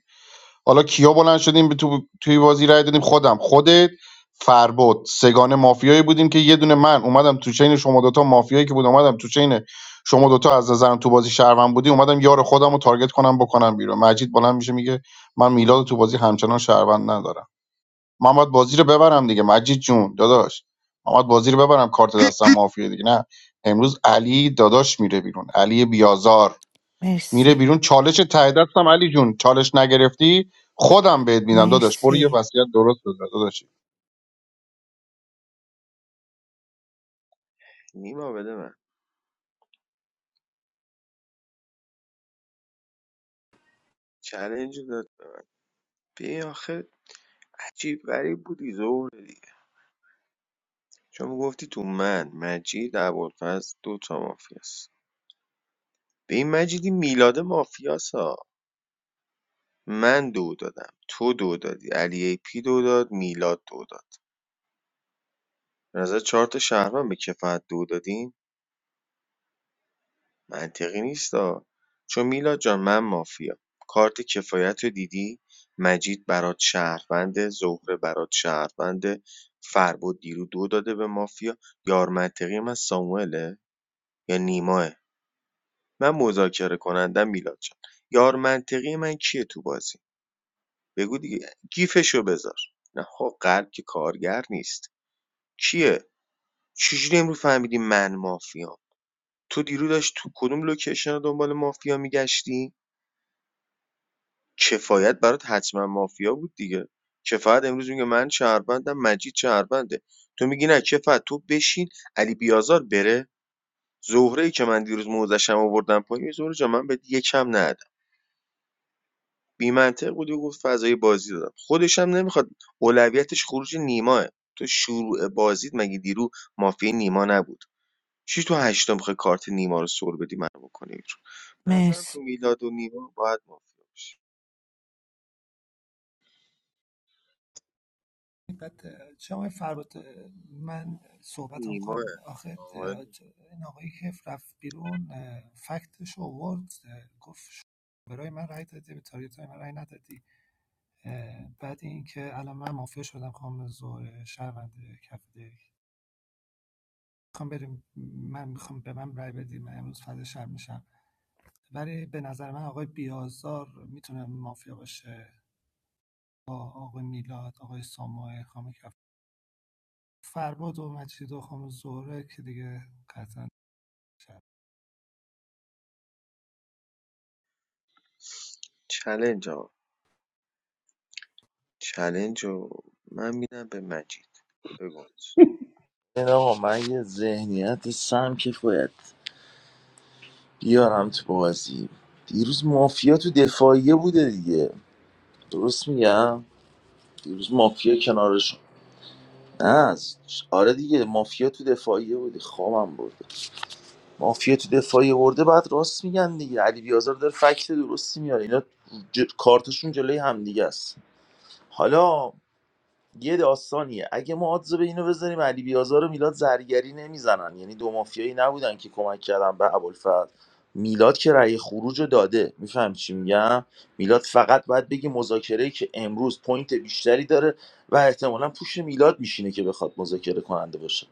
حالا کیا بلند شدیم به تو توی بازی رای دادیم خودم خودت فربد سگان مافیایی بودیم که یه دونه من اومدم تو چین شما دوتا مافیایی که بود اومدم تو چین شما دوتا از نظرم تو بازی شهروند بودی اومدم یار خودم رو تارگت کنم بکنم بیرون مجید بلند میشه میگه من میلاد رو تو بازی همچنان شهروند ندارم من باید بازی رو ببرم دیگه مجید جون داداش من باید بازی رو ببرم کارت دستم مافیایی دیگه نه امروز علی داداش میره بیرون علی بیازار میره بیرون چالش ته دستم علی جون چالش نگرفتی خودم بهت میدم داداش برو یه مرسی وصیت درست بذار داداشی نیما بده من چلنج رو داد ببین آخه عجیب غریب بودی زور دیگه چون گفتی تو من مجید ابوالفضل دو تا مافیاست به این مجیدی میلاد مافیاس ها من دو دادم تو دو دادی علی ای پی دو داد میلاد دو داد به نظر چهار تا شهروند به کفایت دو دادیم منطقی نیستا چون میلاد جان من مافیام کارت کفایت رو دیدی مجید برات شهروند زهره برات شهروند فربد دیرو دو داده به مافیا یار منطقی من ساموئله یا نیماه من مذاکره کنندم میلاد جان یار منطقی من کیه تو بازی بگو دیگه گیفشو بذار نه خب قلب که کارگر نیست کیه چجوری امروز فهمیدی من مافیام تو دیرو داشت تو کدوم لوکیشن دنبال مافیا میگشتی کفایت برات حتما مافیا بود دیگه کفایت امروز میگه من شهروندم مجید شهرونده تو میگی نه کفایت تو بشین علی بیازار بره زهره ای که من دیروز موزشم آوردم پایین زهره جا من به یکم ندادم بی منطق بود و گفت فضای بازی دادم خودش هم نمیخواد اولویتش خروج نیماه تو شروع بازیت مگه دیرو مافیا نیما نبود چی تو هشتم میخوای کارت نیما رو سر بدی منو بکنی بیرون؟ به نظرم مرسی تو میلاد و نیما باید مافیا باشی بعد اه، جناب فرات من صحبت هم کنم نیماه آخه این آقایی که رفت بیرون اه، فکتش رو آورد گفت برای من رای داده به تاریت من رای ندادی اه، بعد اینکه الان من مافیا شدم خانم زهره شهرونده کف دک میخوام بریم من میخوام به من رای بدیم من امروز فردا شب میشم ولی به نظر من آقای بیازار میتونه مافیا باشه با آقای میلاد آقای ساموئل خانم کف فرباد و مجید و خانم زهره که دیگه قطعا شب چلنج آقا چلنج رو من میدم به مجید بگو مجید. این آقا من یه ذهنیت سمک باید بیارم تو بازی دیروز مافیا تو دفاعیه بوده دیگه درست میگم دیروز مافیا کنارش نه از- آره دیگه مافیا تو دفاعیه بوده خوابم برده مافیا تو دفاعیه برده بعد راست میگن دیگه علی بیازار داره فکت درستی میاره اینا ج... کارتشون جلوی همدیگه است حالا یه داستانیه اگه ما آدزو به اینو بذاریم علی بیازار و میلاد زرگری نمیزنن یعنی دو مافیایی نبودن که کمک کردن به ابوالفضل میلاد که رأی خروج رو داده میفهم چی میگم میلاد فقط باید بگی مذاکره که امروز پوینت بیشتری داره و احتمالا پوش میلاد میشینه که بخواد مذاکره کننده باشه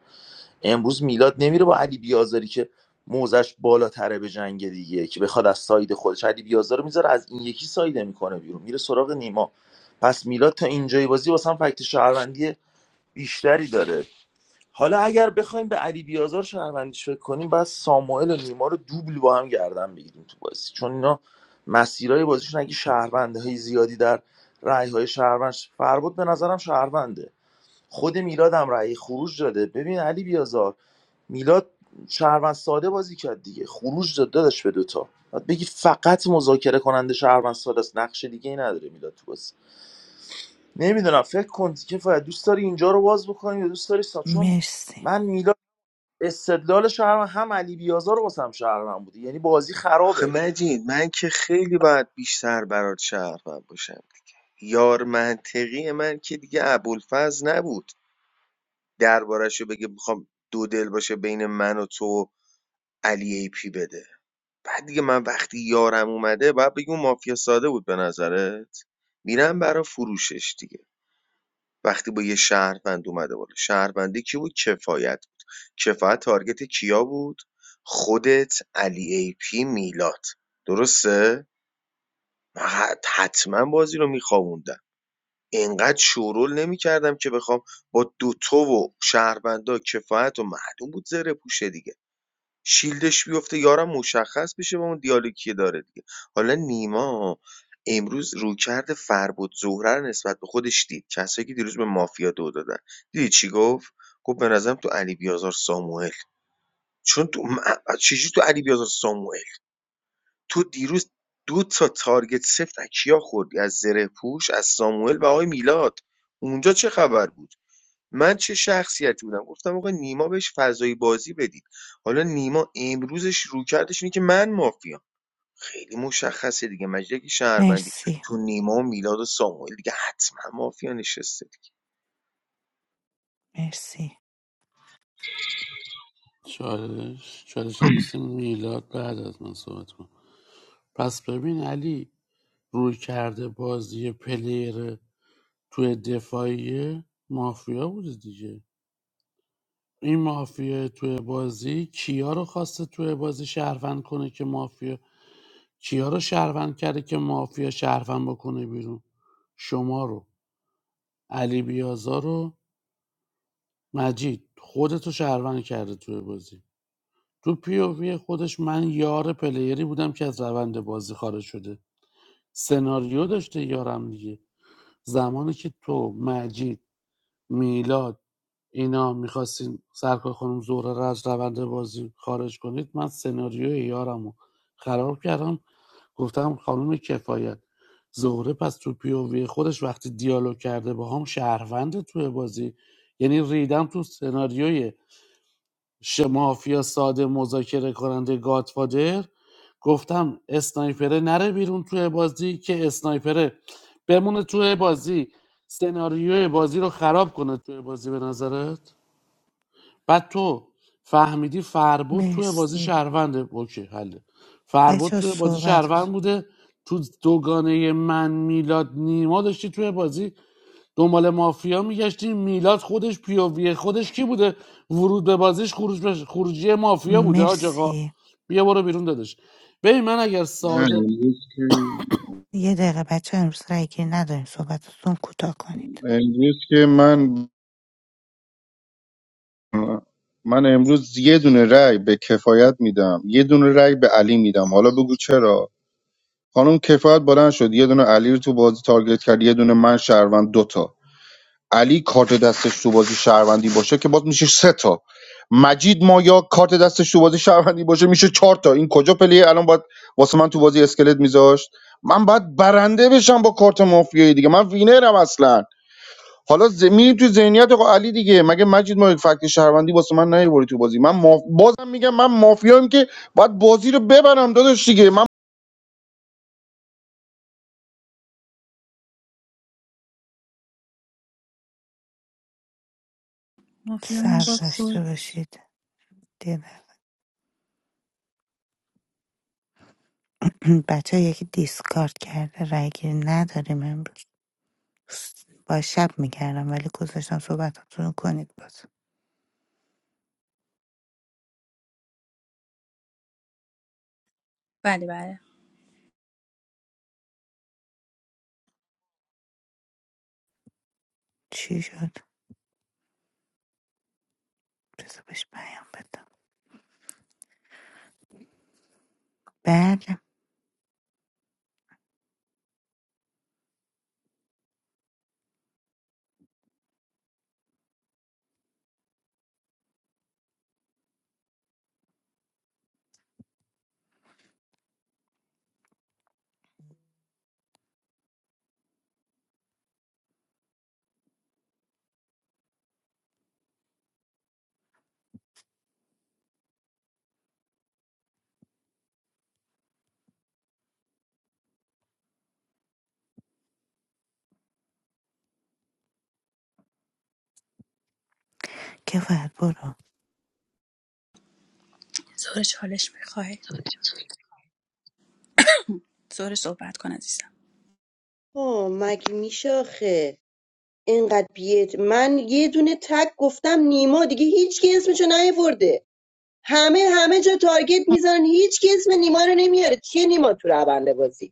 امروز میلاد نمیره با علی بیازاری که موزش بالاتره به جنگ دیگه که بخواد از ساید خودش علی بیازار رو میذاره از این یکی سایده میکنه بیرون میره سراغ نیما پس میلاد تا اینجای بازی واسه هم فکت شهروندی بیشتری داره حالا اگر بخوایم به علی بیازار شهروندیش فکر کنیم بعد ساموئل و نیما رو دوبل با هم گردن بگیریم تو بازی چون اینا مسیرهای بازیشون اگه شهرونده زیادی در رأی های شهروند ش- فربود به نظرم شهرونده خود میلاد هم رأی خروج داده ببین علی بیازار میلاد شهروند ساده بازی کرد دیگه خروج داد دادش به دوتا بعد بگی فقط مذاکره کننده شهروند ساده است نقش دیگه ای نداره میلاد تو بازی نمیدونم فکر کن کفایت دوست داری اینجا رو باز بکنی یا دوست داری سا چون مرسی من میلاد استدلال شهرم هم علی بیازار رو واسم شهرم بوده یعنی بازی آخه خرابه مجید من که خیلی باید بیشتر برات شهروند باشم دیگه یار منطقی من که دیگه ابوالفضل نبود دربارش رو بگه میخوام دو دل باشه بین من و تو و علی ای پی بده بعد دیگه من وقتی یارم اومده باید بگی اون مافیا ساده بود به نظرت میرم برا فروشش دیگه وقتی با یه شهروند اومده بالا شهروندی کی بود کفایت بود کفایت تارگت کیا بود خودت علی ای پی میلاد درسته من حت- حتما بازی رو میخوابوندم اینقدر شورول نمیکردم که بخوام با دوتو و شهروندا کفایت و معلوم بود زره پوشه دیگه شیلدش بیفته یارم مشخص بشه با اون دیالوگی که داره دیگه حالا نیما امروز رویکرد فربود زهره رو نسبت به خودش دید کسایی که دیروز به مافیا دو دادن دیدی چی گفت گفت به نظرم تو علی بیازار ساموئل چون تو من- چجوری تو علی بیازار ساموئل تو دیروز دو تا تارگت سفت از کیا خوردی از زره پوش از ساموئل و آقای میلاد اونجا چه خبر بود من چه شخصیتی بودم گفتم آقا نیما بهش فضای بازی بدید حالا نیما امروزش روکردش اینه که من مافیام خیلی مشخصه دیگه مجید که شهروندی مرسی مرسی تو نیما و میلاد و ساموئل دیگه حتما مافیا نشسته دیگه مرسی چالش چالش هم واسه میلاد بعد از من صحبت کن پس ببین علی روی کرده بازی پلیر توی دفاعی مافیا بوده دیگه این مافیا توی بازی کیا رو خواسته توی بازی شهروند کنه که مافیا کیا رو شهروند کرده که مافیا شهروند بکنه بیرون شما رو علی بیازار رو مجید خودتو شهروند کرده توی بازی تو پیووی خودش من یار پلیری بودم که از روند بازی خارج شده سناریو داشته یارم دیگه زمانی که تو مجید میلاد اینا میخواستین سرکار خانم زهره رو از روند بازی خارج کنید من سناریوی یارم رو خراب کردم گفتم خانم کفایت زهره پس تو پیووی خودش وقتی دیالوگ کرده با هم شهروند توی بازی یعنی ریدم تو سناریوی شه مافیا ساده مذاکره کننده گاتفادر گفتم اسنایپره نره بیرون توی بازی که اسنایپره بمونه توی بازی سناریوی بازی رو خراب کنه توی بازی به نظرت بعد تو فهمیدی فربود توی بازی مرسی شهرونده اوکی حله فربود بچه ها توی بازی صحبت شهروند بوده تو دوگانه من میلاد نیما داشتی توی بازی دنبال مافیا میگشتیم میلاد خودش پیووی خودش کی بوده ورود به بازیش خروج به خروجی مافیا بوده حاج آقا مرسی بیا برو بیرون دادش ببین من اگر نه، ساده امروز که یه دقیقه بچه ها، امروز رای گیری نداریم صحبتتون کوتاه کنید امروز که من من امروز یه دونه رأی به کفایت میدم یه دونه رأی به علی میدم حالا بگو چرا خانم کفایت بلند شد یه دونه علی رو تو بازی تارگت کرد یه دونه من شهروند دوتا علی کارت دستش تو بازی شهروندی باشه که باز میشه سه تا مجید مایا کارت دستش تو بازی شهروندی باشه میشه چهار تا این کجا پلیه الان باید واسه من تو بازی اسکلت میذاشت من باید برنده بشم با کارت مافیایی دیگه من وینرم اصلا حالا ز... میری تو ذهنیت آقا علی دیگه مگه مجید ما فکت شهروندی واسه من نیوردی تو بازی من ماف... بازم میگم من مافیام که باید بازی رو ببرم داداش دیگه من مافیامون صبر باک داشته خورد باشید دیدم بچه ها یکی دیسکارد کرده رای گیری نداریم امروز با شب میکردم ولی گذاشتم صحبتاتون رو کنید باز بله بله چی شد بذار بهش پیام بدم بله کفایت برو زور چالش میخوای زور صحبت کن عزیزم آه مگه میشه آخه اینقدر بیت من یه دونه تک گفتم نیما دیگه هیچ کی اسمشو نیورده همه همه جا تارگت میزنن هیچ کی اسم نیما رو نمیاره چیه نیما تو رونده بازی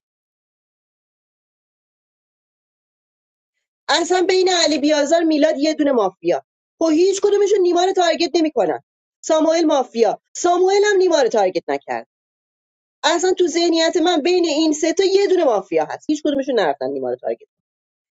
اصلا بین علی بیازار میلاد یه دونه مافیا خب هیچ کدومشون نیما رو تارگت نمیکنن ساموئل مافیا ساموئل هم نیما رو تارگت نکرد اصلا تو ذهنیت من بین این سه تا یه دونه مافیا هست هیچ کدومشون نرفتن نیما رو تارگت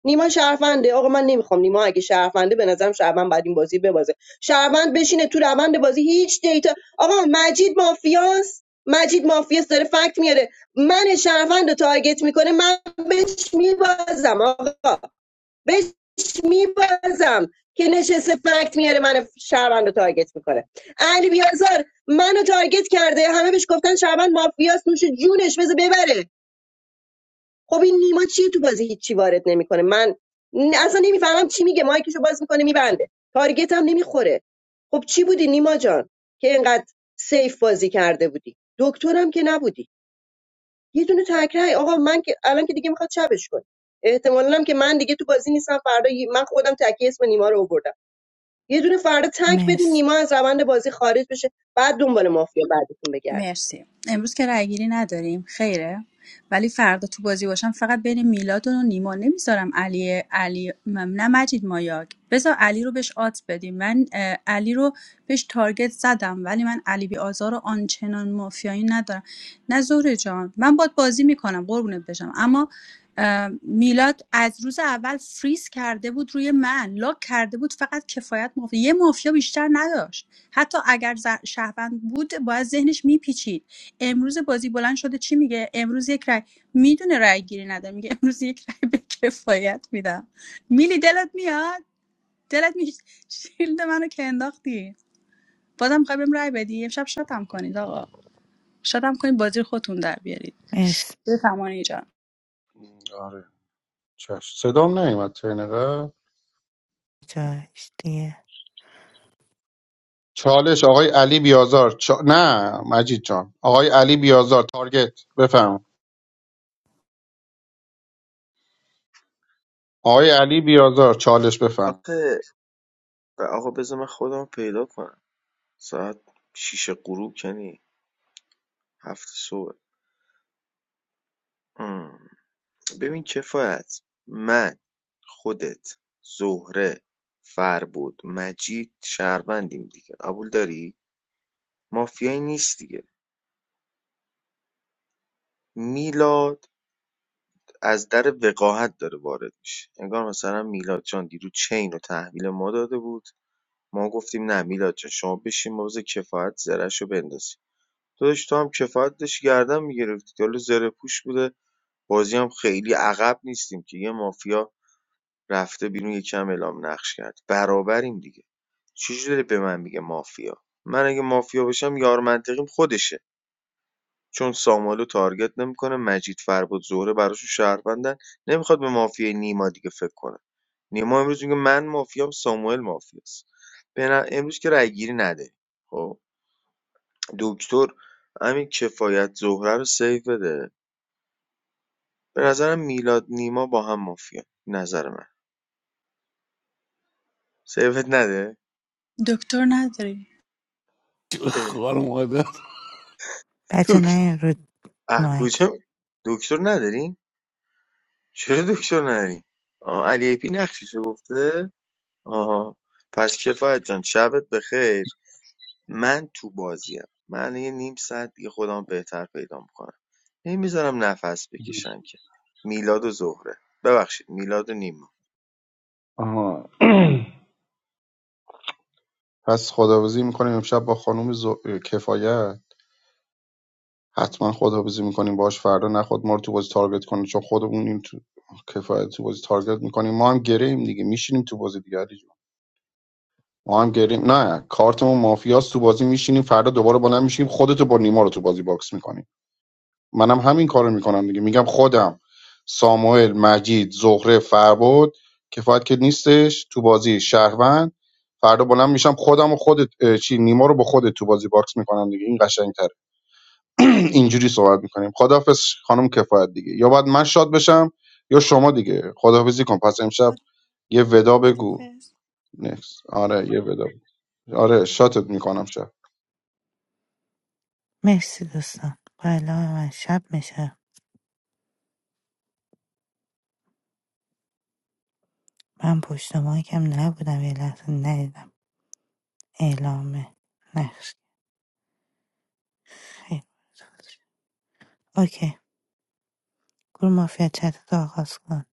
نیما شرفنده آقا من نمیخوام نیما اگه شرفنده به نظرم شرفند بعد این بازی ببازه شرفند بشینه تو روند بازی هیچ دیتا آقا مجید مافیاست مجید مافیاست داره فکت میاره من شرفند رو تارگت میکنه من بهش میبازم آقا بهش میبازم که نشسته فکت میاره من شهروند رو تارگت میکنه علی بیازار منو تارگت کرده همه بهش گفتن شهروند مافیاس نوش جونش بذار ببره خب این نیما چیه تو بازی هیچی وارد نمیکنه من اصلا نمیفهمم چی میگه مایکشو باز میکنه میبنده تارگت هم نمیخوره خب چی بودی نیما جان که اینقدر سیف بازی کرده بودی دکترم که نبودی یه دونه تکرای آقا من که الان که دیگه میخواد شبش کنه احتمالاً هم که من دیگه تو بازی نیستم فردا یه- من خودم تکی اسم نیما رو آوردم یه دونه فردا تک بدین مرس نیما از روند بازی خارج بشه بعد دنبال مافیا بعدتون بگرد مرسی امروز که رای گیری نداریم خیره ولی فردا تو بازی باشم فقط بین میلاد و نیما نمیذارم علی علی م- نه مجید مایاک بذار علی رو بهش آت بدیم من اه، علی رو بهش تارگت زدم ولی من علی بی آزار و آنچنان مافیایی ندارم نه زهره جان من باد بازی میکنم قربونت بشم اما اه، میلاد از روز اول فریز کرده بود روی من لاک کرده بود فقط کفایت مافیا یه مافیا بیشتر نداشت حتی اگر ز- شهروند بود باید ذهنش میپیچید امروز بازی بلند شده چی میگه امروز یک رای میدونه رای گیری نداره میگه امروز یک رای به کفایت میدم میلی دلت میاد دلت می شیلد منو که انداختی بازم میخوای بهم رای بدی امشب شاتم کنید آقا شاتم کنید بازی رو خودتون در بیارید مرس بفهمانی جان آره چش صدام نیومد ترنقه جایش دیگه چالش آقای علی بیازار چا... نه مجید جان آقای علی بیازار تارگت بفهم آقای علی بیازار چالش بفهم آخه آقا بذار من خودم پیدا کنم ساعت شیش غروب کنی هفت صبح ام. ببین کفایت من خودت زهره فربود مجید شهروندیم دیگه قبول داری مافیایی نیست دیگه میلاد از در وقاحت داره وارد میشه انگار مثلا میلاد جان دیروز چین رو تحویل ما داده بود ما گفتیم نه میلاد جان شما بشین ما بذار کفایت زرش رو بندازیم داداش تو هم کفایت داشتی گردن میگرفتی حالا زره پوش بوده بازی هم خیلی عقب نیستیم که یه مافیا رفته بیرون یکم اعلام نقش کرد برابریم دیگه چجوری داری به من میگه مافیا من اگه مافیا باشم یار منطقیم خودشه چون سامالو تارگت نمی‌کنه مجید فربد زهره براشون شهروندن نمیخواد به مافیای نیما دیگه فکر کنه نیما امروز میگه من مافیام ساموئل مافیاست به امروز که رأی گیری نده خب دکتر همین کفایت زهره رو سیو بده به نظرم میلاد نیما با هم مافیا نظر من سیوت نده دکتر نداری اه خار مادر بچه دکتر نه رو اه مایک کجا دکتر نداریم چرا دکتر نداریم آه علی ای پی نقشش گفته آها پس کفایت جان شبت بخیر من تو بازیم من یه نیم ساعت دیگه خودم بهتر پیدا میکنم نمیذارم نفس بکشن که میلاد و زهره ببخشید میلاد و نیما آها پس خداویسی میکنیم امشب با خانم ز... کفایت حتما خداویسی میکنیم باش فردا نخود ما رو تو بازی تارگت کنه چون خودمون این تو... کفایت تو بازی تارگت میکنیم ما هم گریم دیگه میشینیم تو بازی دیگه علی جون. ما هم گریم نه کارتمون مافیاست تو بازی میشینیم فردا دوباره بلند میشیم خودتو با نیما رو تو بازی باکس میکنیم منم همین کارو میکنم دیگه میگم خودم ساموئل مجید زهره فربود کفایت که نیستش تو بازی شهروند فردا بلند میشم خودم و خودت اه، چی نیما رو با خودت تو بازی باکس میکنم دیگه این قشنگتره اینجوری صحبت میکنیم خداحافظ خانم کفایت دیگه یا باید من شاد بشم یا شما دیگه خداحافظی کن پس امشب خد... یه ودا بگو خدافز نکس آره یه ودا بگو. آره شاتت میکنم شب مرسی دوستان حالا من شب میشه من پشت مایکم نبودم یه لحظه ندیدم اعلام نقش خیلی بد. اوکی گروه مافیا چتتو آغاز کن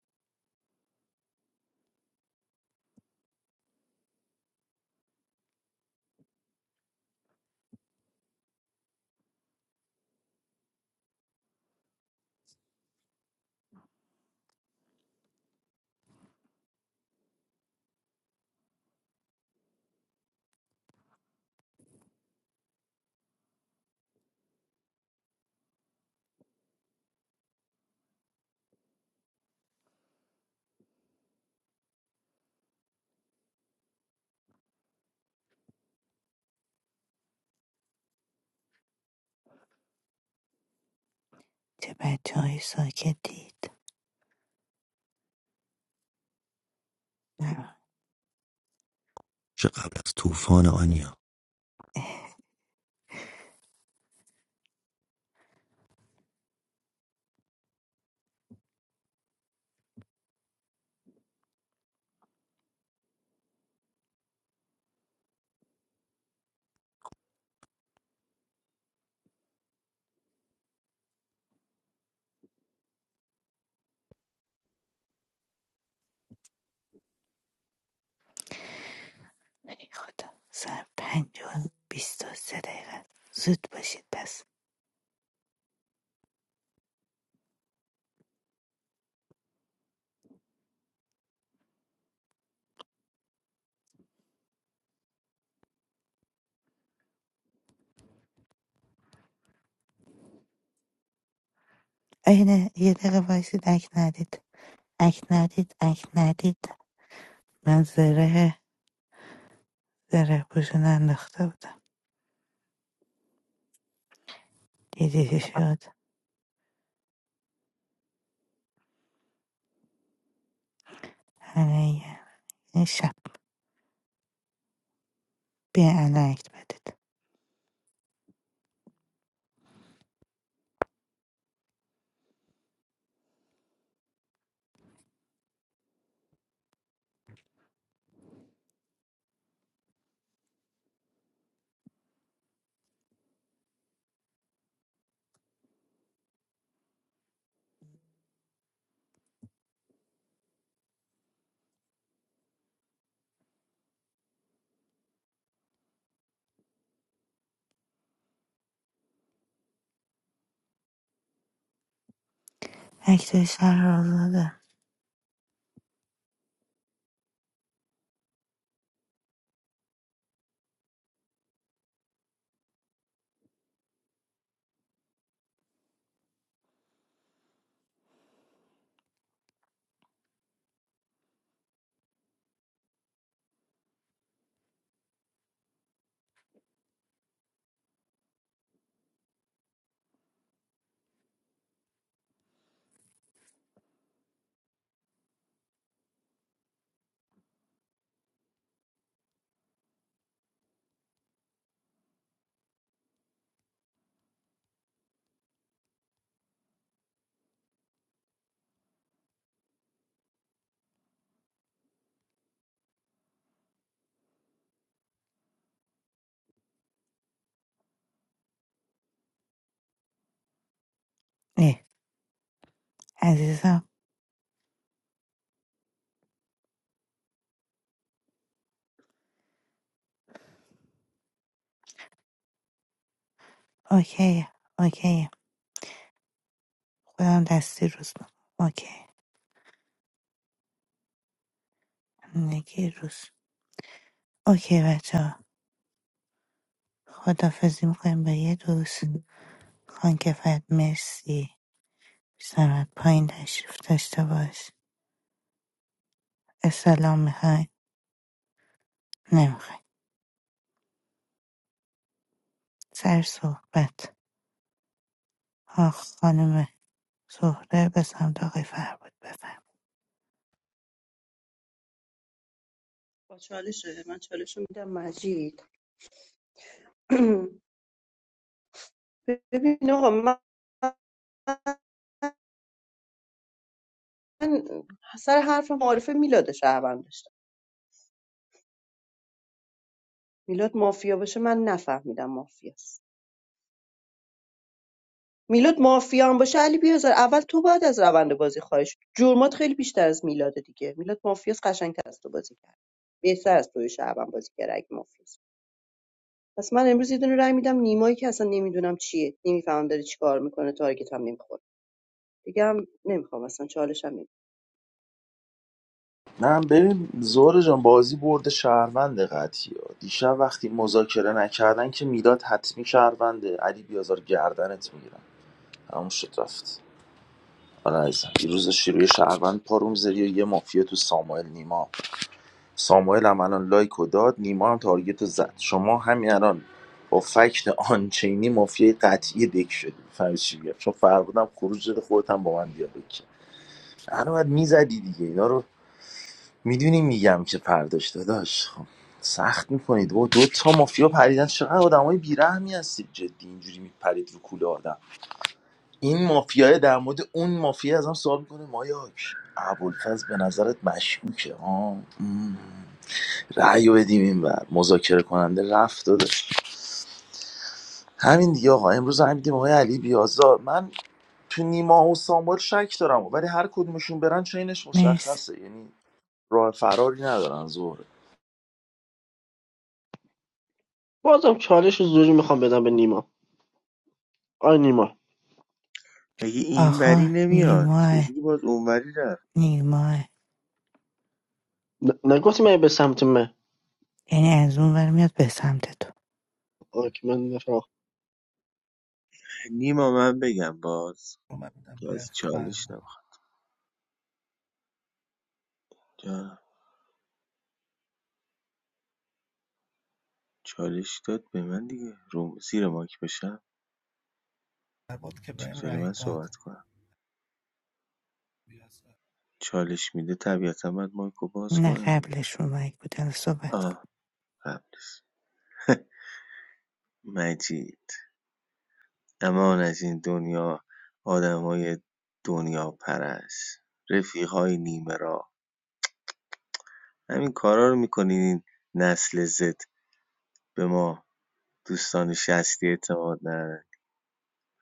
چه بچههایی ساکتید نه چه قبل از طوفان آنیا ای خدا سر پنج و بیست و سه دقیقه زود باشید پس اینه یه دقیقه وایسید اک ندید اک ندید اک ندید من زره زره پوشون انداخته بودم دیدی چی شد همه یه- این شب بیا الان اکت بدید اکت شهر رو دادم ای عزیزم اوکی اوکی خودم دستی روز می‌کنم. اوکی نگی روز اوکی بچه ها خدافزی میکنیم با یه دوست خان کفایت مرسی سمت پایین تشریف داشته باش اسلام میخوای نمیخوای سر صحبت آ خانم زهره به سمت آقای فربود بفرم با چالش من چالش رو میدم مجید ببین آقا من من سر حرف معارف میلاد شهروند داشتم میلاد مافیا باشه من نفهمیدم مافیاست میلاد مافیا هم باشه علی بیازار اول تو باید از روند بازی خواهش جرمات خیلی بیشتر از میلاده دیگه میلاد مافیاس قشنگتر از تو بازی کرد بهتر از توی شعبان بازی کرد اگه مافیاس پس من امروز یه دونه رای میدم نیمایی که اصلا نمیدونم چیه نمیفهمم داره چیکار میکنه تارگت هم نمیخوره دیگه هم نمیخوام اصلا چالش هم نمیخوام نه ببین زهر جان بازی برده شهروند قطعی ها. دیشب وقتی مذاکره نکردن که میلاد حتمی شهرونده علی بیازار گردنت میگیرن همون شد رفت آره عزیزم دیروز شیروی شهروند پاروم زدی و یه مافیا تو ساموئل نیما ساموئل هم الان لایک و داد نیما هم تارگت رو زد شما همین الان با فکت آنچینی مافیای قطعی دک شدی فهمی چی میگم چون فرمودم خروج داده خودت هم با من دیالوگ کرد الان باید میزدی دیگه اینا رو میدونی میگم که پرداش داداش خب سخت میکنید و دو تا مافیا پریدن چقدر آدمای بیرحمی هستید جدی اینجوری میپرید رو کوله آدم این مافیای در مورد اون مافیا ازم سوال میکنه مایاک ابوالفضل به نظرت مشکوکه ها مم. رأی رو بدیم این بر مذاکره کننده رفت داده همین دیگه آقا امروز هم دیدیم آقای علی بیازار من تو نیما و سامبال شک دارم ولی هر کدومشون برن چینش مرسی مشخصه یعنی راه فراری ندارن زهره بازم چالش رو زوری میخوام بدم به نیما آی نیما مگه این وری آقا نمیاد نیما چجوری باز اونوری رفت نیما ن- نگفتی من به سمت من یعنی از اون ور میاد به سمت تو آقای که من نفرم نیما من بگم باز رو من میدم که به از چالش فرباد نمیخواد چالش داد به من دیگه روم زیر ماک بشم فرباد که بهم چطوری رای من داد صحبت کنم بیازار چالش میده طبیعتا باید مایکو باز نه کنم دیگه. قبلش اومد بود الان صحبت کن آه قبلش مجید امان از این دنیا آدمای دنیا پرست رفیقای نیمه راه همین کارا رو میکنین این نسل زد به ما دوستان شستی اعتماد نداره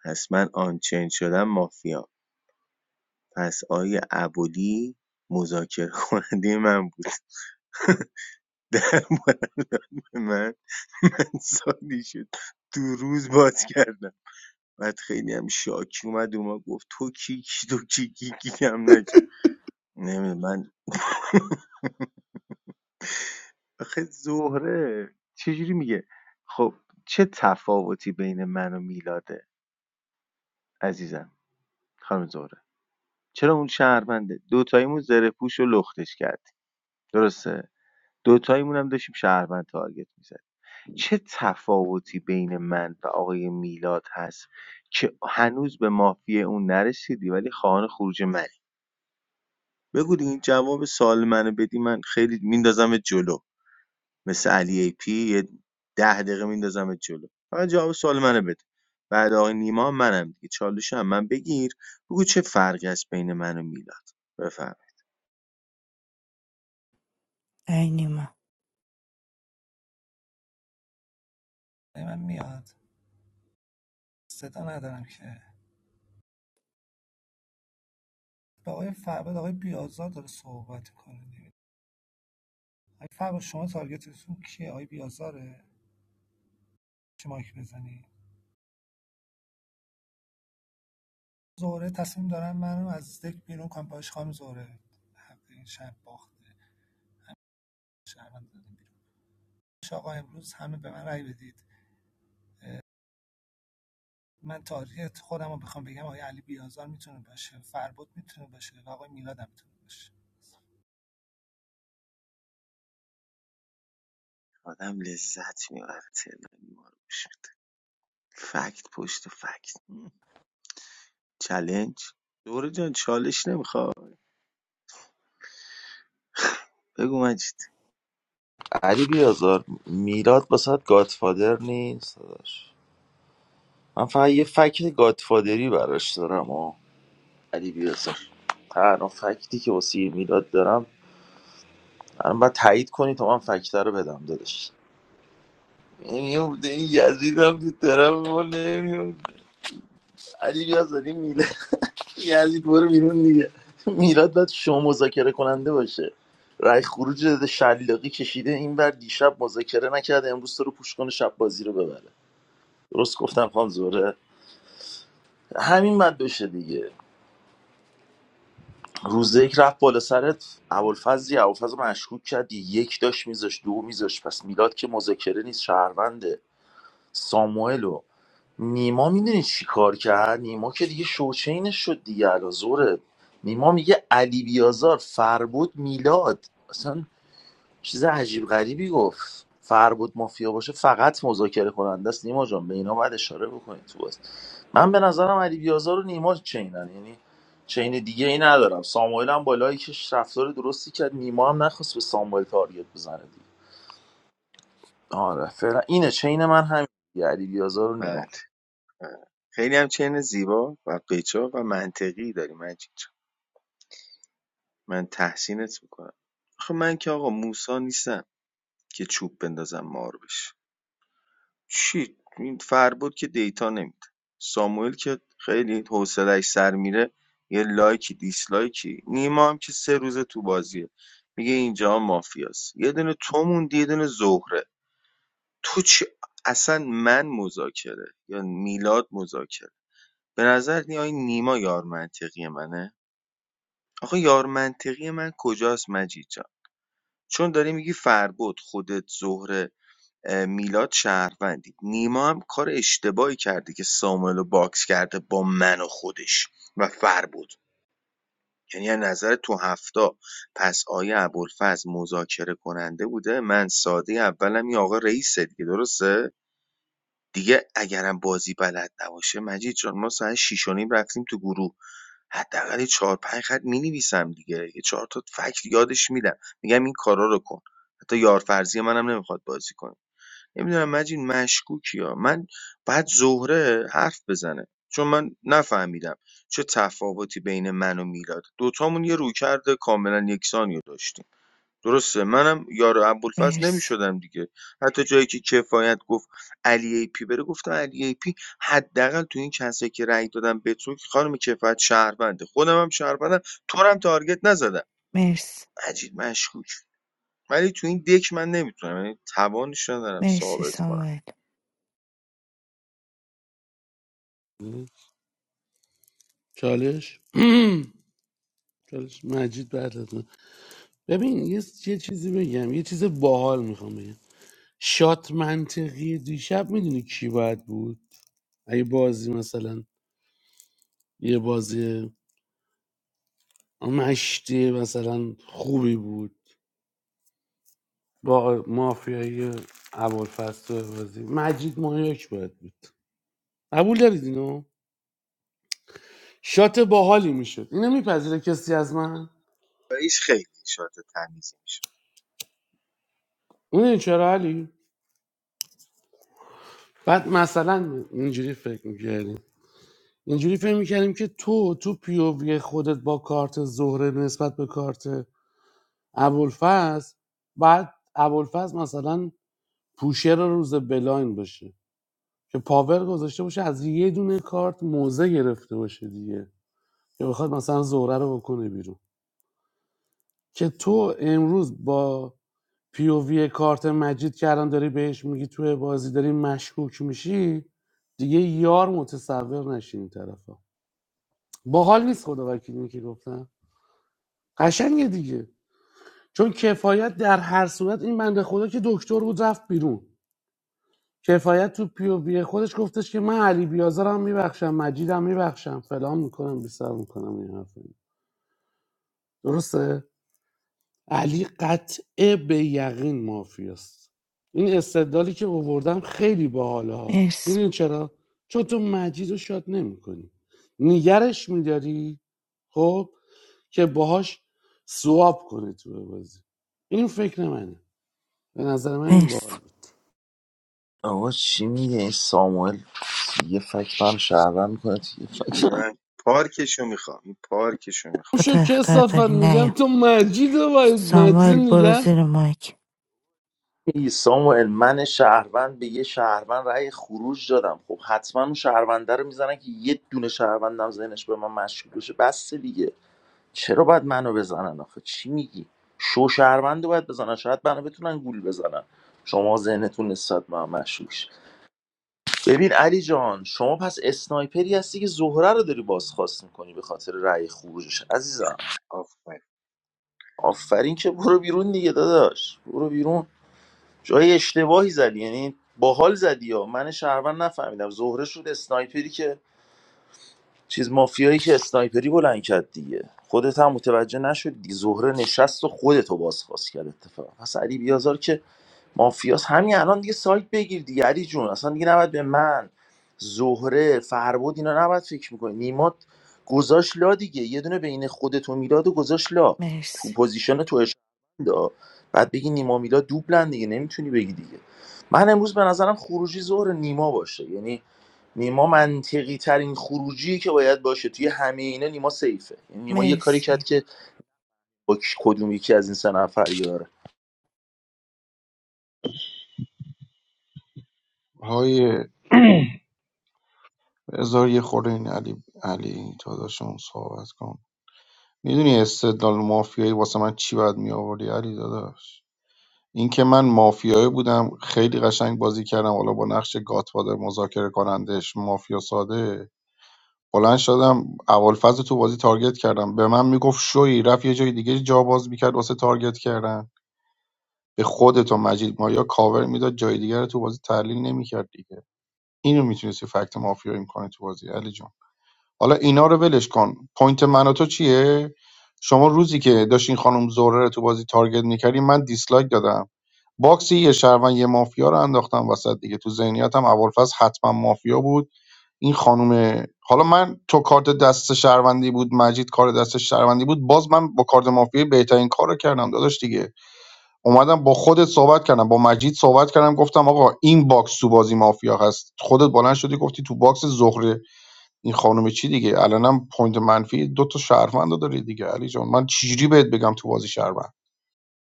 پس من آنچین شدم مافیا پس آیه ابولی مذاکره کننده من بود در مورد من من سالی شد دو روز باز کردم بعد خیلی هم شاکی اومد اومد گفت تو کی کی تو کی کی کی هم نج نمیدونم من آخه زهره چجوری میگه خب چه تفاوتی بین من و میلاده عزیزم خانم زهره چرا اون شهرونده دوتاییمون زره پوش و لختش کردیم درسته دوتاییمون هم داشتیم شهروند تارگت میزد چه تفاوتی بین من و آقای میلاد هست که هنوز به مافی اون نرسیدی ولی خواهان خروج من بگو دیگه این جواب سوال منو بدی من خیلی میندازمت جلو مثل علی ای پی یه ده دقیقه میندازمت جلو فقط جواب سوال منو بده بعد آقای نیما هم منم دیگه چالش هم من بگیر بگو چه فرقی است بین من و میلاد بفهم ای نیما رای من میاد صدا ندارم که با آقای فرباد آقای بیازار داره صحبت کنه اگه با شما تارگتتون کیه آقای بیازاره چه مایک بزنی زهره تصمیم دارن منو از دک بیرون کنم باش خانم زهره حق این شهر باخته شهروند دادیم بیرون باشه آقا امروز همه به من رأی بدید من تاریخ خودم رو بخوام بگم آقای علی بیازار میتونه باشه فربود میتونه باشه و آقای میلاد هم میتونه باشه آدم لذت میبره تلنی ما رو بشه. فکت پشت فکت چلنج دوره جان چالش نمیخواد بگو مجید علی بیازار میلاد واسه گادفادر نیست داداش من فقط یه فکت گادفادری براش دارم آه. علی بیازار تنها فکتی که واسه میلاد دارم الان باید تایید کنی تا من فکت رو بدم داداش نمیفته این یزید هم تو طرف ما نمیفته علی بیا زدی میلاد یزید برو بیرون دیگه میلاد باید شو مذاکره کننده باشه رای خروج داده شلاقی کشیده این بر دیشب مذاکره نکرده امروز تو رو پوش کنه شب بازی رو ببره درست گفتم خانم زوره همین بد بشه دیگه روز یک رفت بالا سرت ابوالفضلی ابوالفضل مشکوک کردی یک داشت میذاش دو میذاش پس میلاد که مذاکره نیست شهرونده ساموئل و نیما میدونی چی کار کرد نیما که دیگه شوچینش شد دیگه الازوره نیما میگه علی بیازار فربود میلاد اصلا چیز عجیب غریبی گفت فربود مافیا باشه فقط مذاکره کننده است نیما جان به اینا باید اشاره بکنید تو بازی من به نظرم علی بیازار و نیما چینن یعنی چین دیگه ای ندارم ساموئل هم بالایی که رفتار درستی کرد نیما هم نخواست به ساموئل تارگت بزنه دیگه آره فعلا اینه چین من همین دیگه، علی بیازار و نیما بله بله. خیلی هم چین زیبا و قیچا و منطقی داری مجید من تحسینت میکنم آخه من که آقا موسا نیستم که چوب بندازم مار بشه چی این فربود که دیتا نمیده ساموئل که خیلی حوصلش سر میره یه لایکی دیسلایکی نیما هم که سه روز تو بازیه میگه اینجا مافیاست یه دونه تو موندی یه دونه زهره تو چی اصلا من مذاکره یا میلاد مذاکره به نظر نی آی نیما یار منطقی منه آخه یار منطقی من کجاست مجید جان؟ چون داری میگی فربد خودت زهره اه، میلاد شهروندی نیما هم کار اشتباهی کرده که ساموئل رو باکس کرده با من و خودش و فربد یعنی از نظر تو هفته پس آیا ابوالفضل مذاکره کننده بوده من ساده اولم یا آقا رئیسه دیگه درسته دیگه اگرم بازی بلد نباشه مجید جان ما ساعت 6 و نیم رفتیم تو گروه حداقل یه چهار پنج خط مینویسم دیگه یه چهار تا فکت یادش میدم میگم این کارا رو کن حتی یار فرضی منم نمیخواد بازی کنه نمیدونم مجید مشکوکی ها من بعد زهره حرف بزنه چون من نفهمیدم چه تفاوتی بین من و میلاد دوتامون یه رویکرد کاملا یکسانی رو داشتیم درسته منم یار ابوالفضل مرسی نمیشدم دیگه حتی جایی که کفایت گفت علی ای پی بره گفتم علی ای پی حداقل تو این کسایی که رأی دادم به تو خانم کفایت شهرونده خودم هم شهروندم تو رو هم تارگت نزدم مرسی عجیب مشکوک ولی تو این دک من نمیتونم یعنی توانش ندارم مرسی ثابت کنم ساموئل چالش چالش مجید بعد از من ببین یه یه چیزی بگم یه چیز باحال میخوام بگم شات منطقی دیشب میدونی کی باید بود اگه بازی مثلا یه بازی مشتی مثلا خوبی بود با مافیای ابوالفضل بازی مجید مایاک باید بود قبول دارید اینو شات باحالی میشد اینو میپذیره کسی از من رئیس خیلی شات تمیز میشه اون چرا علی بعد مثلا اینجوری فکر میکردیم اینجوری فکر میکردیم که تو تو پیووی خودت با کارت زهره نسبت به کارت ابوالفضل بعد ابوالفضل مثلا پوشر روز بلاین باشه که پاور گذاشته باشه از یه دونه کارت موزه گرفته باشه دیگه که بخواد مثلا زهره رو بکنه بیرون که تو امروز با پی او وی کارت مجید که الان داری بهش میگی توی بازی داری مشکوک میشی دیگه یار متصور نشین این طرفا باحال نیست خدا وکیلی که گفتم قشنگه دیگه چون کفایت در هر صورت این بنده خدا که دکتر بود رفت بیرون کفایت تو پی او وی خودش گفتش که من علی بیازارم میبخشم مجیدم میبخشم فلان میکنم بیسار میکنم این حرفا درسته علی قطعه به یقین مافیاست این استدلالی که اووردم خیلی باحاله ها مرسی میدونی چرا چون تو مجید رو شاد نمیکنی نگرش میداری خب که باهاش سواب کنی تو بازی این فکر منه به نظر من این مرسی باحال بود آقا چی میگه این ساموئل یه فکر من شهروند میکنه یه فکر من من پارکشو میخوام این پارکشو اون میخوام تو شو تا اخطار کسافت داری میگم نیا تو مجید رو باید مجید رو ساموئل برو نگر زیر مایک میگی ساموئل من شهروند به یه شهروند رأی خروج دادم خب حتما اون شهرونده رو میزنن که یه دونه شهروندم ذهنش به من مشکوک بشه بس دیگه چرا باید منو بزنن آخه چی میگی شو شهروند رو باید بزنن شاید منو بتونن گول بزنن شما ذهنتون نسبت به من مشکوک شه. ببین علی جان شما پس اسنایپری هستی که زهره رو داری بازخواست میکنی به خاطر رأی خروجش عزیزم آفرین. آفرین که برو بیرون دیگه داداش برو بیرون جای اشتباهی زدی یعنی باحال زدی ها من شهروند نفهمیدم زهره شد اسنایپری که چیز مافیایی که اسنایپری بلند کرد دیگه خودت هم متوجه نشد دیگه زهره نشست و خودتو بازخواست کرد اتفاق پس علی بیازار که مافیاس همین الان دیگه سایت بگیر دیگه علی جون اصلا دیگه نباید به من زهره فربود اینا نباید فکر میکنی نیمات گذاشت لا دیگه یه دونه بین خودت و میلاد و گذاشت لا تو مرسی پوزیشن تو اشندا بعد بگی نیما میلاد دوبلن دیگه نمیتونی بگی دیگه من امروز به نظرم خروجی ظهر نیما باشه یعنی نیما منطقی ترین خروجی که باید باشه توی همه اینا نیما سیفه یعنی نیما یه کاری کرد مرسی که با کی- کدوم یکی از این سه نفر یاره های هزار یه خورده این علی علی تا داشتم صحبت کنم میدونی استدلال مافیایی واسه من چی باید می آوردی علی داداش اینکه من مافیایی بودم خیلی قشنگ بازی کردم حالا با نقش گاتفادر مذاکره کنندش مافیا ساده بلند شدم اولفاز تو بازی تارگت کردم به من میگفت شوی رفت یه جای دیگه جا باز میکرد واسه تارگت کردن به خودت و مجید مایا کاور میداد جای دیگر رو تو بازی تحلیل نمیکرد دیگه اینو میتونستی فکت مافیایی میکنه تو بازی علی جون حالا اینا رو ولش کن پوینت من و تو چیه شما روزی که داشتین خانم زهره رو تو بازی تارگت میکردی من دیسلایک دادم باکسی یه شهروند یه مافیا رو انداختم وسط دیگه تو ذهنیتم ابوالفضل حتما مافیا بود این خانم حالا من تو کارت دست شهروندی بود مجید کار دست شهروندی بود باز من با کارت مافیا بهترین کار رو کردم داداش دیگه اومدم با خودت صحبت کردم با مجید صحبت کردم گفتم آقا این باکس تو بازی مافیا هست خودت بلند شدی گفتی تو باکس زهره این خانم چی دیگه الانم پوینت منفی دو تا شهروند رو دیگه علی جان من چجوری بهت بگم تو بازی شهروند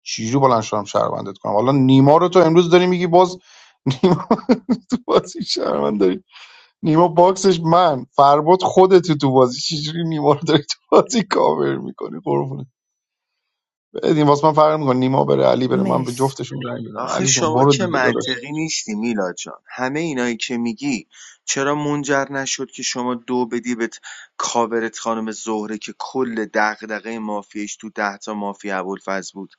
چجوری بلند شدم شهروندت کنم حالا نیما رو تو امروز داری میگی باز نیما تو بازی شهروند داری نیما باکسش من فرباد خودت تو بازی چجوری نیما رو داری تو بازی کاور میکنی قربونه بدین واسه من فرق میکنه نیما بره علی بره من به مرسی جفتشون رنگ میدم آخه علی جون شما برو دیگه که داداش منطقی نیستی میلاد جان همه اینایی که میگی چرا منجر نشد که شما دو بدی به کاورت خانم زهره که کل دغدغه مافیایش تو ده تا مافیا ابوالفضل بود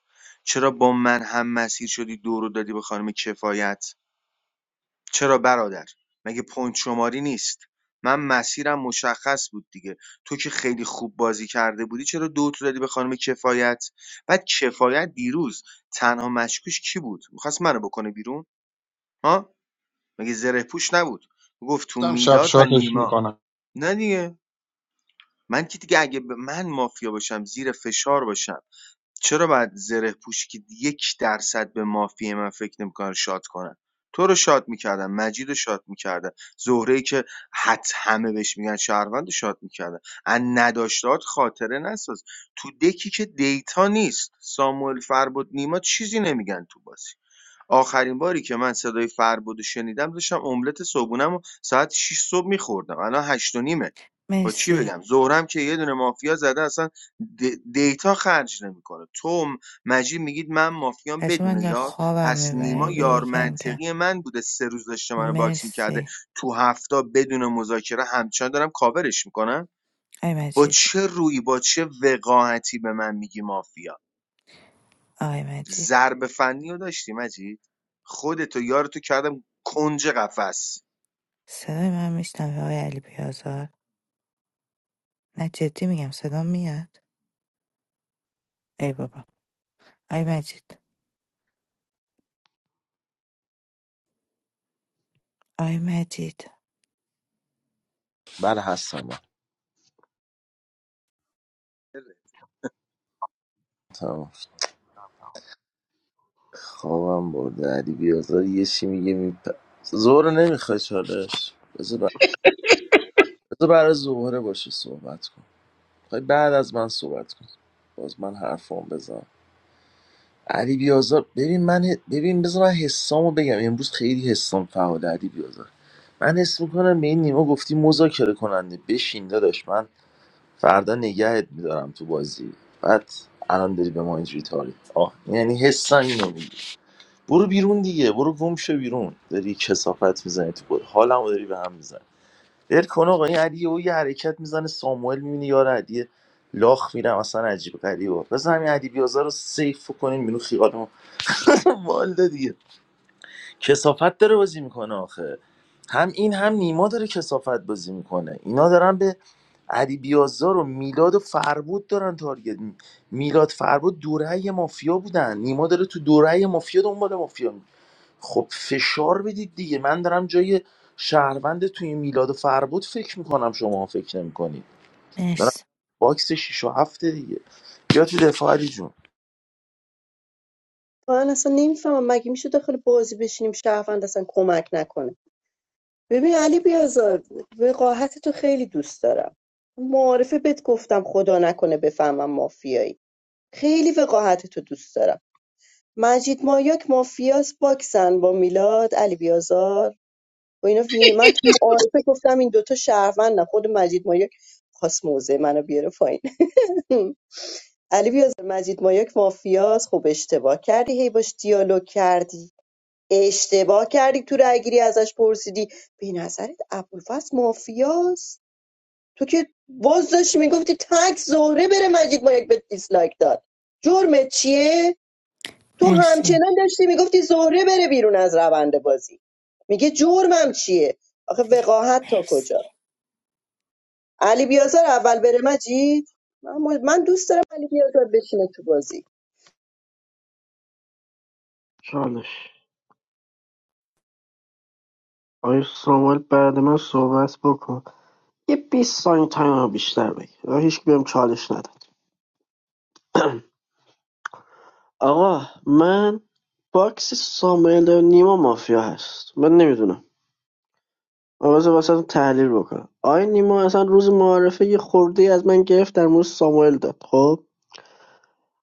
چرا با من هم مسیر شدی دو رو دادی به خانم کفایت چرا برادر، مگه پوینت شماری نیست؟ من مسیرم مشخص بود دیگه تو که خیلی خوب بازی کرده بودی چرا دو تو دادی به خانم کفایت بعد کفایت دیروز تنها مشکوش کی بود میخواست منو بکنه بیرون ها مگه زره پوش نبود گفت تو گفتم شب میلاد و شاتش نیما میکنم نه دیگه من که دیگه اگه ب- من مافیا باشم زیر فشار باشم چرا باید زره‌پوش که یک درصد به مافیای من فکر نمیکنه شات کنن تو رو شات میکردن مجید رو شات میکردن زهره ای که حت همه بهش میگن شهروند رو شات میکردن ان نداشتات خاطره نساز تو دکی که دیتا نیست ساموئل فربد نیما چیزی نمیگن تو بازی آخرین باری که من صدای فربد رو شنیدم داشتم املت صبحونم و ساعت 6 صبح میخوردم الان 8 و نیمه با چی مرسی بگم زهرم که یه دونه مافیا زده اصلا د- دیتا خرج نمیکنه تو و مجید میگید من مافیام بچه من بدون در یار خوابم پس نیما میبره یار یکم کم کم. منطقی من بوده سه روز داشته منو باکس میکرده مرسی تو هفته بدون مذاکره همچنان دارم کاورش میکنم آی با مجید چه رویی با چه وقاحتی به من میگی مافیا آقای مجید ضرب فنی رو داشتی مجید خودتو یارتو کردم کنج قفس صدای من میشنوه آقای علی بیازار نه جدی میگم صدا میاد ای بابا آی مجید آی مجید بله هستم من. تمام. خوابم برده علی بیازار یه چی میگه میپ زهره نمیخوای چالش بذار بر- بذار برای زهره باشه صحبت کن خواهی بعد از من صحبت کن باز من حرفام بزن علی بیازار ببین من ه- ببین بذار من حسامو بگم امروز خیلی حسام فعال علی بیازار من حس میکنم به این نیما گفتی مذاکره کننده بشین داداش من فردا نگهت میدارم تو بازی بعد الان داری به ما اینجوری تاری آه یعنی حسم اینو میگه برو بیرون دیگه برو گم شو بیرون داری کسافت میزنی تو گل حالمو داری به هم میزنی ول کن آقا این علی او یه حرکت میزنه ساموئل میبینی یار علی لاخ میرم اصلا عجیب غریبه بزن همین علی بیازار رو سیف کنین بینو خیالمو والده دیگه کسافت داره بازی میکنه آخه هم این هم نیما داره کسافت بازی میکنه اینا دارن به علی بیازار و میلاد و فربود دارن تارگت می- میلاد فربود دوره مافیا بودن نیما داره تو دوره مافیا دنبال مافیا خب فشار بدید دیگه من دارم جای شهروند توی میلاد و فربود فکر میکنم شما فکر نمیکنید دارم مرسی باکس 6 و هفته دیگه بیا تو دفاع علی جون من اصلا نمیفهمم مگه میشه داخل بازی بشینیم شهروند اصلا کمک نکنه ببین علی بیازار وقاحت تو خیلی دوست دارم معارفه بهت گفتم خدا نکنه بفهمم مافیایی خیلی وقاحت تو دوست دارم مجید مایاک مافیاس باکسن با میلاد علی بیازار و اینا وین من تو معارفه گفتم این دوتا شهروندن خود مجید مایاک خواست موزه منو بیاره پایین علی بیازار مجید مایاک مافیاس خب اشتباه کردی هی باش دیالوگ کردی اشتباه کردی تو رای گیری ازش پرسیدی به نظرت ابوالفضل مافیاس تو که باز داشتی میگفتی تک زهره بره مجید مایاک به دیسلایک داد جرمت چیه تو مرسی همچنان داشتی میگفتی زهره بره بیرون از روند بازی میگه جرمم چیه آخه وقاحت تا مرسی کجا علی بیازار اول بره مجید من, من دوست دارم علی بیازار بشینه تو بازی چالش آی سامال بعد من صحبت بکن یه 20 ثانیه تایم رو بیشتر بگیر هیچ که بهم چالش نداد آقا من باکس ساموئل و نیما مافیا هست من نمیدونم اما بذار واسه تحلیل بکنم آقای نیما اصلا روز معارفه یه خورده از من گرفت در مورد ساموئل داد خب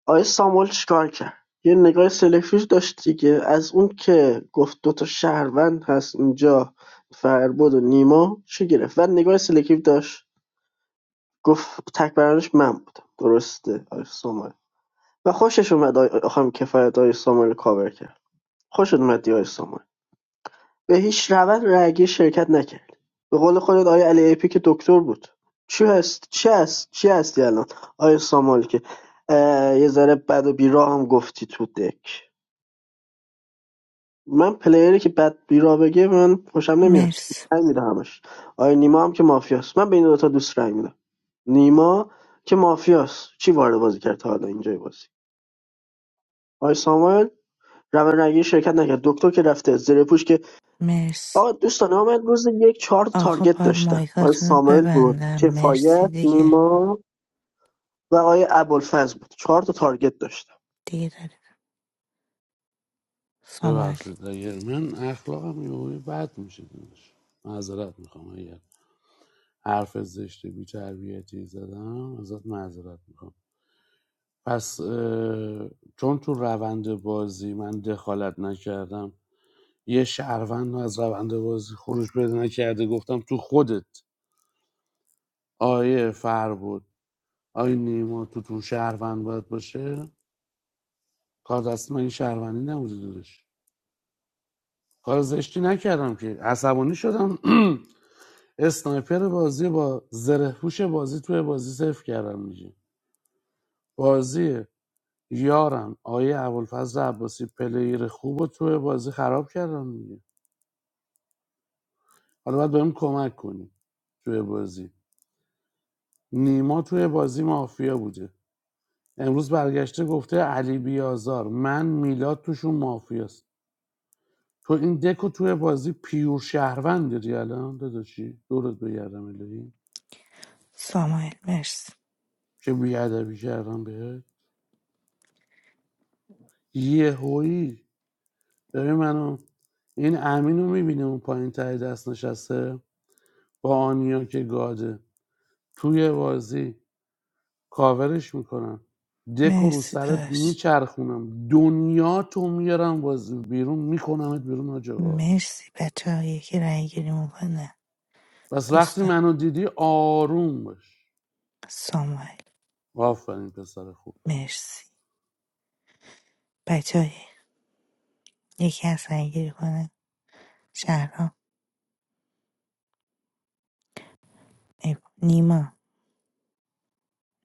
آقای ساموئل چیکار کرد یه نگاه سلکتیو داشت دیگه از اون که گفت دوتا شهروند هست اینجا فربود و نیما چی گرفت و نگاه سلکتیو داشت گفت تک برندش من بودم درسته آقای ساموئل و خوشش اومد آقای خانم کفایت آقای ساموئل رو کاور کرد خوش اومد آقای ساموئل به هیچ روند رایگیری شرکت نکردی به قول خودت آیا علی اپی که دکتر بود چی هست چی هست چی هستی الان آیا سامال که یه ذره بد و بیراه هم گفتی تو دک من پلیری که بد بیراه بگه من خوشم نمیاد مرسی رنگ میده همش آیا نیما هم که مافیاست من بین این دوتا دوست رنگ میدم نیما که مافیاست چی وارد بازی کرد تا حالا اینجای بازی آقای ساموئل روند رگی شرکت نکرد دکتر که رفته زیر پوش که مرسی آقا دوستان آقا من روز یک چهار تا آقا تارگت با داشتم آقای مایکاتون رو ساموئل بود ببندم مرسی کفایت دیگه نیما و آقای ابوالفضل بود چهار تا تارگت داشتم دیگه سامال ببخشید اگر من اخلاقم یه بد میشه دونش معذرت میخوام اگر حرف زشت بیتربیتی زدم ازت معذرت میخوام پس چون تو روند بازی من دخالت نکردم یه شهروند از روند بازی خروج پیدا نکرده گفتم تو خودت آیه فر بود آیه نیما تو تو شهروند باید باشه کار دست من این شهروندی نبوده دادش کار زشتی نکردم که عصبانی شدم اسنایپر بازی با زره پوش بازی توی بازی صفر کردم میشه بازی. یارم آیه ابوالفضل عباسی پلیر خوب و توی بازی خراب کردن دیگه حالا باید بهم کمک کنی توی بازی نیما توی بازی مافیا بوده امروز برگشته گفته علی بیازار من میلاد توشون مافیاست تو این دکو توی بازی پیور شهروند داری الان داداشی دورت بگردم الهی سامال مرسی که بیادبی کردم بهت یه هویی ببین منو این امین رو میبینه اون پایین تای دست نشسته با آنیا که گاده توی بازی کاورش میکنم دکو رو مرسی سرت داشت میچرخونم دنیا تو میارم بازی بیرون میکنمت بیرون حاج آقا مرسی بچه ها یکی رای گیری میکنه پس وقتی دوستان منو دیدی آروم باش سامال آفرین پسر خوب مرسی بچه های یکی از رای گیری کنه شهرام ای بابا. نیما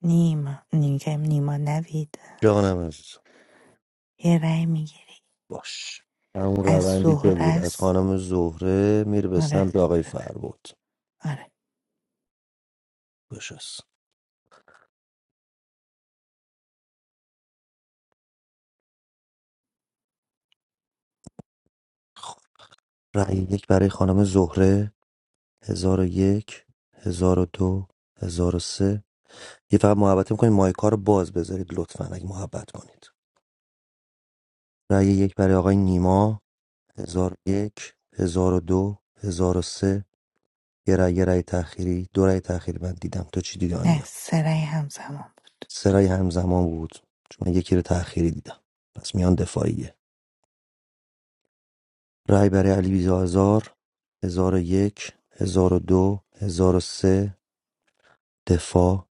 نیما نیگم نیما نوید جانم عزیزم یه رای میگیری باش همون از روندی که بود از زهرس خانم زهره میره به آره سمت آقای فربود آره بشست خب رأی یک برای خانم زهره هزار و یک هزار و دو هزار و سه یه فقط محبت میکنید مایکا رو باز بذارید لطفا اگه محبت کنید رای یک برای آقای نیما هزار و یک هزار و دو هزار و سه یه رای یه رای تأخیری دو رای تأخیری من دیدم تو چی دیدی نه آنیا سه رای همزمان بود. سه رای همزمان بود چون من یکی رو تأخیری دیدم پس میان دفاعیه رای برای علی بیزازار هزار و یک هزار و دو هزار و سه دفاع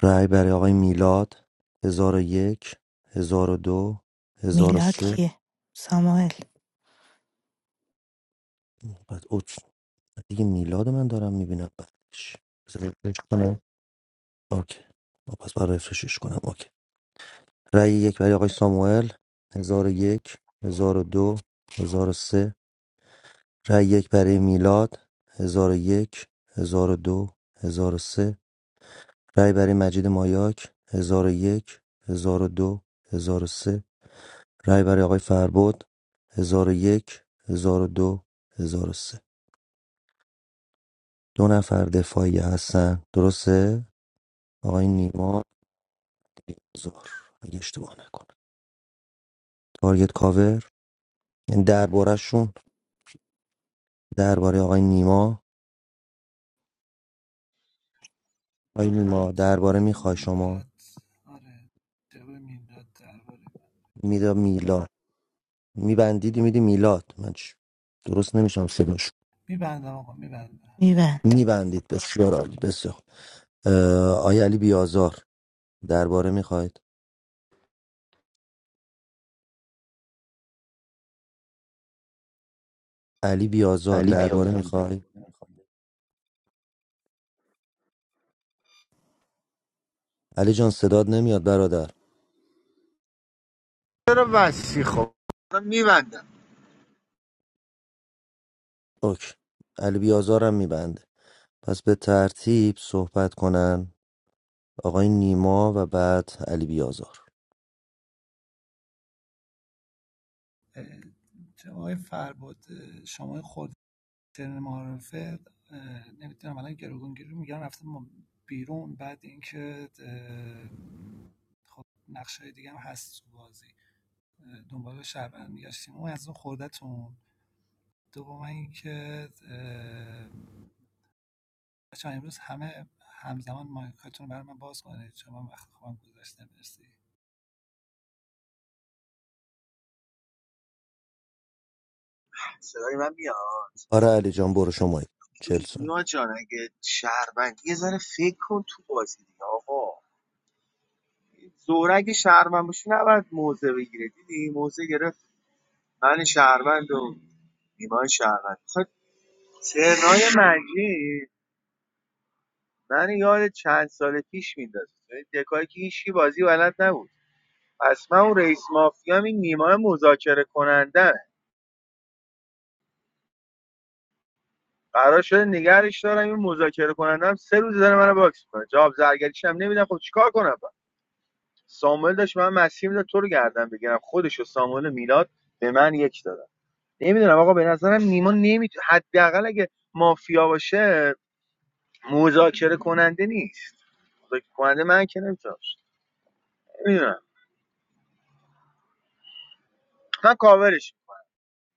رای برای آقای میلاد هزار و یک هزار و دو هزار و میلاد سه که سامال بعد اوت دیگه میلاد من دارم میبینم بعدش اوکی خب پس برای رفرشش کنم اوکی رأی یک برای آقای ساموئل 1001 1002 1003 رأی یک برای میلاد 1001 1002 1003 رأی برای مجید مایاک 1001 1002 1003 رأی برای آقای فربود 1001 1002 1003 دو هزار و سه. دو نفر دفاعی هستن درسته آقای نیما زار اگه اشتباه نکنه تارگت کاور یعنی دربارهشون درباره آقای نیما آقای نیما جواب درباره میخوای شما میلاد آره جواب میلاد درباره من میدا میلاد میبندیدی میدی میلاد من چ- درست نمیشم صداش میبندم آقا میبندم میبند میبندید بسیار عالی بسیار اه، آقای علی بیازار درباره میخواید علی بیازار درباره میخوای علی جان صداد نمیاد برادر چرا وسی خب دارم میبندم اوکی علی بیازارم میبنده پس به ترتیب صحبت کنن آقای نیما و بعد علی بیازار جواب فربود شما خود. سن معارفه نمیتونم الان گروگانگیری رو میگن رفتم بیرون بعد اینکه اه، خب نقشای دیگه هم هست تو بازی دنبال شهروند میگشتیم اون از اون خوردتون دوم اینکه اه، بچه‌ها امروز همه همزمان مایکاتون رو برای من باز کنید چون من وقت خوابم گذشته مرسی صدای من میاد آره علی جان برو شما چل نیما جان اگه شهروند یه ذره فکر کن تو بازی دیگه آقا زورگ شهروند باشه نباید موزه بگیره دیدی موزه گرفت من شهروند و نیما شهروند خب ترنای مجید من یاد چند سال پیش میندازه دکایی که هیچکی بازی بلد نبود پس من اون رئیس مافیا این نیما مذاکره کننده قرار شده نگرش دارم این مذاکره کننده هم سه روز داره منو باکس میکنه جواب زرگریشم هم نمیدم خب چیکار کنم ساموئل داشت من مسیر میداد تو رو گردن بگیرم خودش و ساموئل و میلاد به من یک دادن نمیدونم آقا به نظرم نیما نمیتو حداقل اگه مافیا باشه مذاکره کننده نیست مذاکره کننده من که نمیتونم نمیدونم من کاورش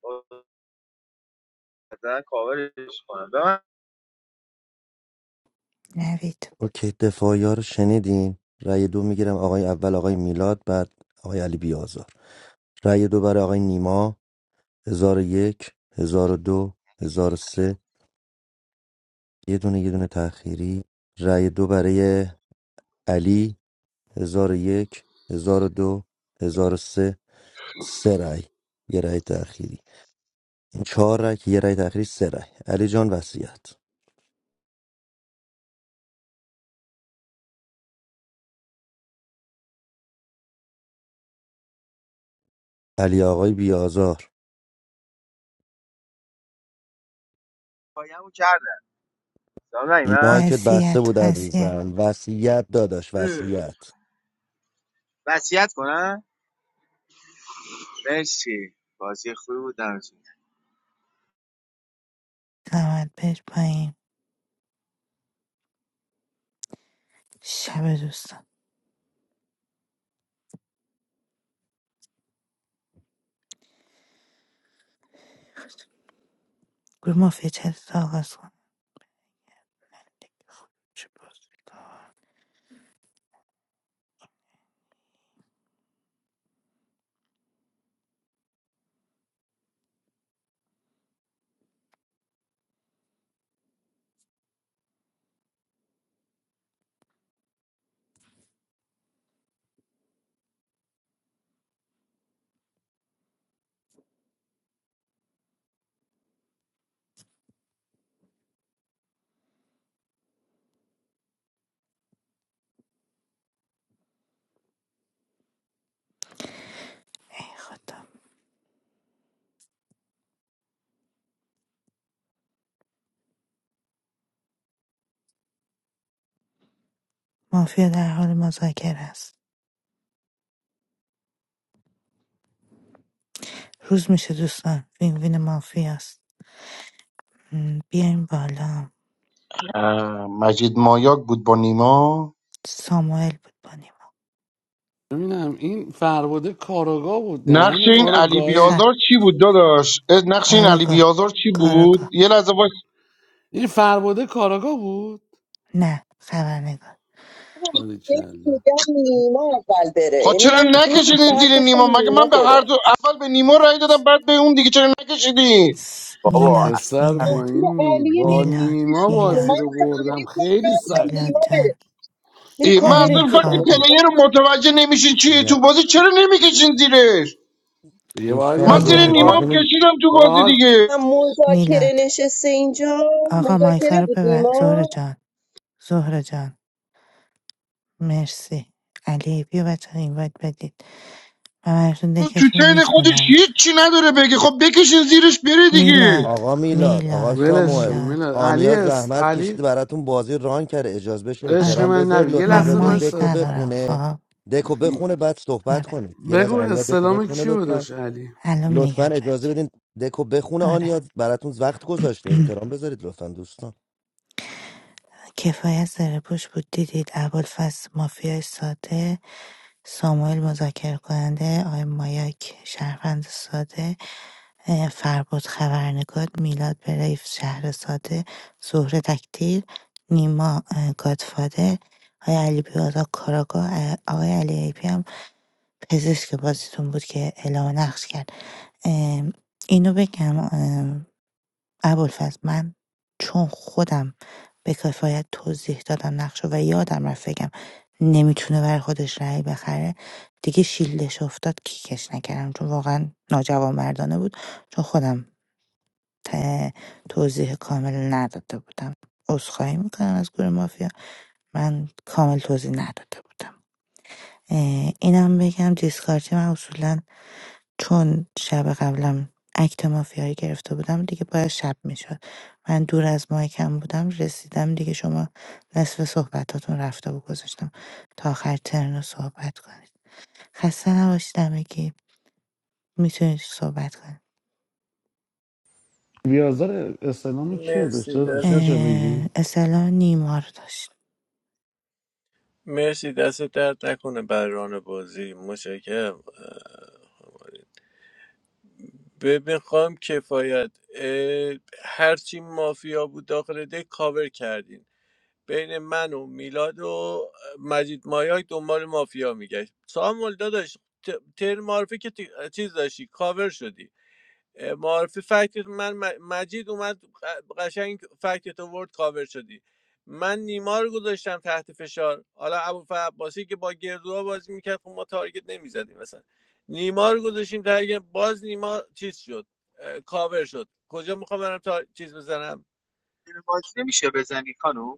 می‌کنم. مثلا کاورش کنم به من نوید اوکی دفاعی ها رو شنیدین رأی دو میگیرم آقای اول آقای میلاد بعد آقای علی بیازار رأی دو برای آقای نیما هزار و یک هزار و دو هزار و سه یه دونه یه دونه تأخیری رأی دو برای علی هزار و یک هزار و دو هزار و سه سه رأی یه رأی تأخیری این چهار رأی که یه رأی تأخیری سه رأی علی جان وصیت علی آقای بیازار پایه‌مو کردم دارم من مایکت بسته وسیعت بود وسیعت عزیزم وصیت داداش اه. وصیت وصیت کنم مرسی بازی خوبی بود دمتون زحمت بهش پایین شب دوستان گروه مافیا چت تا آغاز کنید چه بازی دار. ای خدا مافیا در حال مذاکره است روز میشه دوستان وین وین مافیا است م، بیایم بالا اه، مجید مایاک بود با نیما ساموئل بود با نیما ببینم این فرباده کاراگاه بود دهن نقش این ما رو علی خ گاهی بیازار چی بود داداش اه، نقش این علی کاراگاه بیازار چی بود کاراگاه یه لحظه وایس این فرباده کاراگاه بود نه خبرنگار یکی باریکلا میگم نیما اول بره خب یعنی چرا من دو روز نکشیدین فقط زیر گفتم نیما مگه نیما من به هر بره دو اول به نیما رای دادم بعد به اون دیگه چرا نکشیدی س، بابا میلاد پسر با میلاد تفسیر این نی... علی میره با میلاد کاورش نیما میکنه بازی من میلاد رو گفتم علی بردم کار خیلی ندارم سخت میلاد نیما بود بره جان میره ای، من اصلا کاورش امیر وقتی میکنه خوابه پلیر رو متوجه نمیشین چیه تو بازی چرا نمیکشین زیرش دیگه باید دوستان من گل یاکو... زیر میلاد نیما اجازه هم می کشیدم تو بازی باید... دیگه من مذاکره میلاد نشسته اینجا آقا مایکا مذاکره رو بود ببند زهره نیما جان زهره جان مرسی علی بیا بچه ها این وایت بدید من براتون اون تو دکتون چین خودش میخونم هیچی نداره بگه خب بکشین زیرش بره دیگه میلاد آقا میلاد آقا میلاد ولش کن ساموئل میلاد میلاد علی آنیا اس... زحمت علی کشیده براتون بازی ران کرده اجازه بشه عشق احترام آره من بذارید نبید یه لطفا من لحظه اجازه این مایک دکو وایسا ندارم بخونه خب دکو بخونه بعد صحبت آره کنید یه لحظه بگو آنیا دکو استلام بخونه کیو لطفا داشت علی الان لطفا میگم اجازه بهتون بدین دکو بخونه آره آنیا براتون وقت گذاشته احترام بذارید لطفا دوستان کفایت زره پوش بود دیدید ابوالفضل مافیای ساده ساموئل مذاکره کننده آقای مایاک شهروند ساده اه، فربود خبرنگار میلاد بریف شهر ساده زهره دکتیر نیما اه، گادفادر آقای علی بیادا کاراگا آقای علی ایپی هم پزشک بازیتون بود که اعلام نقش کرد اه، اینو بگم ابوالفضل من چون خودم به کفایت توضیح دادم نقشه و یادم رفت بگم نمیتونه برای خودش رأی بخره دیگه شیلدش افتاد کیکش نکردم چون واقعا ناجوانمردانه بود چون خودم ت- توضیح کامل نداده بودم عذرخواهی میکنم از گروه مافیا من کامل توضیح نداده بودم اه، اینم بگم دیسکارتی من اصولا چون شب قبلم اکت مافیایی گرفته بودم دیگه باید شب میشد من دور از مایکم بودم رسیدم دیگه شما نصف صحبتاتون رفته و گذاشتم تا آخر ترن رو صحبت کنید خسته نباشید همگی میتونید صحبت کنید بیازار اسلامی کیو مرسی داشته داشت دست میشه اه، بگی اصلا نیما رو داشت مرسی دست درد نکنه بر ران بازی مشکرم ببین خواهم کفایت اه، هرچی مافیا بود داخل دک کاور کردین بین من و میلاد و مجید مایاک دنبال مافیا میگشت سامول داداش ت- تر معرفی که تی- چیز داشتی کاور شدی معارفه فکتت من م- مجید اومد قشنگ فکتت ورد کاور شدی من نیما رو گذاشتم تحت فشار حالا ابو عباسی که با گردوها بازی میکرد خب ما تارگت نمیزدیم مثلا نیما رو گذاشتیم تارگت باز نیما چیز شد کاور شد کجا میخوام برم تا چیز بزنم بازی نمیشه بزنی کانو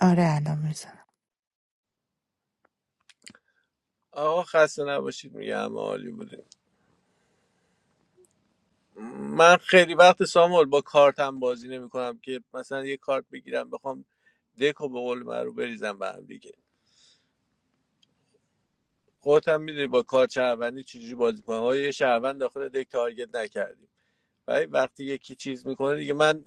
آره الان میزنم آقا خسته نباشید میگم عالی بودیم من خیلی وقت سامول با کارتم بازی نمیکنم که مثلا یه کارت بگیرم بخوام دکو به قول من رو بریزم به هم دیگه خودت هم میدونی با کار شهروندی چجوری بازی کنه های یه شهروند داخل دک تارگت نکردیم ولی وقتی یکی چیز میکنه دیگه من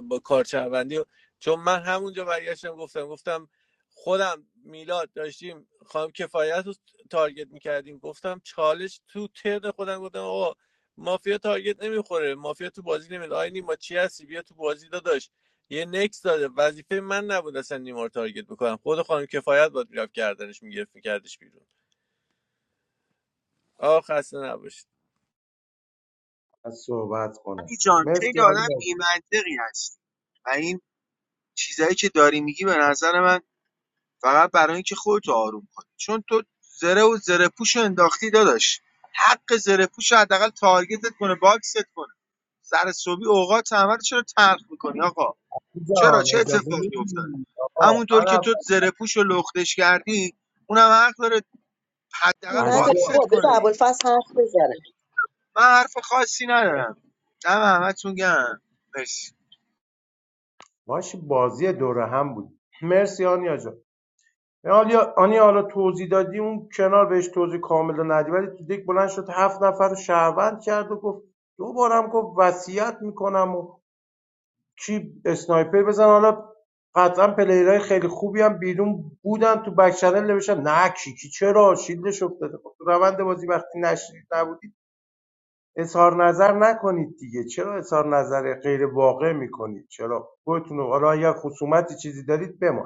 با کار شهروندی چون من همونجا برگشتم گفتم گفتم خودم میلاد داشتیم خانم کفایت رو تارگت میکردیم گفتم چالش تو ترن خودم گفتم آقا مافیا تارگت نمیخوره مافیا تو بازی نمیاد آی نیما چی هستی بیا تو بازی داداش یه نکس داده وظیفه من نبود اصلا نیما رو تارگت بکنم خود خانم کفایت باید میرفت کردنش میگرفت میکردش بیرون آه خسته نباشید از صحبت کنم علی جان مرسی خیلی آدم علی بی‌منطقی هست و این چیزایی که داری میگی به نظر من فقط برای اینکه خودتو آروم کنی چون تو زره و زره پوشو انداختی داداش حق زره پوشو حداقل تارگتت کنه باکست کنه سر صبحی اوقات همه رو چرا تلخ میکنی آقا چرا جان چه اجازه اتفاقی افتاده میدی آقا همونطور که منم تو زره پوش لختش کردی اونم حق داره حداقل علی نداره جان بابا، باکست کنه بذار دیگه ابوالفضل حرف بزنه من حرف خاصی ندارم دم همتون گرم مرسی باشه بازی دوره هم بود مرسی آنیا جان حالا آنی حالا توضیح دادی اون کنار بهش توضیح کامل ندی ولی تو دیک بلند شد هفت نفر رو شهروند کرد و گفت دوبارم گفت وصیت میکنم و کی اسنایپر بزن حالا قطعا پلیرهای خیلی خوبی هم بیرون بودن تو بک چنل نوشتن نه کیکی چرا شیلدش افتاده خب تو روند بازی وقتی نشنید نبودید اظهار نظر نکنید دیگه چرا اظهار نظر غیر واقع میکنید چرا خودتون رو- حالا اگر خصومتی چیزی دارید بمان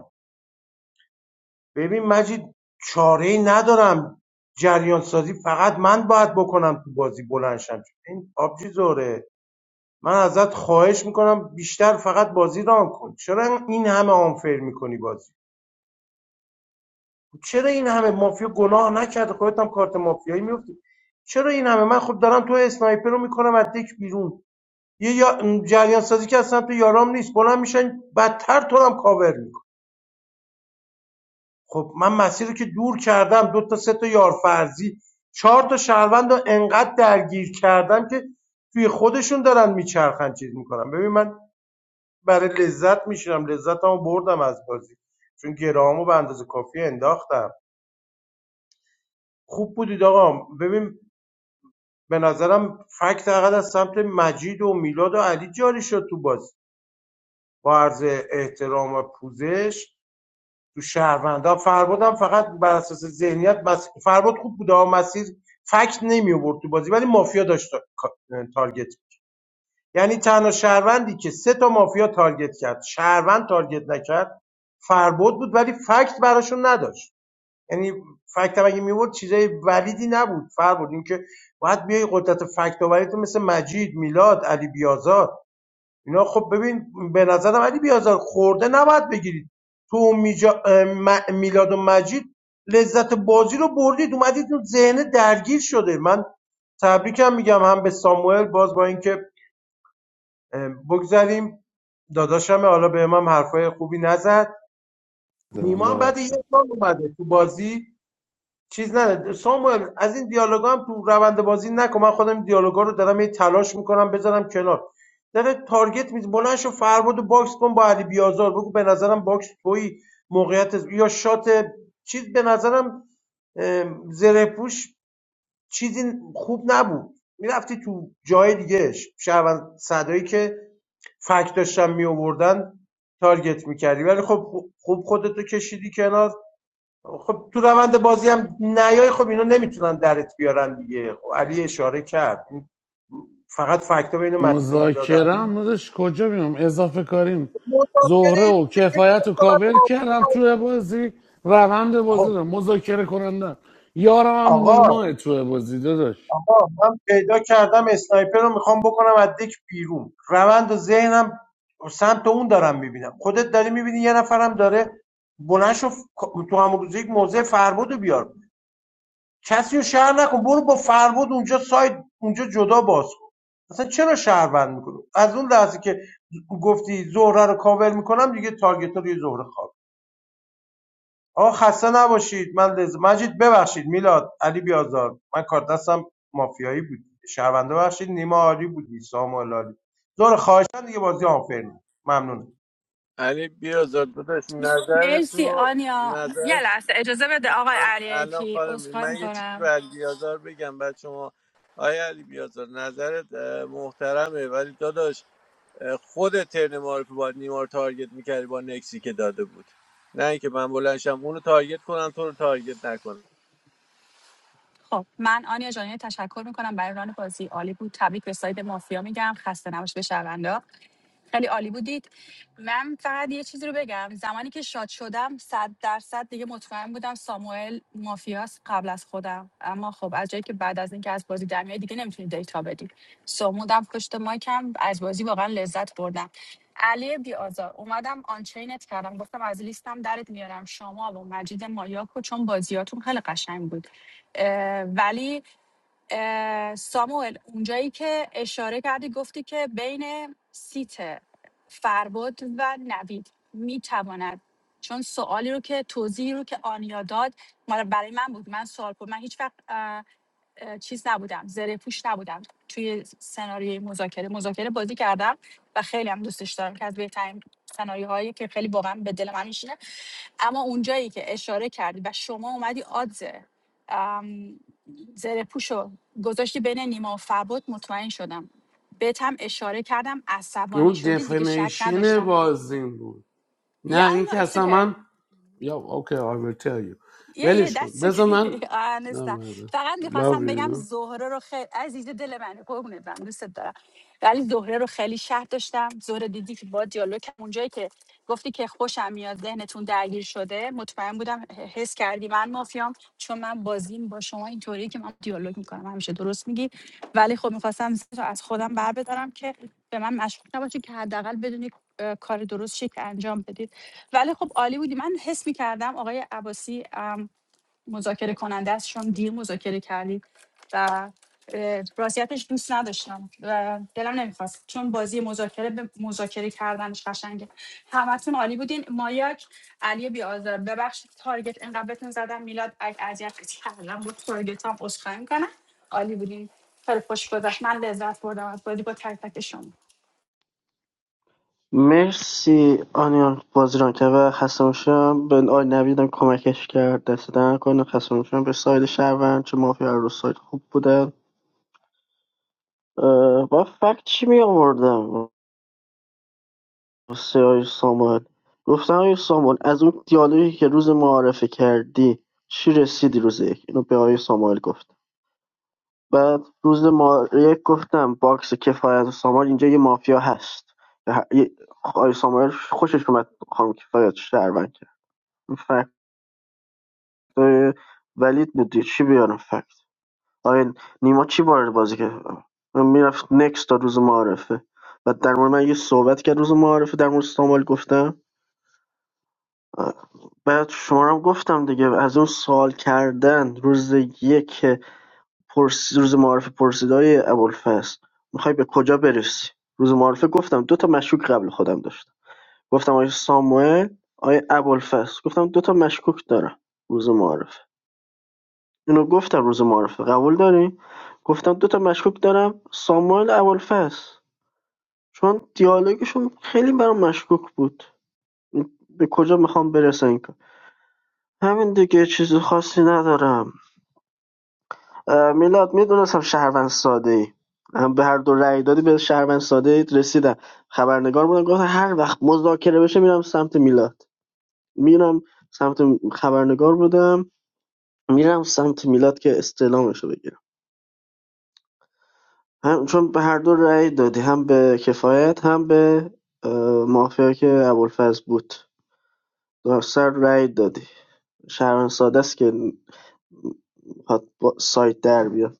ببین مجید چاره ای ندارم جریان سازی فقط من باید بکنم تو بازی بلند شم این آبجی زوره من ازت خواهش میکنم بیشتر فقط بازی ران کن چرا این همه آنفر میکنی بازی چرا این همه مافیا گناه نکرده خودت هم کارت مافیایی میفتی چرا این همه من خب دارم تو اسنایپر رو میکنم از دک بیرون یه یا- جریان سازی که اصلا تو یارام نیست بلند میشن بدتر تو رو هم کاور می‌کنن. خب من مسیر رو که دور کردم دو تا سه تا یارفرزی چهار تا شهروند رو انقدر درگیر کردم که توی خودشون دارن میچرخن چیز میکنن ببین من برای لذت میشیرم لذتمو بردم از بازی چون گرامو به اندازه کافی انداختم خوب بودید آقا ببین به نظرم فکت فقط از سمت مجید و میلاد و علی جاری شد تو بازی با عرض احترام و پوزش تو شهروندا فربادم فقط بر اساس ذهنیت بس فرباد خوب بود اما مسیر فکت نمی آورد تو بازی ولی مافیا داشت تارگت یعنی تنها شهروندی که سه تا مافیا تارگت کرد شهروند تارگت نکرد فرباد بود ولی فکت براشون نداشت یعنی فکت هم اگه میورد چیزای ولیدی نبود فرباد اینکه باید بیای قدرت فکت آوریتو مثل مجید میلاد علی بیازار اینا خب ببین به نظرم علی بیازار خورده نباید بگیرید تو میجا... م- میلاد و مجید لذت بازی رو بردید اومدید تو ذهن درگیر شده من تبریکم میگم هم به ساموئل باز با اینکه اه، بگذریم داداشم حالا به امام حرفای خوبی نزد دارم نیما هم بعد یک ببخشید سال اومده تو بازی چیز نده ساموئل از این دیالوگا هم تو روند بازی نکن من خودم این دیالوگا رو دارم هی تلاش میکنم بذارم کنار داره تارگت میز بلند شو فرمود باکس کن با علی بیازار بگو به نظرم باکس توی موقعیت است. یا شات چیز به نظرم زره پوش چیزی خوب نبود میرفتی تو جای دیگه شهروند صدایی که فک داشتن میآوردن تارگت میکردی ولی خب خوب خودتو کشیدی کنار خب تو روند بازی هم نیای خب اینا نمیتونن درت بیارن دیگه خب علی اشاره کرد فقط فکتا بین مجید و میلاد و مذاکره علی هم داداش کجا میام اضافه کاریم زهره مذاکره و کفایت و کابل کردم توی بازی روند بازی خب رو مذاکره کننده یارم هم آقا نیماه توی بازی داشت آقا من پیدا کردم اسنایپر رو میخوام بکنم از دک بیرون روند و ذهنم سمت اون دارم میبینم خودت داری میبینی یه نفرم داره بلند شو تو همون روز یک موضع فرمودو بیار کسی رو شهر نکن برو با فربود اونجا سایت اونجا جدا باز کن اصلا چرا شهر بند میکنه از اون لحظه که گفتی زهره رو کاور میکنم دیگه تارگت رو یه زهره خواب آقا خسته نباشید من لز... مجید ببخشید میلاد علی بیازار من کار دستم مافیایی بود شهرونده ببخشید نیما عالی بودی سامال عالی زهره خواهشن دیگه بازی آنفر ممنون. ممنونم علی بیازاد داداش نظر مرسی تو آنیا یه نظر لحظه اجازه بده آقای علی الان پی خانم عذرخواهی من یه چیزی میکنم به علی بیازار بگم بعد شما آیا علی بیازار نظرت اه، محترمه ولی داداش اه، خود ترن معرفی باید نیما رو تارگت میکردی با نکسی که داده بود نه اینکه من بلنشم اونو تارگت کنم تو رو تارگت نکنم خب من آنیا جان یه تشکر میکنم برای ران بازی عالی بود تبریک به ساید مافیا میگم خسته نباش به شوندا خیلی عالی بودید من فقط یه چیزی رو بگم زمانی که شاد شدم صد درصد دیگه مطمئن بودم ساموئل مافیاس قبل از خودم اما خب از جایی که بعد از اینکه از بازی دمیای دیگه نمیتونید دیتا بدید سمودم پشت مایکم از بازی واقعا لذت بردم علی بی آزار اومدم آنچینت کردم گفتم از لیستم درت میارم شما و مجید مایاکو چون بازیاتون خیلی قشنگ بود اه، ولی اه، ساموئل اونجایی که اشاره کردی گفتی که بین سیت فربد و نوید میتواند چون سوالی رو که توضیحی رو که آنیا داد مال برای من بود من سوال کنم من هیچ وقت اه، اه، چیز نبودم زره پوش نبودم توی سناریوی مذاکره مذاکره بازی کردم و خیلی هم دوستش دارم که از بهترین سناریوهایی که خیلی واقعا به دل من میشینه اما اونجایی که اشاره کردی و شما اومدی آدز ام، زره پوشو گذاشتی بین نیما و فرباد مطمئن شدم بهت هم اشاره کردم عصبانی اون شدی دیگه شک دفنیشن نداشتم بازیم بود yeah I نه این که know it's اصلا okay من یا اوکی I will tell you یه یه ولش کن دست که بذار من آه، نه نیستم مردم فقط love میخواستم بگم you no. زهره رو خیلی عزیز دل منه قربونت برم دوستت دارم ولی زهره رو خیلی شهر داشتم زهره دیدی که با دیالوگ کردم. اونجایی که گفتی که خوشم میاد ذهنتون درگیر شده مطمئن بودم حس کردی من مافیام چون من بازیم با شما اینطوری که من دیالوگ میکنم همیشه درست میگی ولی خب میخواستم از خودم بر بدارم که به من مشکوک نباشید که حداقل بدونی اه، کار درست شکل انجام بدید ولی خب عالی بودی من حس میکردم آقای عباسی مذاکره کننده است چون دیر مذاکره کردیم و اه، راستیتش دوست نداشتم و دلم نمیخواست چون بازی مذاکره به مذاکره کردنش قشنگه همتون عالی بودین مایاک علی بیازار ببخشید تارگت اینقدر بهتون زدم میلاد اگه اذیتت کردم بود تارگت هم عذرخواهی میکنم عالی بودین خیلی خوش گذشت من لذت بردم از بازی با تک تک شما مرسی آنیان بازیران که و خستموشم به آقای نویدم کمکش کرد دست در نکنه خستموشم به ساید شهروند چه مافیا رو ساید خوب بودن اه، با فکت چی می آوردم واسه آقای ساموئل گفتم آقای ساموئل از اون دیالوگی که روز معارفه کردی چی رسیدی روز یک اینو به آقای ساموئل گفتم بعد روز ما یک گفتم باکس کفایت و سامان اینجا یه مافیا هست یه- یه- آقای سامان خوشش اومد خانم کفایت شهروند کرد این فکت ولید بود دیگه. چی بیارم فکت آقای نیما چی وارد بازی کرد میرفت نکس تا روز معارفه و در مورد من یه صحبت کرد روز معارفه در مورد سامال گفتم آه. بعد شما رو هم گفتم دیگه از اون سوال کردن روز یک روز معارفه پرسیدهای ابوالفضل میخوای به کجا برسی روز معارفه گفتم دو تا مشکوک قبل خودم داشتم گفتم آیه ساموئل آیه ابوالفضل گفتم دو تا مشکوک دارم روز معارفه اینو گفتم روز معارفه قبول داری گفتم دو تا مشکوک دارم ساموئل ابوالفضل چون دیالوگشون خیلی برام مشکوک بود به کجا میخوام برسن این همین دیگه چیز خاصی ندارم میلاد میدونستم شهروند ساده ای به هر دو رأی دادی به شهروند ساده ای رسیدم خبرنگار بودم گفتم هر وقت مذاکره بشه میرم سمت میلاد میرم سمت خبرنگار بودم میرم سمت میلاد که استعلامش بگیرم هم چون به هر دو رأی دادی هم به کفایت هم به اه، مافیا که ابوالفضل بود دو سر رأی دادی شهروند ساده است که میخواد با سایت در بیاد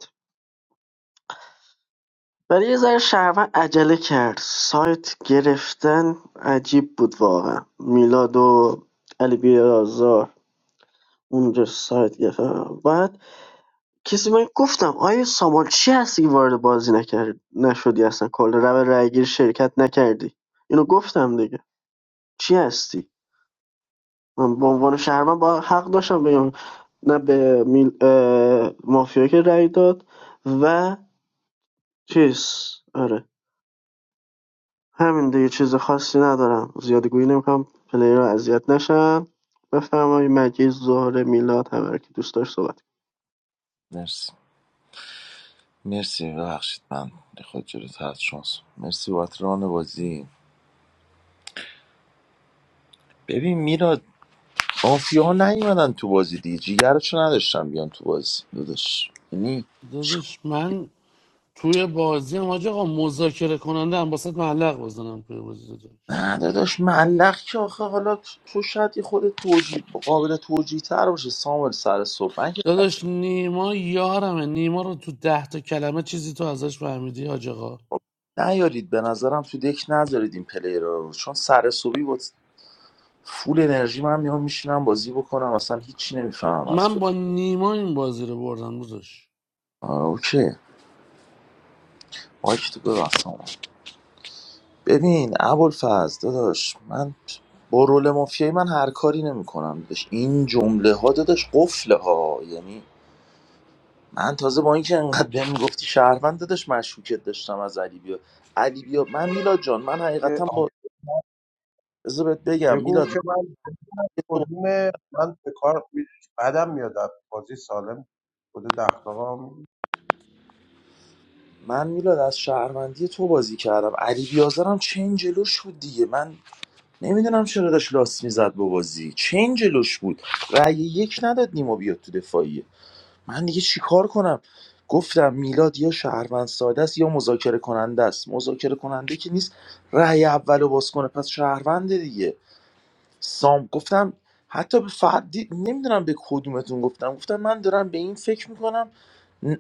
ولی یه ذره شهروند عجله کرد سایت گرفتن عجیب بود واقعا میلاد و علی بیازار اونجا سایت گرفتن بعد کسی من گفتم آیا سامان چی هستی که وارد بازی نکرد نشدی اصلا کل رب رایگیر شرکت نکردی اینو گفتم دیگه چی هستی من به عنوان شهروند با حق داشتم بگم نه به میل... اه، مافیا که رای داد و چیز آره همین دیگه چیز خاصی ندارم زیاده گویی نمیکنم پلیرها اذیت نشن بفرمایید مجید زهره میلاد هر کی دوست داشت صحبت کنه. مرسی مرسی ببخشید من خود جلوت هست شانس مرسی بابت ران بازی ببین میراد مافیا نیومدن تو بازی دیگه جیگرشو نداشتن بیان تو بازی داداش یعنی داداش من توی بازی هم حاج آقا مذاکره کننده هم باست معلق بزنم توی بازی داداش نه داداش ملق که آخه حالا تو شاید یه خود توجیه قابل توجیه تر باشه سامل سر صبح من که فکر داداش نیما یارمه نیما رو تو ده تا کلمه چیزی تو ازش فهمیدی حاج آقا نیارید به نظرم تو دک نذارید این پلیر رو چون سر صبحی با فول انرژی من میام میشینم بازی بکنم اصلا هیچی نمیفهمم از من بود با نیما این بازی رو بردم داداش آه، اوکی مایک تو ببستم ببین ابوالفضل داداش من با رول مافیایی من هر کاری نمیکنم داداش این جمله ها داداش قفله ها یعنی من تازه با اینکه انقدر بهم میگفتی شهروند داداش مشکوکت داشتم از علی بیا علی بیا من میلاد جان من حقیقتا با بذار بهت بگم بگو میلاد که من کدوم من به کار بعدم میاد بازی سالم خود دخلاقا من میلاد از شهروندی تو بازی کردم علی بیازرم چین جلوش بود دیگه من نمیدونم چرا داشت لاس میزد با بازی چین جلوش بود رأی یک نداد نیما بیاد تو دفاعیه من دیگه چیکار کنم گفتم میلاد یا شهروند ساده است یا مذاکره کننده است مذاکره کننده که نیست رأی اولو باز کنه پس شهرونده دیگه سام گفتم حتی به فردی نمیدونم به کدومتون گفتم گفتم من دارم به این فکر میکنم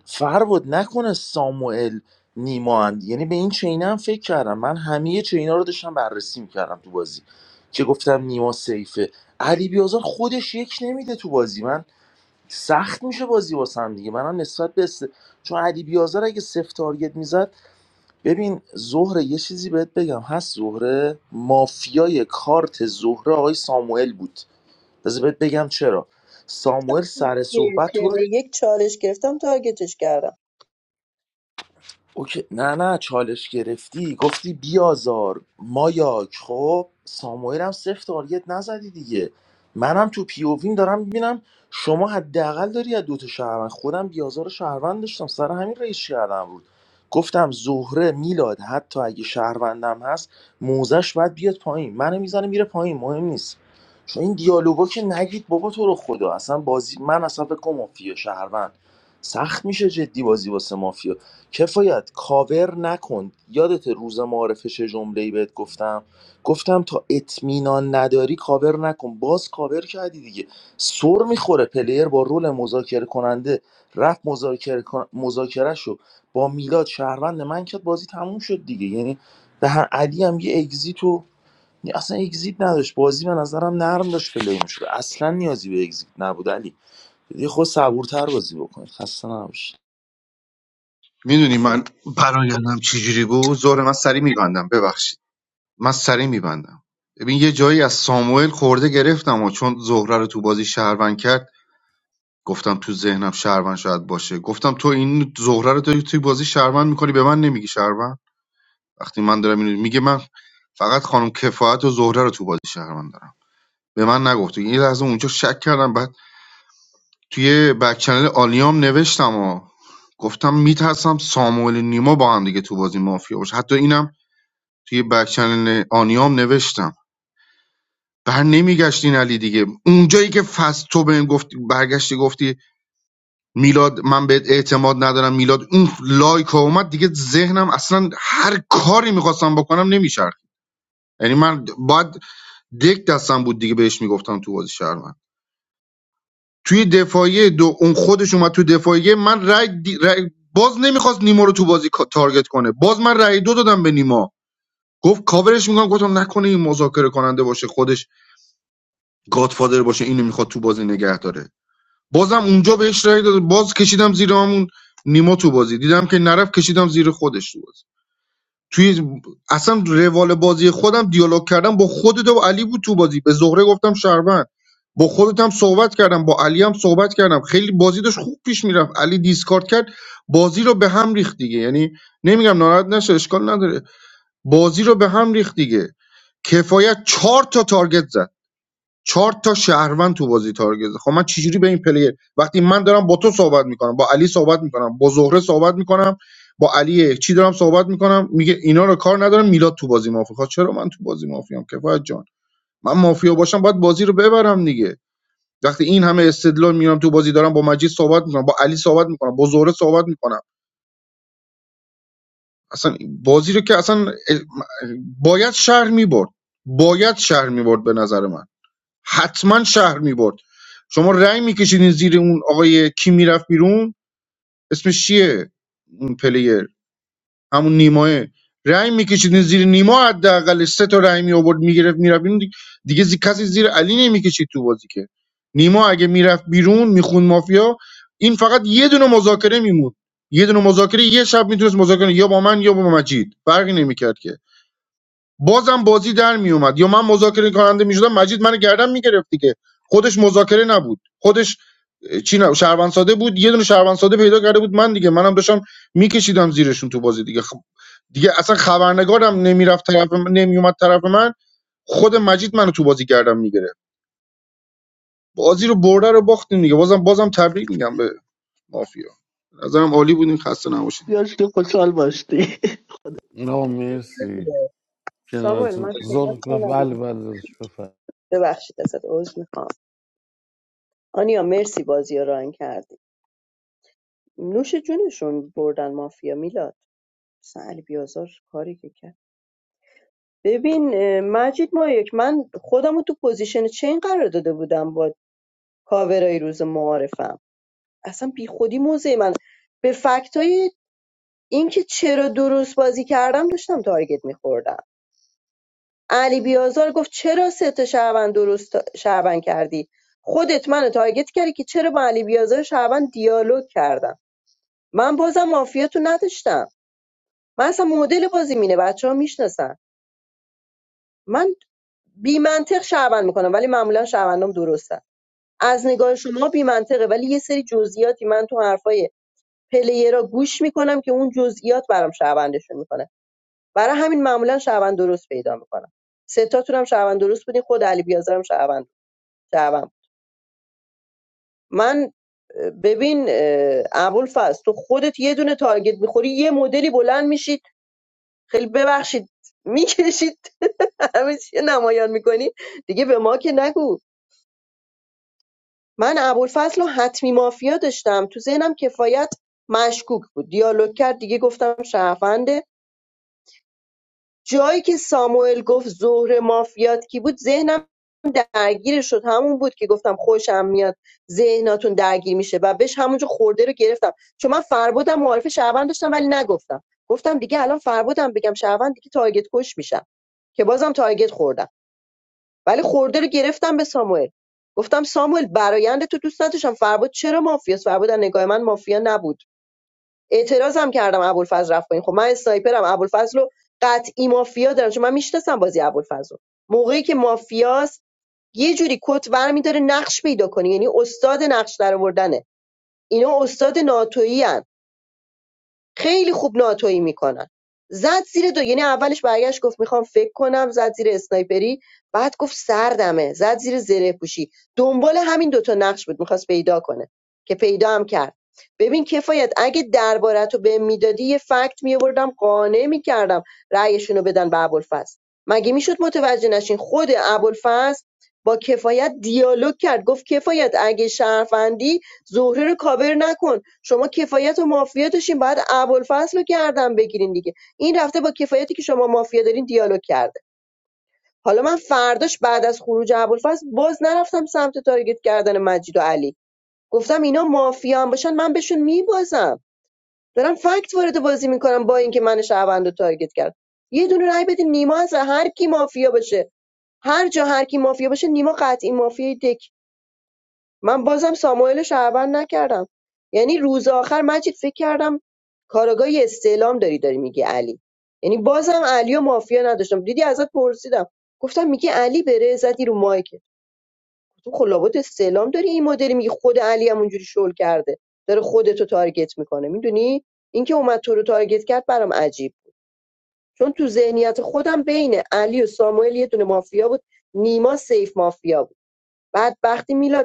فر بود نکنه ساموئل نیما اند یعنی به این چینه هم فکر کردم من همه چینا رو داشتم بررسی میکردم تو بازی که گفتم نیما سیفه علی بیازار خودش یک نمیده تو بازی من سخت میشه بازی واسم دیگه منم نسبت به است... چون علی بیازار اگه سفت تارگت میزد ببین زهره یه چیزی بهت بگم هست زهره مافیای کارت زهره آقای ساموئل بود بذار بهت بگم چرا ساموئل سر که صحبت تو رو ترم یک چالش گرفتم تارگتش کردم اوکی نه نه چالش گرفتی گفتی بیازار مایاک خب ساموئل هم صفر تارگت نزدی دیگه منم تو پی او ویم دارم میبینم شما حداقل داری از دوتا شهروند خودم بیازار شهروند داشتم سر همین رئیس کردم بود گفتم زهره میلاد حتی اگه شهروندم هست موزش باید بیاد پایین منو میزنه میره پایین مهم نیست چون این دیالوگا که نگید بابا تو رو خدا اصلا بازی من اصلا فکر کنم مافیا شهروند سخت میشه جدی بازی واسه کفایت کاور نکن یادت روز معارفه چه جمله‌ای بهت گفتم گفتم تا اطمینان نداری کاور نکن باز کاور کردی دیگه سر میخوره پلیر با رول مذاکره کننده رفت مذاکره مذاکرهشو با میلاد شهروند من کرد بازی تموم شد دیگه یعنی به هر علی هم یه اگزیت و اصلا اگزیت نداشت بازی به نظرم نرم داشت پلی میشد اصلا نیازی به اگزیت نبود علی یه خود صبورتر بازی بکنید خسته نباشید میدونی من برایندم چجوری بود زور من سری میبندم ببخشید من سریع میبندم ببین یه جایی از ساموئل خورده گرفتم و چون زهره رو تو بازی شهروند کرد گفتم تو ذهنم شهروند شاید باشه گفتم تو این زهره رو داری توی بازی شهروند میکنی به من نمیگی شهروند وقتی من دارم اینو میگه من فقط خانم کفایت و زهره رو تو بازی شهروند دارم به من نگفت این لحظه اونجا شک کردم بعد توی بک چنل آلیام نوشتم و گفتم میترسم ساموئل نیما با هم دیگه تو بازی مافیا باشه حتی اینم توی بک چنل آلیام نوشتم بر نمیگشت این علی دیگه اونجایی که فصل تو بهم گفتی برگشتی گفتی میلاد من بهت اعتماد ندارم میلاد اون لایک ها اومد دیگه ذهنم اصلا هر کاری میخواستم بکنم نمیشرخ یعنی من باید دک دستم بود دیگه بهش میگفتم تو بازی شهر من توی دفاعیه دو اون خودش اومد تو دفاعیه من رای, دی- رای- باز نمیخواست نیما رو تو بازی کا- تارگت کنه باز من رای دو دادم به نیما گفت کاورش میکنم گفتم نکنه این مذاکره کننده باشه خودش گادفادر باشه اینو میخواد تو بازی نگه داره بازم اونجا بهش رای داد باز کشیدم زیر همون نیما تو بازی دیدم که نرفت، کشیدم زیر خودش تو بازی توی اصلا روال بازی خودم دیالوگ کردم با خودت و علی بود تو بازی به زهره گفتم شهروند با خودت هم صحبت کردم با علی هم صحبت کردم خیلی بازی داشت خوب پیش میرفت علی دیسکارد کرد بازی رو به هم ریخت دیگه یعنی نمیگم ناراحت نشه اشکال نداره بازی رو به هم ریخت دیگه کفایت چهار تا تارگت زد چهار تا شهروند تو بازی تارگت زد. خب من چجوری به این پلیر وقتی من دارم با تو صحبت میکنم با علی صحبت میکنم با زهره صحبت میکنم با علی چی دارم صحبت میکنم میگه اینا رو کار ندارم میلاد تو بازی مافیا خب چرا من تو بازی مافیام کفایت جان من مافیا باشم باید بازی رو ببرم دیگه وقتی این همه استدلال میارم تو بازی دارم با مجید صحبت میکنم با علی صحبت میکنم با زهره صحبت میکنم اصلا بازی رو که اصلا باید شهر میبرد باید شهر میبرد به نظر من حتما شهر میبرد شما رأی میکشیدین زیر اون آقای کی میرفت بیرون اسمش چیه اون پلیر همون نیماه رأی میکشیدین زیر نیما حداقل سه تا رأی می آورد میگرفت میرفت بیرون دیگه, دیگه زی- کسی زیر علی نمیکشید تو بازی که نیما اگه میرفت بیرون میخوند مافیا این فقط یه دونه مذاکره میمون یه دونه مذاکره یه شب میتونست مذاکره یا با من یا با مجید فرقی نمیکرد که بازم بازی در میومد یا من مذاکره کننده میشدم مجید من گردن میگرفت دیگه خودش مذاکره نبود خودش اه، چی نبود شهروند ساده بود یه دونه شهروند ساده پیدا کرده بود من دیگه منم داشتم میکشیدم زیرشون تو بازی دیگه خب، دیگه اصلا خبرنگارم نمیرفت طرف من، نمیومد طرف من خود مجید منو تو بازی گردم میگرفت بازی رو برده رو باختیم دیگه بازم بازم تبریک میگم به مافیا به نظرم عالی بودیم خسته نباشید بیاش که خوشحال باشتی نه مرسی ساموئل ساموئل، من کنارتون صحبت زور بله کنم بله داداش بفر ببخشید ازت عذر میخوام آنیا مرسی بازی رو ران کردی نوش جونشون بردن مافیا میلاد مثلا علی بیازار کاری که کرد ببین اه، مجید ما یک من خودم رو تو پوزیشن چین قرار داده بودم با کاورای روز معارفم اصلا بی خودی موزه من به فکتای اینکه چرا درست بازی کردم داشتم تارگت میخوردم علی بیازار گفت چرا سه تا شهروند درست شهروند کردی خودت منو تارگت کردی که چرا با علی بیازار شهروند دیالوگ کردم من بازم مافیاتو نداشتم من اصلا مدل بازی مینه بچه ها میشناسن من بی منطق شهروند میکنم ولی معمولا شهروندام درسته از نگاه شما بی منطقه ولی یه سری جزئیاتی من تو حرفای پلیرا گوش میکنم که اون جزئیات برام شهروندشون میکنه برای همین معمولا شهروند درست پیدا میکنم سه تاتون هم شهروند درست بودین خود علی بیازارم شهروند شهروند من ببین اه، ابوالفضل تو خودت یه دونه تارگت میخوری یه مدلی بلند میشید خیلی ببخشید میکشید همه چی نمایان میکنی دیگه به ما که نگو من ابوالفضل رو حتمی مافیا داشتم تو ذهنم کفایت مشکوک بود دیالوگ کرد دیگه گفتم شرفنده جایی که ساموئل گفت ظهر مافیات کی بود ذهنم درگیرش شد همون بود که گفتم خوشم میاد ذهناتون درگیر میشه و بهش همونجا خورده رو گرفتم چون من فربودم معارف شهروند داشتم ولی نگفتم گفتم دیگه الان فربودم بگم شهروند دیگه تارگت کش میشم که بازم تارگت خوردم ولی خورده رو گرفتم به ساموئل گفتم ساموئل برایند تو دوست نداشتم فربود چرا مافیاس فربود از نگاه من مافیا نبود اعتراضم کردم ابوالفضل رفت پایین خب من اسنایپرم ابوالفضل رو قطعی مافیا دارم چون من میشناسم بازی ابوالفضل رو. موقعی که مافیاس یه جوری کت ور می‌داره نقش پیدا کنه یعنی استاد نقش درآوردنه اینا استاد ناتوئین خیلی خوب ناتویی میکنن زد زیر دو یعنی اولش برگشت گفت میخوام فکر کنم زد زیر اسنایپری بعد گفت سردمه زد زیر زره پوشی دنبال همین دوتا نقش بود میخواست پیدا کنه که پیدا هم کرد ببین کفایت اگه دربارت رو به میدادی یه فکت میآوردم قانع میکردم رأیشون رو بدن به ابوالفضل مگه میشد متوجه نشین خود ابوالفضل با کفایت دیالوگ کرد گفت کفایت اگه شرفندی زهره رو کاور نکن شما کفایت و مافیا داشتین باید ابوالفضل رو گردن بگیرین دیگه این رفته با کفایتی که شما مافیا دارین دیالوگ کرده حالا من فرداش بعد از خروج ابوالفضل باز نرفتم سمت تارگت کردن مجید و علی گفتم اینا مافیا هم باشن من بهشون میبازم دارم فکت وارد بازی میکنم با اینکه من شهروند رو تارگت کرد یه دونه رای بدین نیما از هر کی مافیا باشه هر جا هر کی مافیا باشه نیما قطعی مافیای دک من بازم ساموئل رو شهروند نکردم یعنی روز آخر مجید فکر کردم کاراگاه یه استعلام داری داری میگی علی یعنی بازم علی و مافیا نداشتم دیدی ازت پرسیدم گفتم میگی علی بره زدی رو مایکه تو خلابات استعلام داری این مدلی میگی خود علی هم اونجوری شل کرده داره خودتو تارگت میکنه میدونی اینکه اومد تو رو تارگت کرد برام عجیب چون تو ذهنیت خودم بین علی و ساموئل یه دونه مافیا بود نیما سیف مافیا بود بعد وقتی میلاد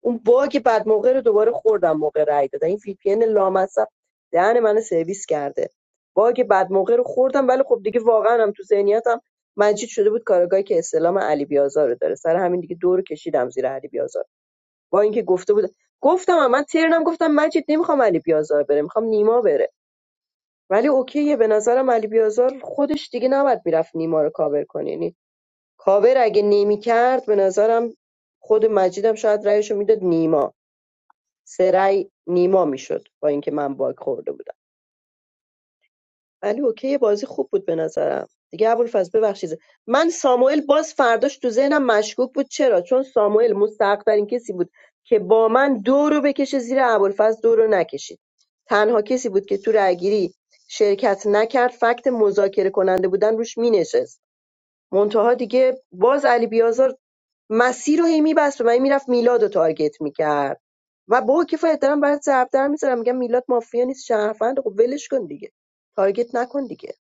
اون باگ بعد موقع رو دوباره خوردم موقع رای دادن این وی پی ان لامصب دهن منو سرویس کرده باگ بعد موقع رو خوردم ولی خب دیگه واقعا هم تو ذهنیتم مجید شده بود کارگاهی که استلام علی بیازار رو داره سر همین دیگه دور کشیدم زیر علی بیازار با اینکه گفته بود گفتم هم. من ترنم گفتم مجید نمیخوام علی بیازار بره میخوام نیما بره ولی اوکیه به نظرم علی بیازار خودش دیگه نباید میرفت نیما رو کاور کنه یعنی کاور اگه نمیکرد به نظرم خود مجیدم شاید رأیشو میداد نیما سه رأی نیما میشد با اینکه من باگ خورده بودم ولی اوکی بازی خوب بود به نظرم دیگه ابوالفضل ببخشید من ساموئل باز فرداش تو ذهنم مشکوک بود چرا چون ساموئل مستحق‌ترین کسی بود که با من دو رو بکشه زیر ابوالفضل دو رو نکشید تنها کسی بود که تو رأیگیری شرکت نکرد فکت مذاکره کننده بودن روش مینشست منتها دیگه باز علی بیازار مسیر رو هی میبست و من میرفت میلاد رو تارگت میکرد و با کفایت دارم برات ضرب در میذارم میگم میلاد مافیا نیست شهروند خب ولش کن دیگه تارگت نکن دیگه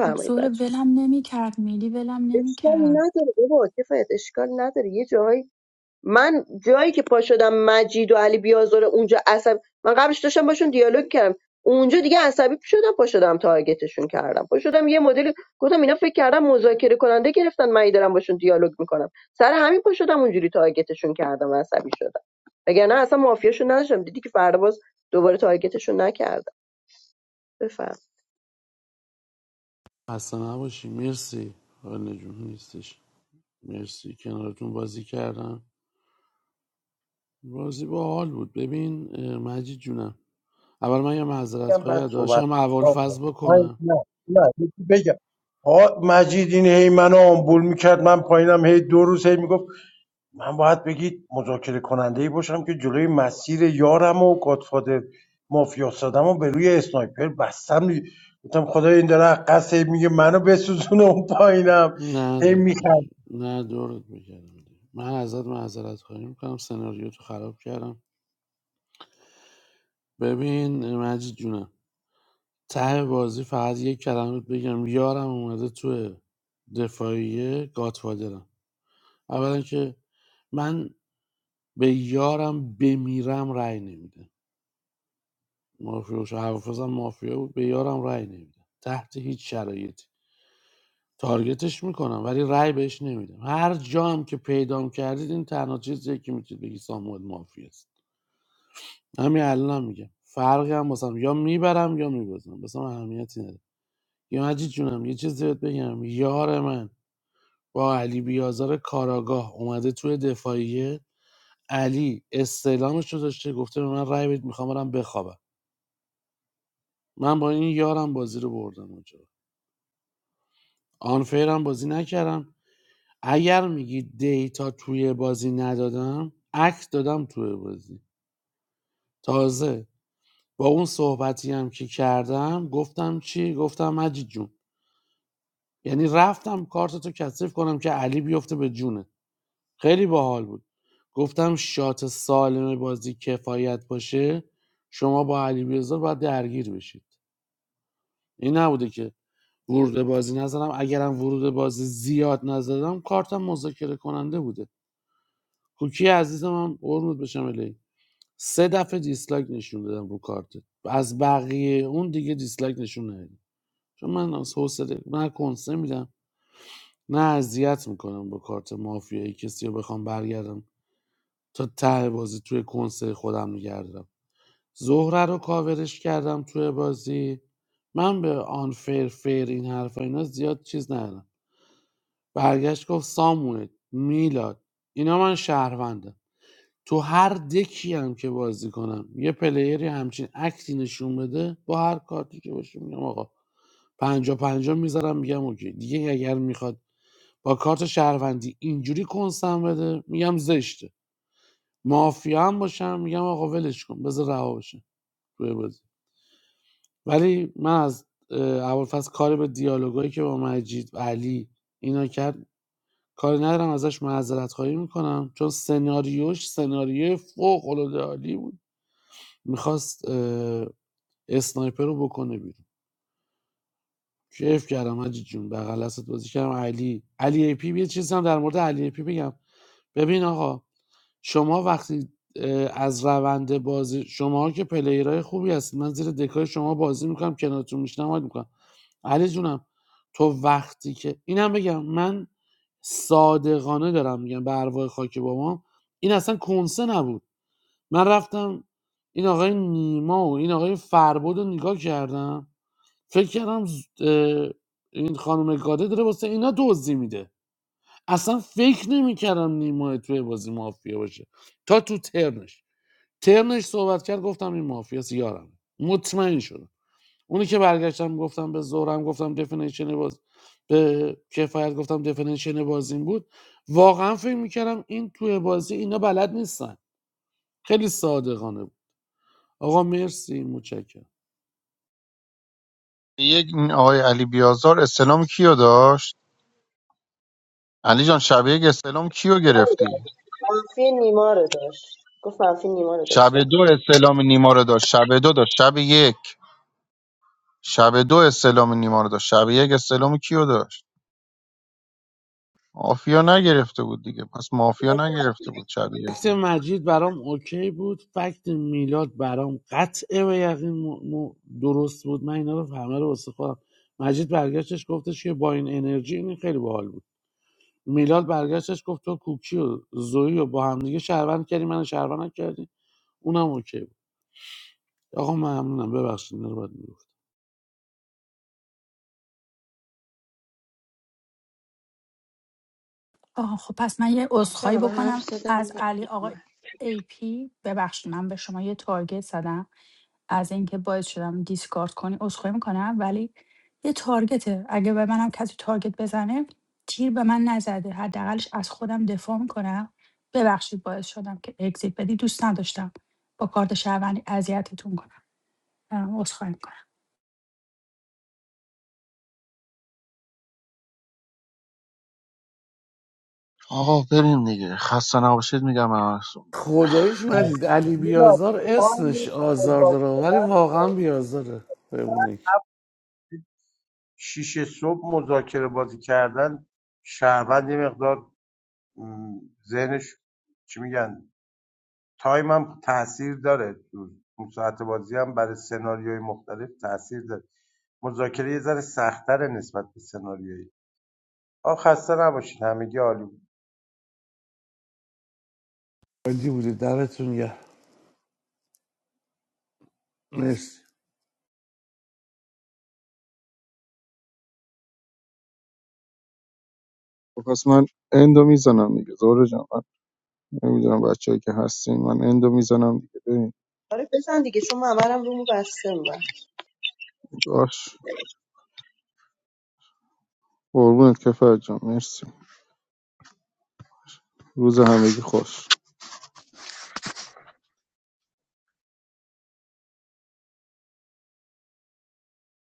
خب زور بچه ولم نمیکرد میلی ولم اشکال نمی‌کرد. نداره بابا کفایت اشکال نداره یه جاهایی من جایی که پا شدم مجید و علی بیازار اونجا عصب من قبلش داشتم باشون دیالوگ کردم اونجا دیگه عصبی شدم پا شدم تارگتشون کردم پا شدم یه مدل گفتم اینا فکر کردم مذاکره کننده گرفتن من هی دارم باشون دیالوگ میکنم سر همین پا شدم اونجوری تارگتشون کردم و عصبی شدم وگرنه اصلا مافیاشون نداشتم دیدی که فردا باز دوباره تارگتشون نکردم بفهم خسته نباشی مرسی حال نجوم نیستش مرسی کنارتون بازی کردم بازی با حال بود ببین اه، مجید جونم اول من یه معذرت بگم خواهی بعد از صحبت داشتم اول آه، فاز آه، بکنم نه نه یکی بگم آه، مجید این هی منو آمبول میکرد من پایینم هی دو روز هی میگفت من باید بگید مذاکره کننده ای باشم که جلوی مسیر یارم و گادفادر مافیا سادم و به روی اسنایپر بستم گفتم خدا این داره از قصد هی میگه منو بسوزونه اون پایینم نه هی داداش میخند نه دورت بگردم من ازت معذرت خواهی میکنم سناریو تو خراب کردم ببین اه، مجید جونم ته بازی فقط یک کلمه بهت بگم یارم اومده تو دفاعیه گاتفادرم اولا که من به یارم بمیرم رأی نمیده مافیا شو حوافظم مافیا بود به یارم رأی نمیده تحت هیچ شرایطی تارگتش میکنم ولی رأی بهش نمیدم هر جا هم که پیدام کردید این تنها چیزیه که میتونید بگی ساموئل مافی است همین الان میگم فرقی هم واسم یا میبرم یا میبازم واسم اهمیتی نداره یا مجید جونم یه چیزی بهت بگم یار من با علی بیازار کاراگاه اومده توی دفاعیه علی استعلامش رو داشته گفته به من رأی بدید میخوام برم بخوابم من با این یارم بازی رو بردم اونجا آنفیرم بازی نکردم اگر میگی دیتا توی بازی ندادم عکس دادم توی بازی تازه با اون صحبتی هم که کردم گفتم چی گفتم مجید جون یعنی رفتم کارتتو کثیف کنم که علی بیفته به جونه خیلی باحال بود گفتم شات سالم بازی کفایت باشه شما با علی بیزار باید درگیر بشید این نبوده که ورود بازی نزدم اگرم ورود بازی زیاد نزدم کارتم مذاکره کننده بوده کوکی عزیزم هم قربونت بشم سه دفعه دیسلایک نشون دادم رو کارت از بقیه اون دیگه دیسلایک نشون ندادم چون من از حوصله نه کنسه میدم نه اذیت میکنم با کارت مافیایی کسی رو بخوام برگردم تا ته بازی توی کنسه خودم میگردم زهره رو کاورش کردم توی بازی من به آن فیر فیر این حرفا اینا زیاد چیز ندارم برگشت گفت ساموئل میلاد اینا من شهروندم تو هر دکی هم که بازی کنم یه پلیری همچین اکتی نشون بده با هر کارتی که باشه میگم آقا پنجا پنجا میذارم میگم اوکی دیگه اگر میخواد با کارت شهروندی اینجوری کنسم بده میگم زشته مافیا هم باشم میگم آقا ولش کن بذار رها بشه توی بازی ولی من از اه، اول فصل کاری به دیالوگایی که با مجید و علی اینا کرد کاری ندارم ازش معذرت خواهی میکنم چون سناریوش سناریوی فوق العاده عالی بود میخواست اسنایپر رو بکنه بیرون کیف کردم حاجی جون بغل دست بازی کردم علی علی ای پی یه چیز هم در مورد علی ای پی بگم ببین آقا شما وقتی اه، از روند بازی شما که پلیرهای خوبی هستید من زیر دکای شما بازی میکنم کنارتون میشنم حال میکنم علی جونم تو وقتی که اینم بگم من صادقانه دارم میگم به ارواح خاک بابام این اصلا کنسه نبود من رفتم این آقای نیما و این آقای فربد رو نگاه کردم فکر کردم این خانم گاده داره واسه اینا دزدی میده اصلا فکر نمیکردم نیما توی بازی مافیا باشه تا تو ترنش ترنش صحبت کرد گفتم این مافیاس یارم مطمئن شدم اونی که برگشتم گفتم به زورم گفتم دفنیشن باز به کفایت گفتم دفنیشن بازیم بود واقعا فکر میکردم این توی بازی اینا بلد نیستن خیلی صادقانه بود. آقا مرسی متشکرم یک این آقای علی بیازار استلام کیو داشت علی جان شب یک استلام کیو گرفتی منفی نیما رو داشت گفت منفی نیما رو شب داشتم دو استعلام نیما رو داشت شب دو داشت شب یک شب دو استعلام نیما رو داشت شب یک استعلام کیو داشت مافیا نگرفته بود دیگه پس مافیا نگرفته بود شب یک فکت مجید برام اوکی بود فکت میلاد برام قطعه و یقین م- م- درست بود من اینا رو همه رو واسه خودم مجید برگشتش گفتش که با این انرژی این خیلی باحال بود میلاد برگشتش گفت تو کوکی و زویی و با هم دیگه شهروند کردی من شهروند نکردی اونم اوکی بود آقا ممنونم ببخشید اینا رو باید میگفت آها خب پس من یه عذرخواهی بچه‌ها، همه حرف بکنم زدن از علی آقا ای پی ببخشید من به شما یه تارگت زدم از اینکه باعث شدم دیسکارد کنی عذرخواهی میکنم ولی یه تارگته اگه به منم کسی تارگت بزنه تیر به من نزده حداقلش از خودم دفاع میکنم ببخشید باعث شدم که اگزیت بدی دوستم با کار روند اتتون کنم عذرخواهی می‌کنم. آقا بریم دیگه خسته نباشید میگم همتون خداییش مجید علی بیازار اسمش آزار داره ولی واقعا بیازاره بمونه که شیشه صبح مذاکره بازی کردن شهروند یه مقدار م، ذهنش چی میگن تایم هم تاثیر داره اون ساعت بازی هم برای سناریوهای مختلف تاثیر داره مذاکره یه ذره سختتر نسبت به سناریویی آخ خسته نباشید همگی عالی عالی بودی دمتون گرم مرسی پس من اندو میزنم دیگه زهره جان من نمیدونم بچه‌ای که هستین من اندو میزنم دیگه بریم آره بزن دیگه چون ممرم رومو بسته من باش قربونت کفر جان مرسی روز همگی خوش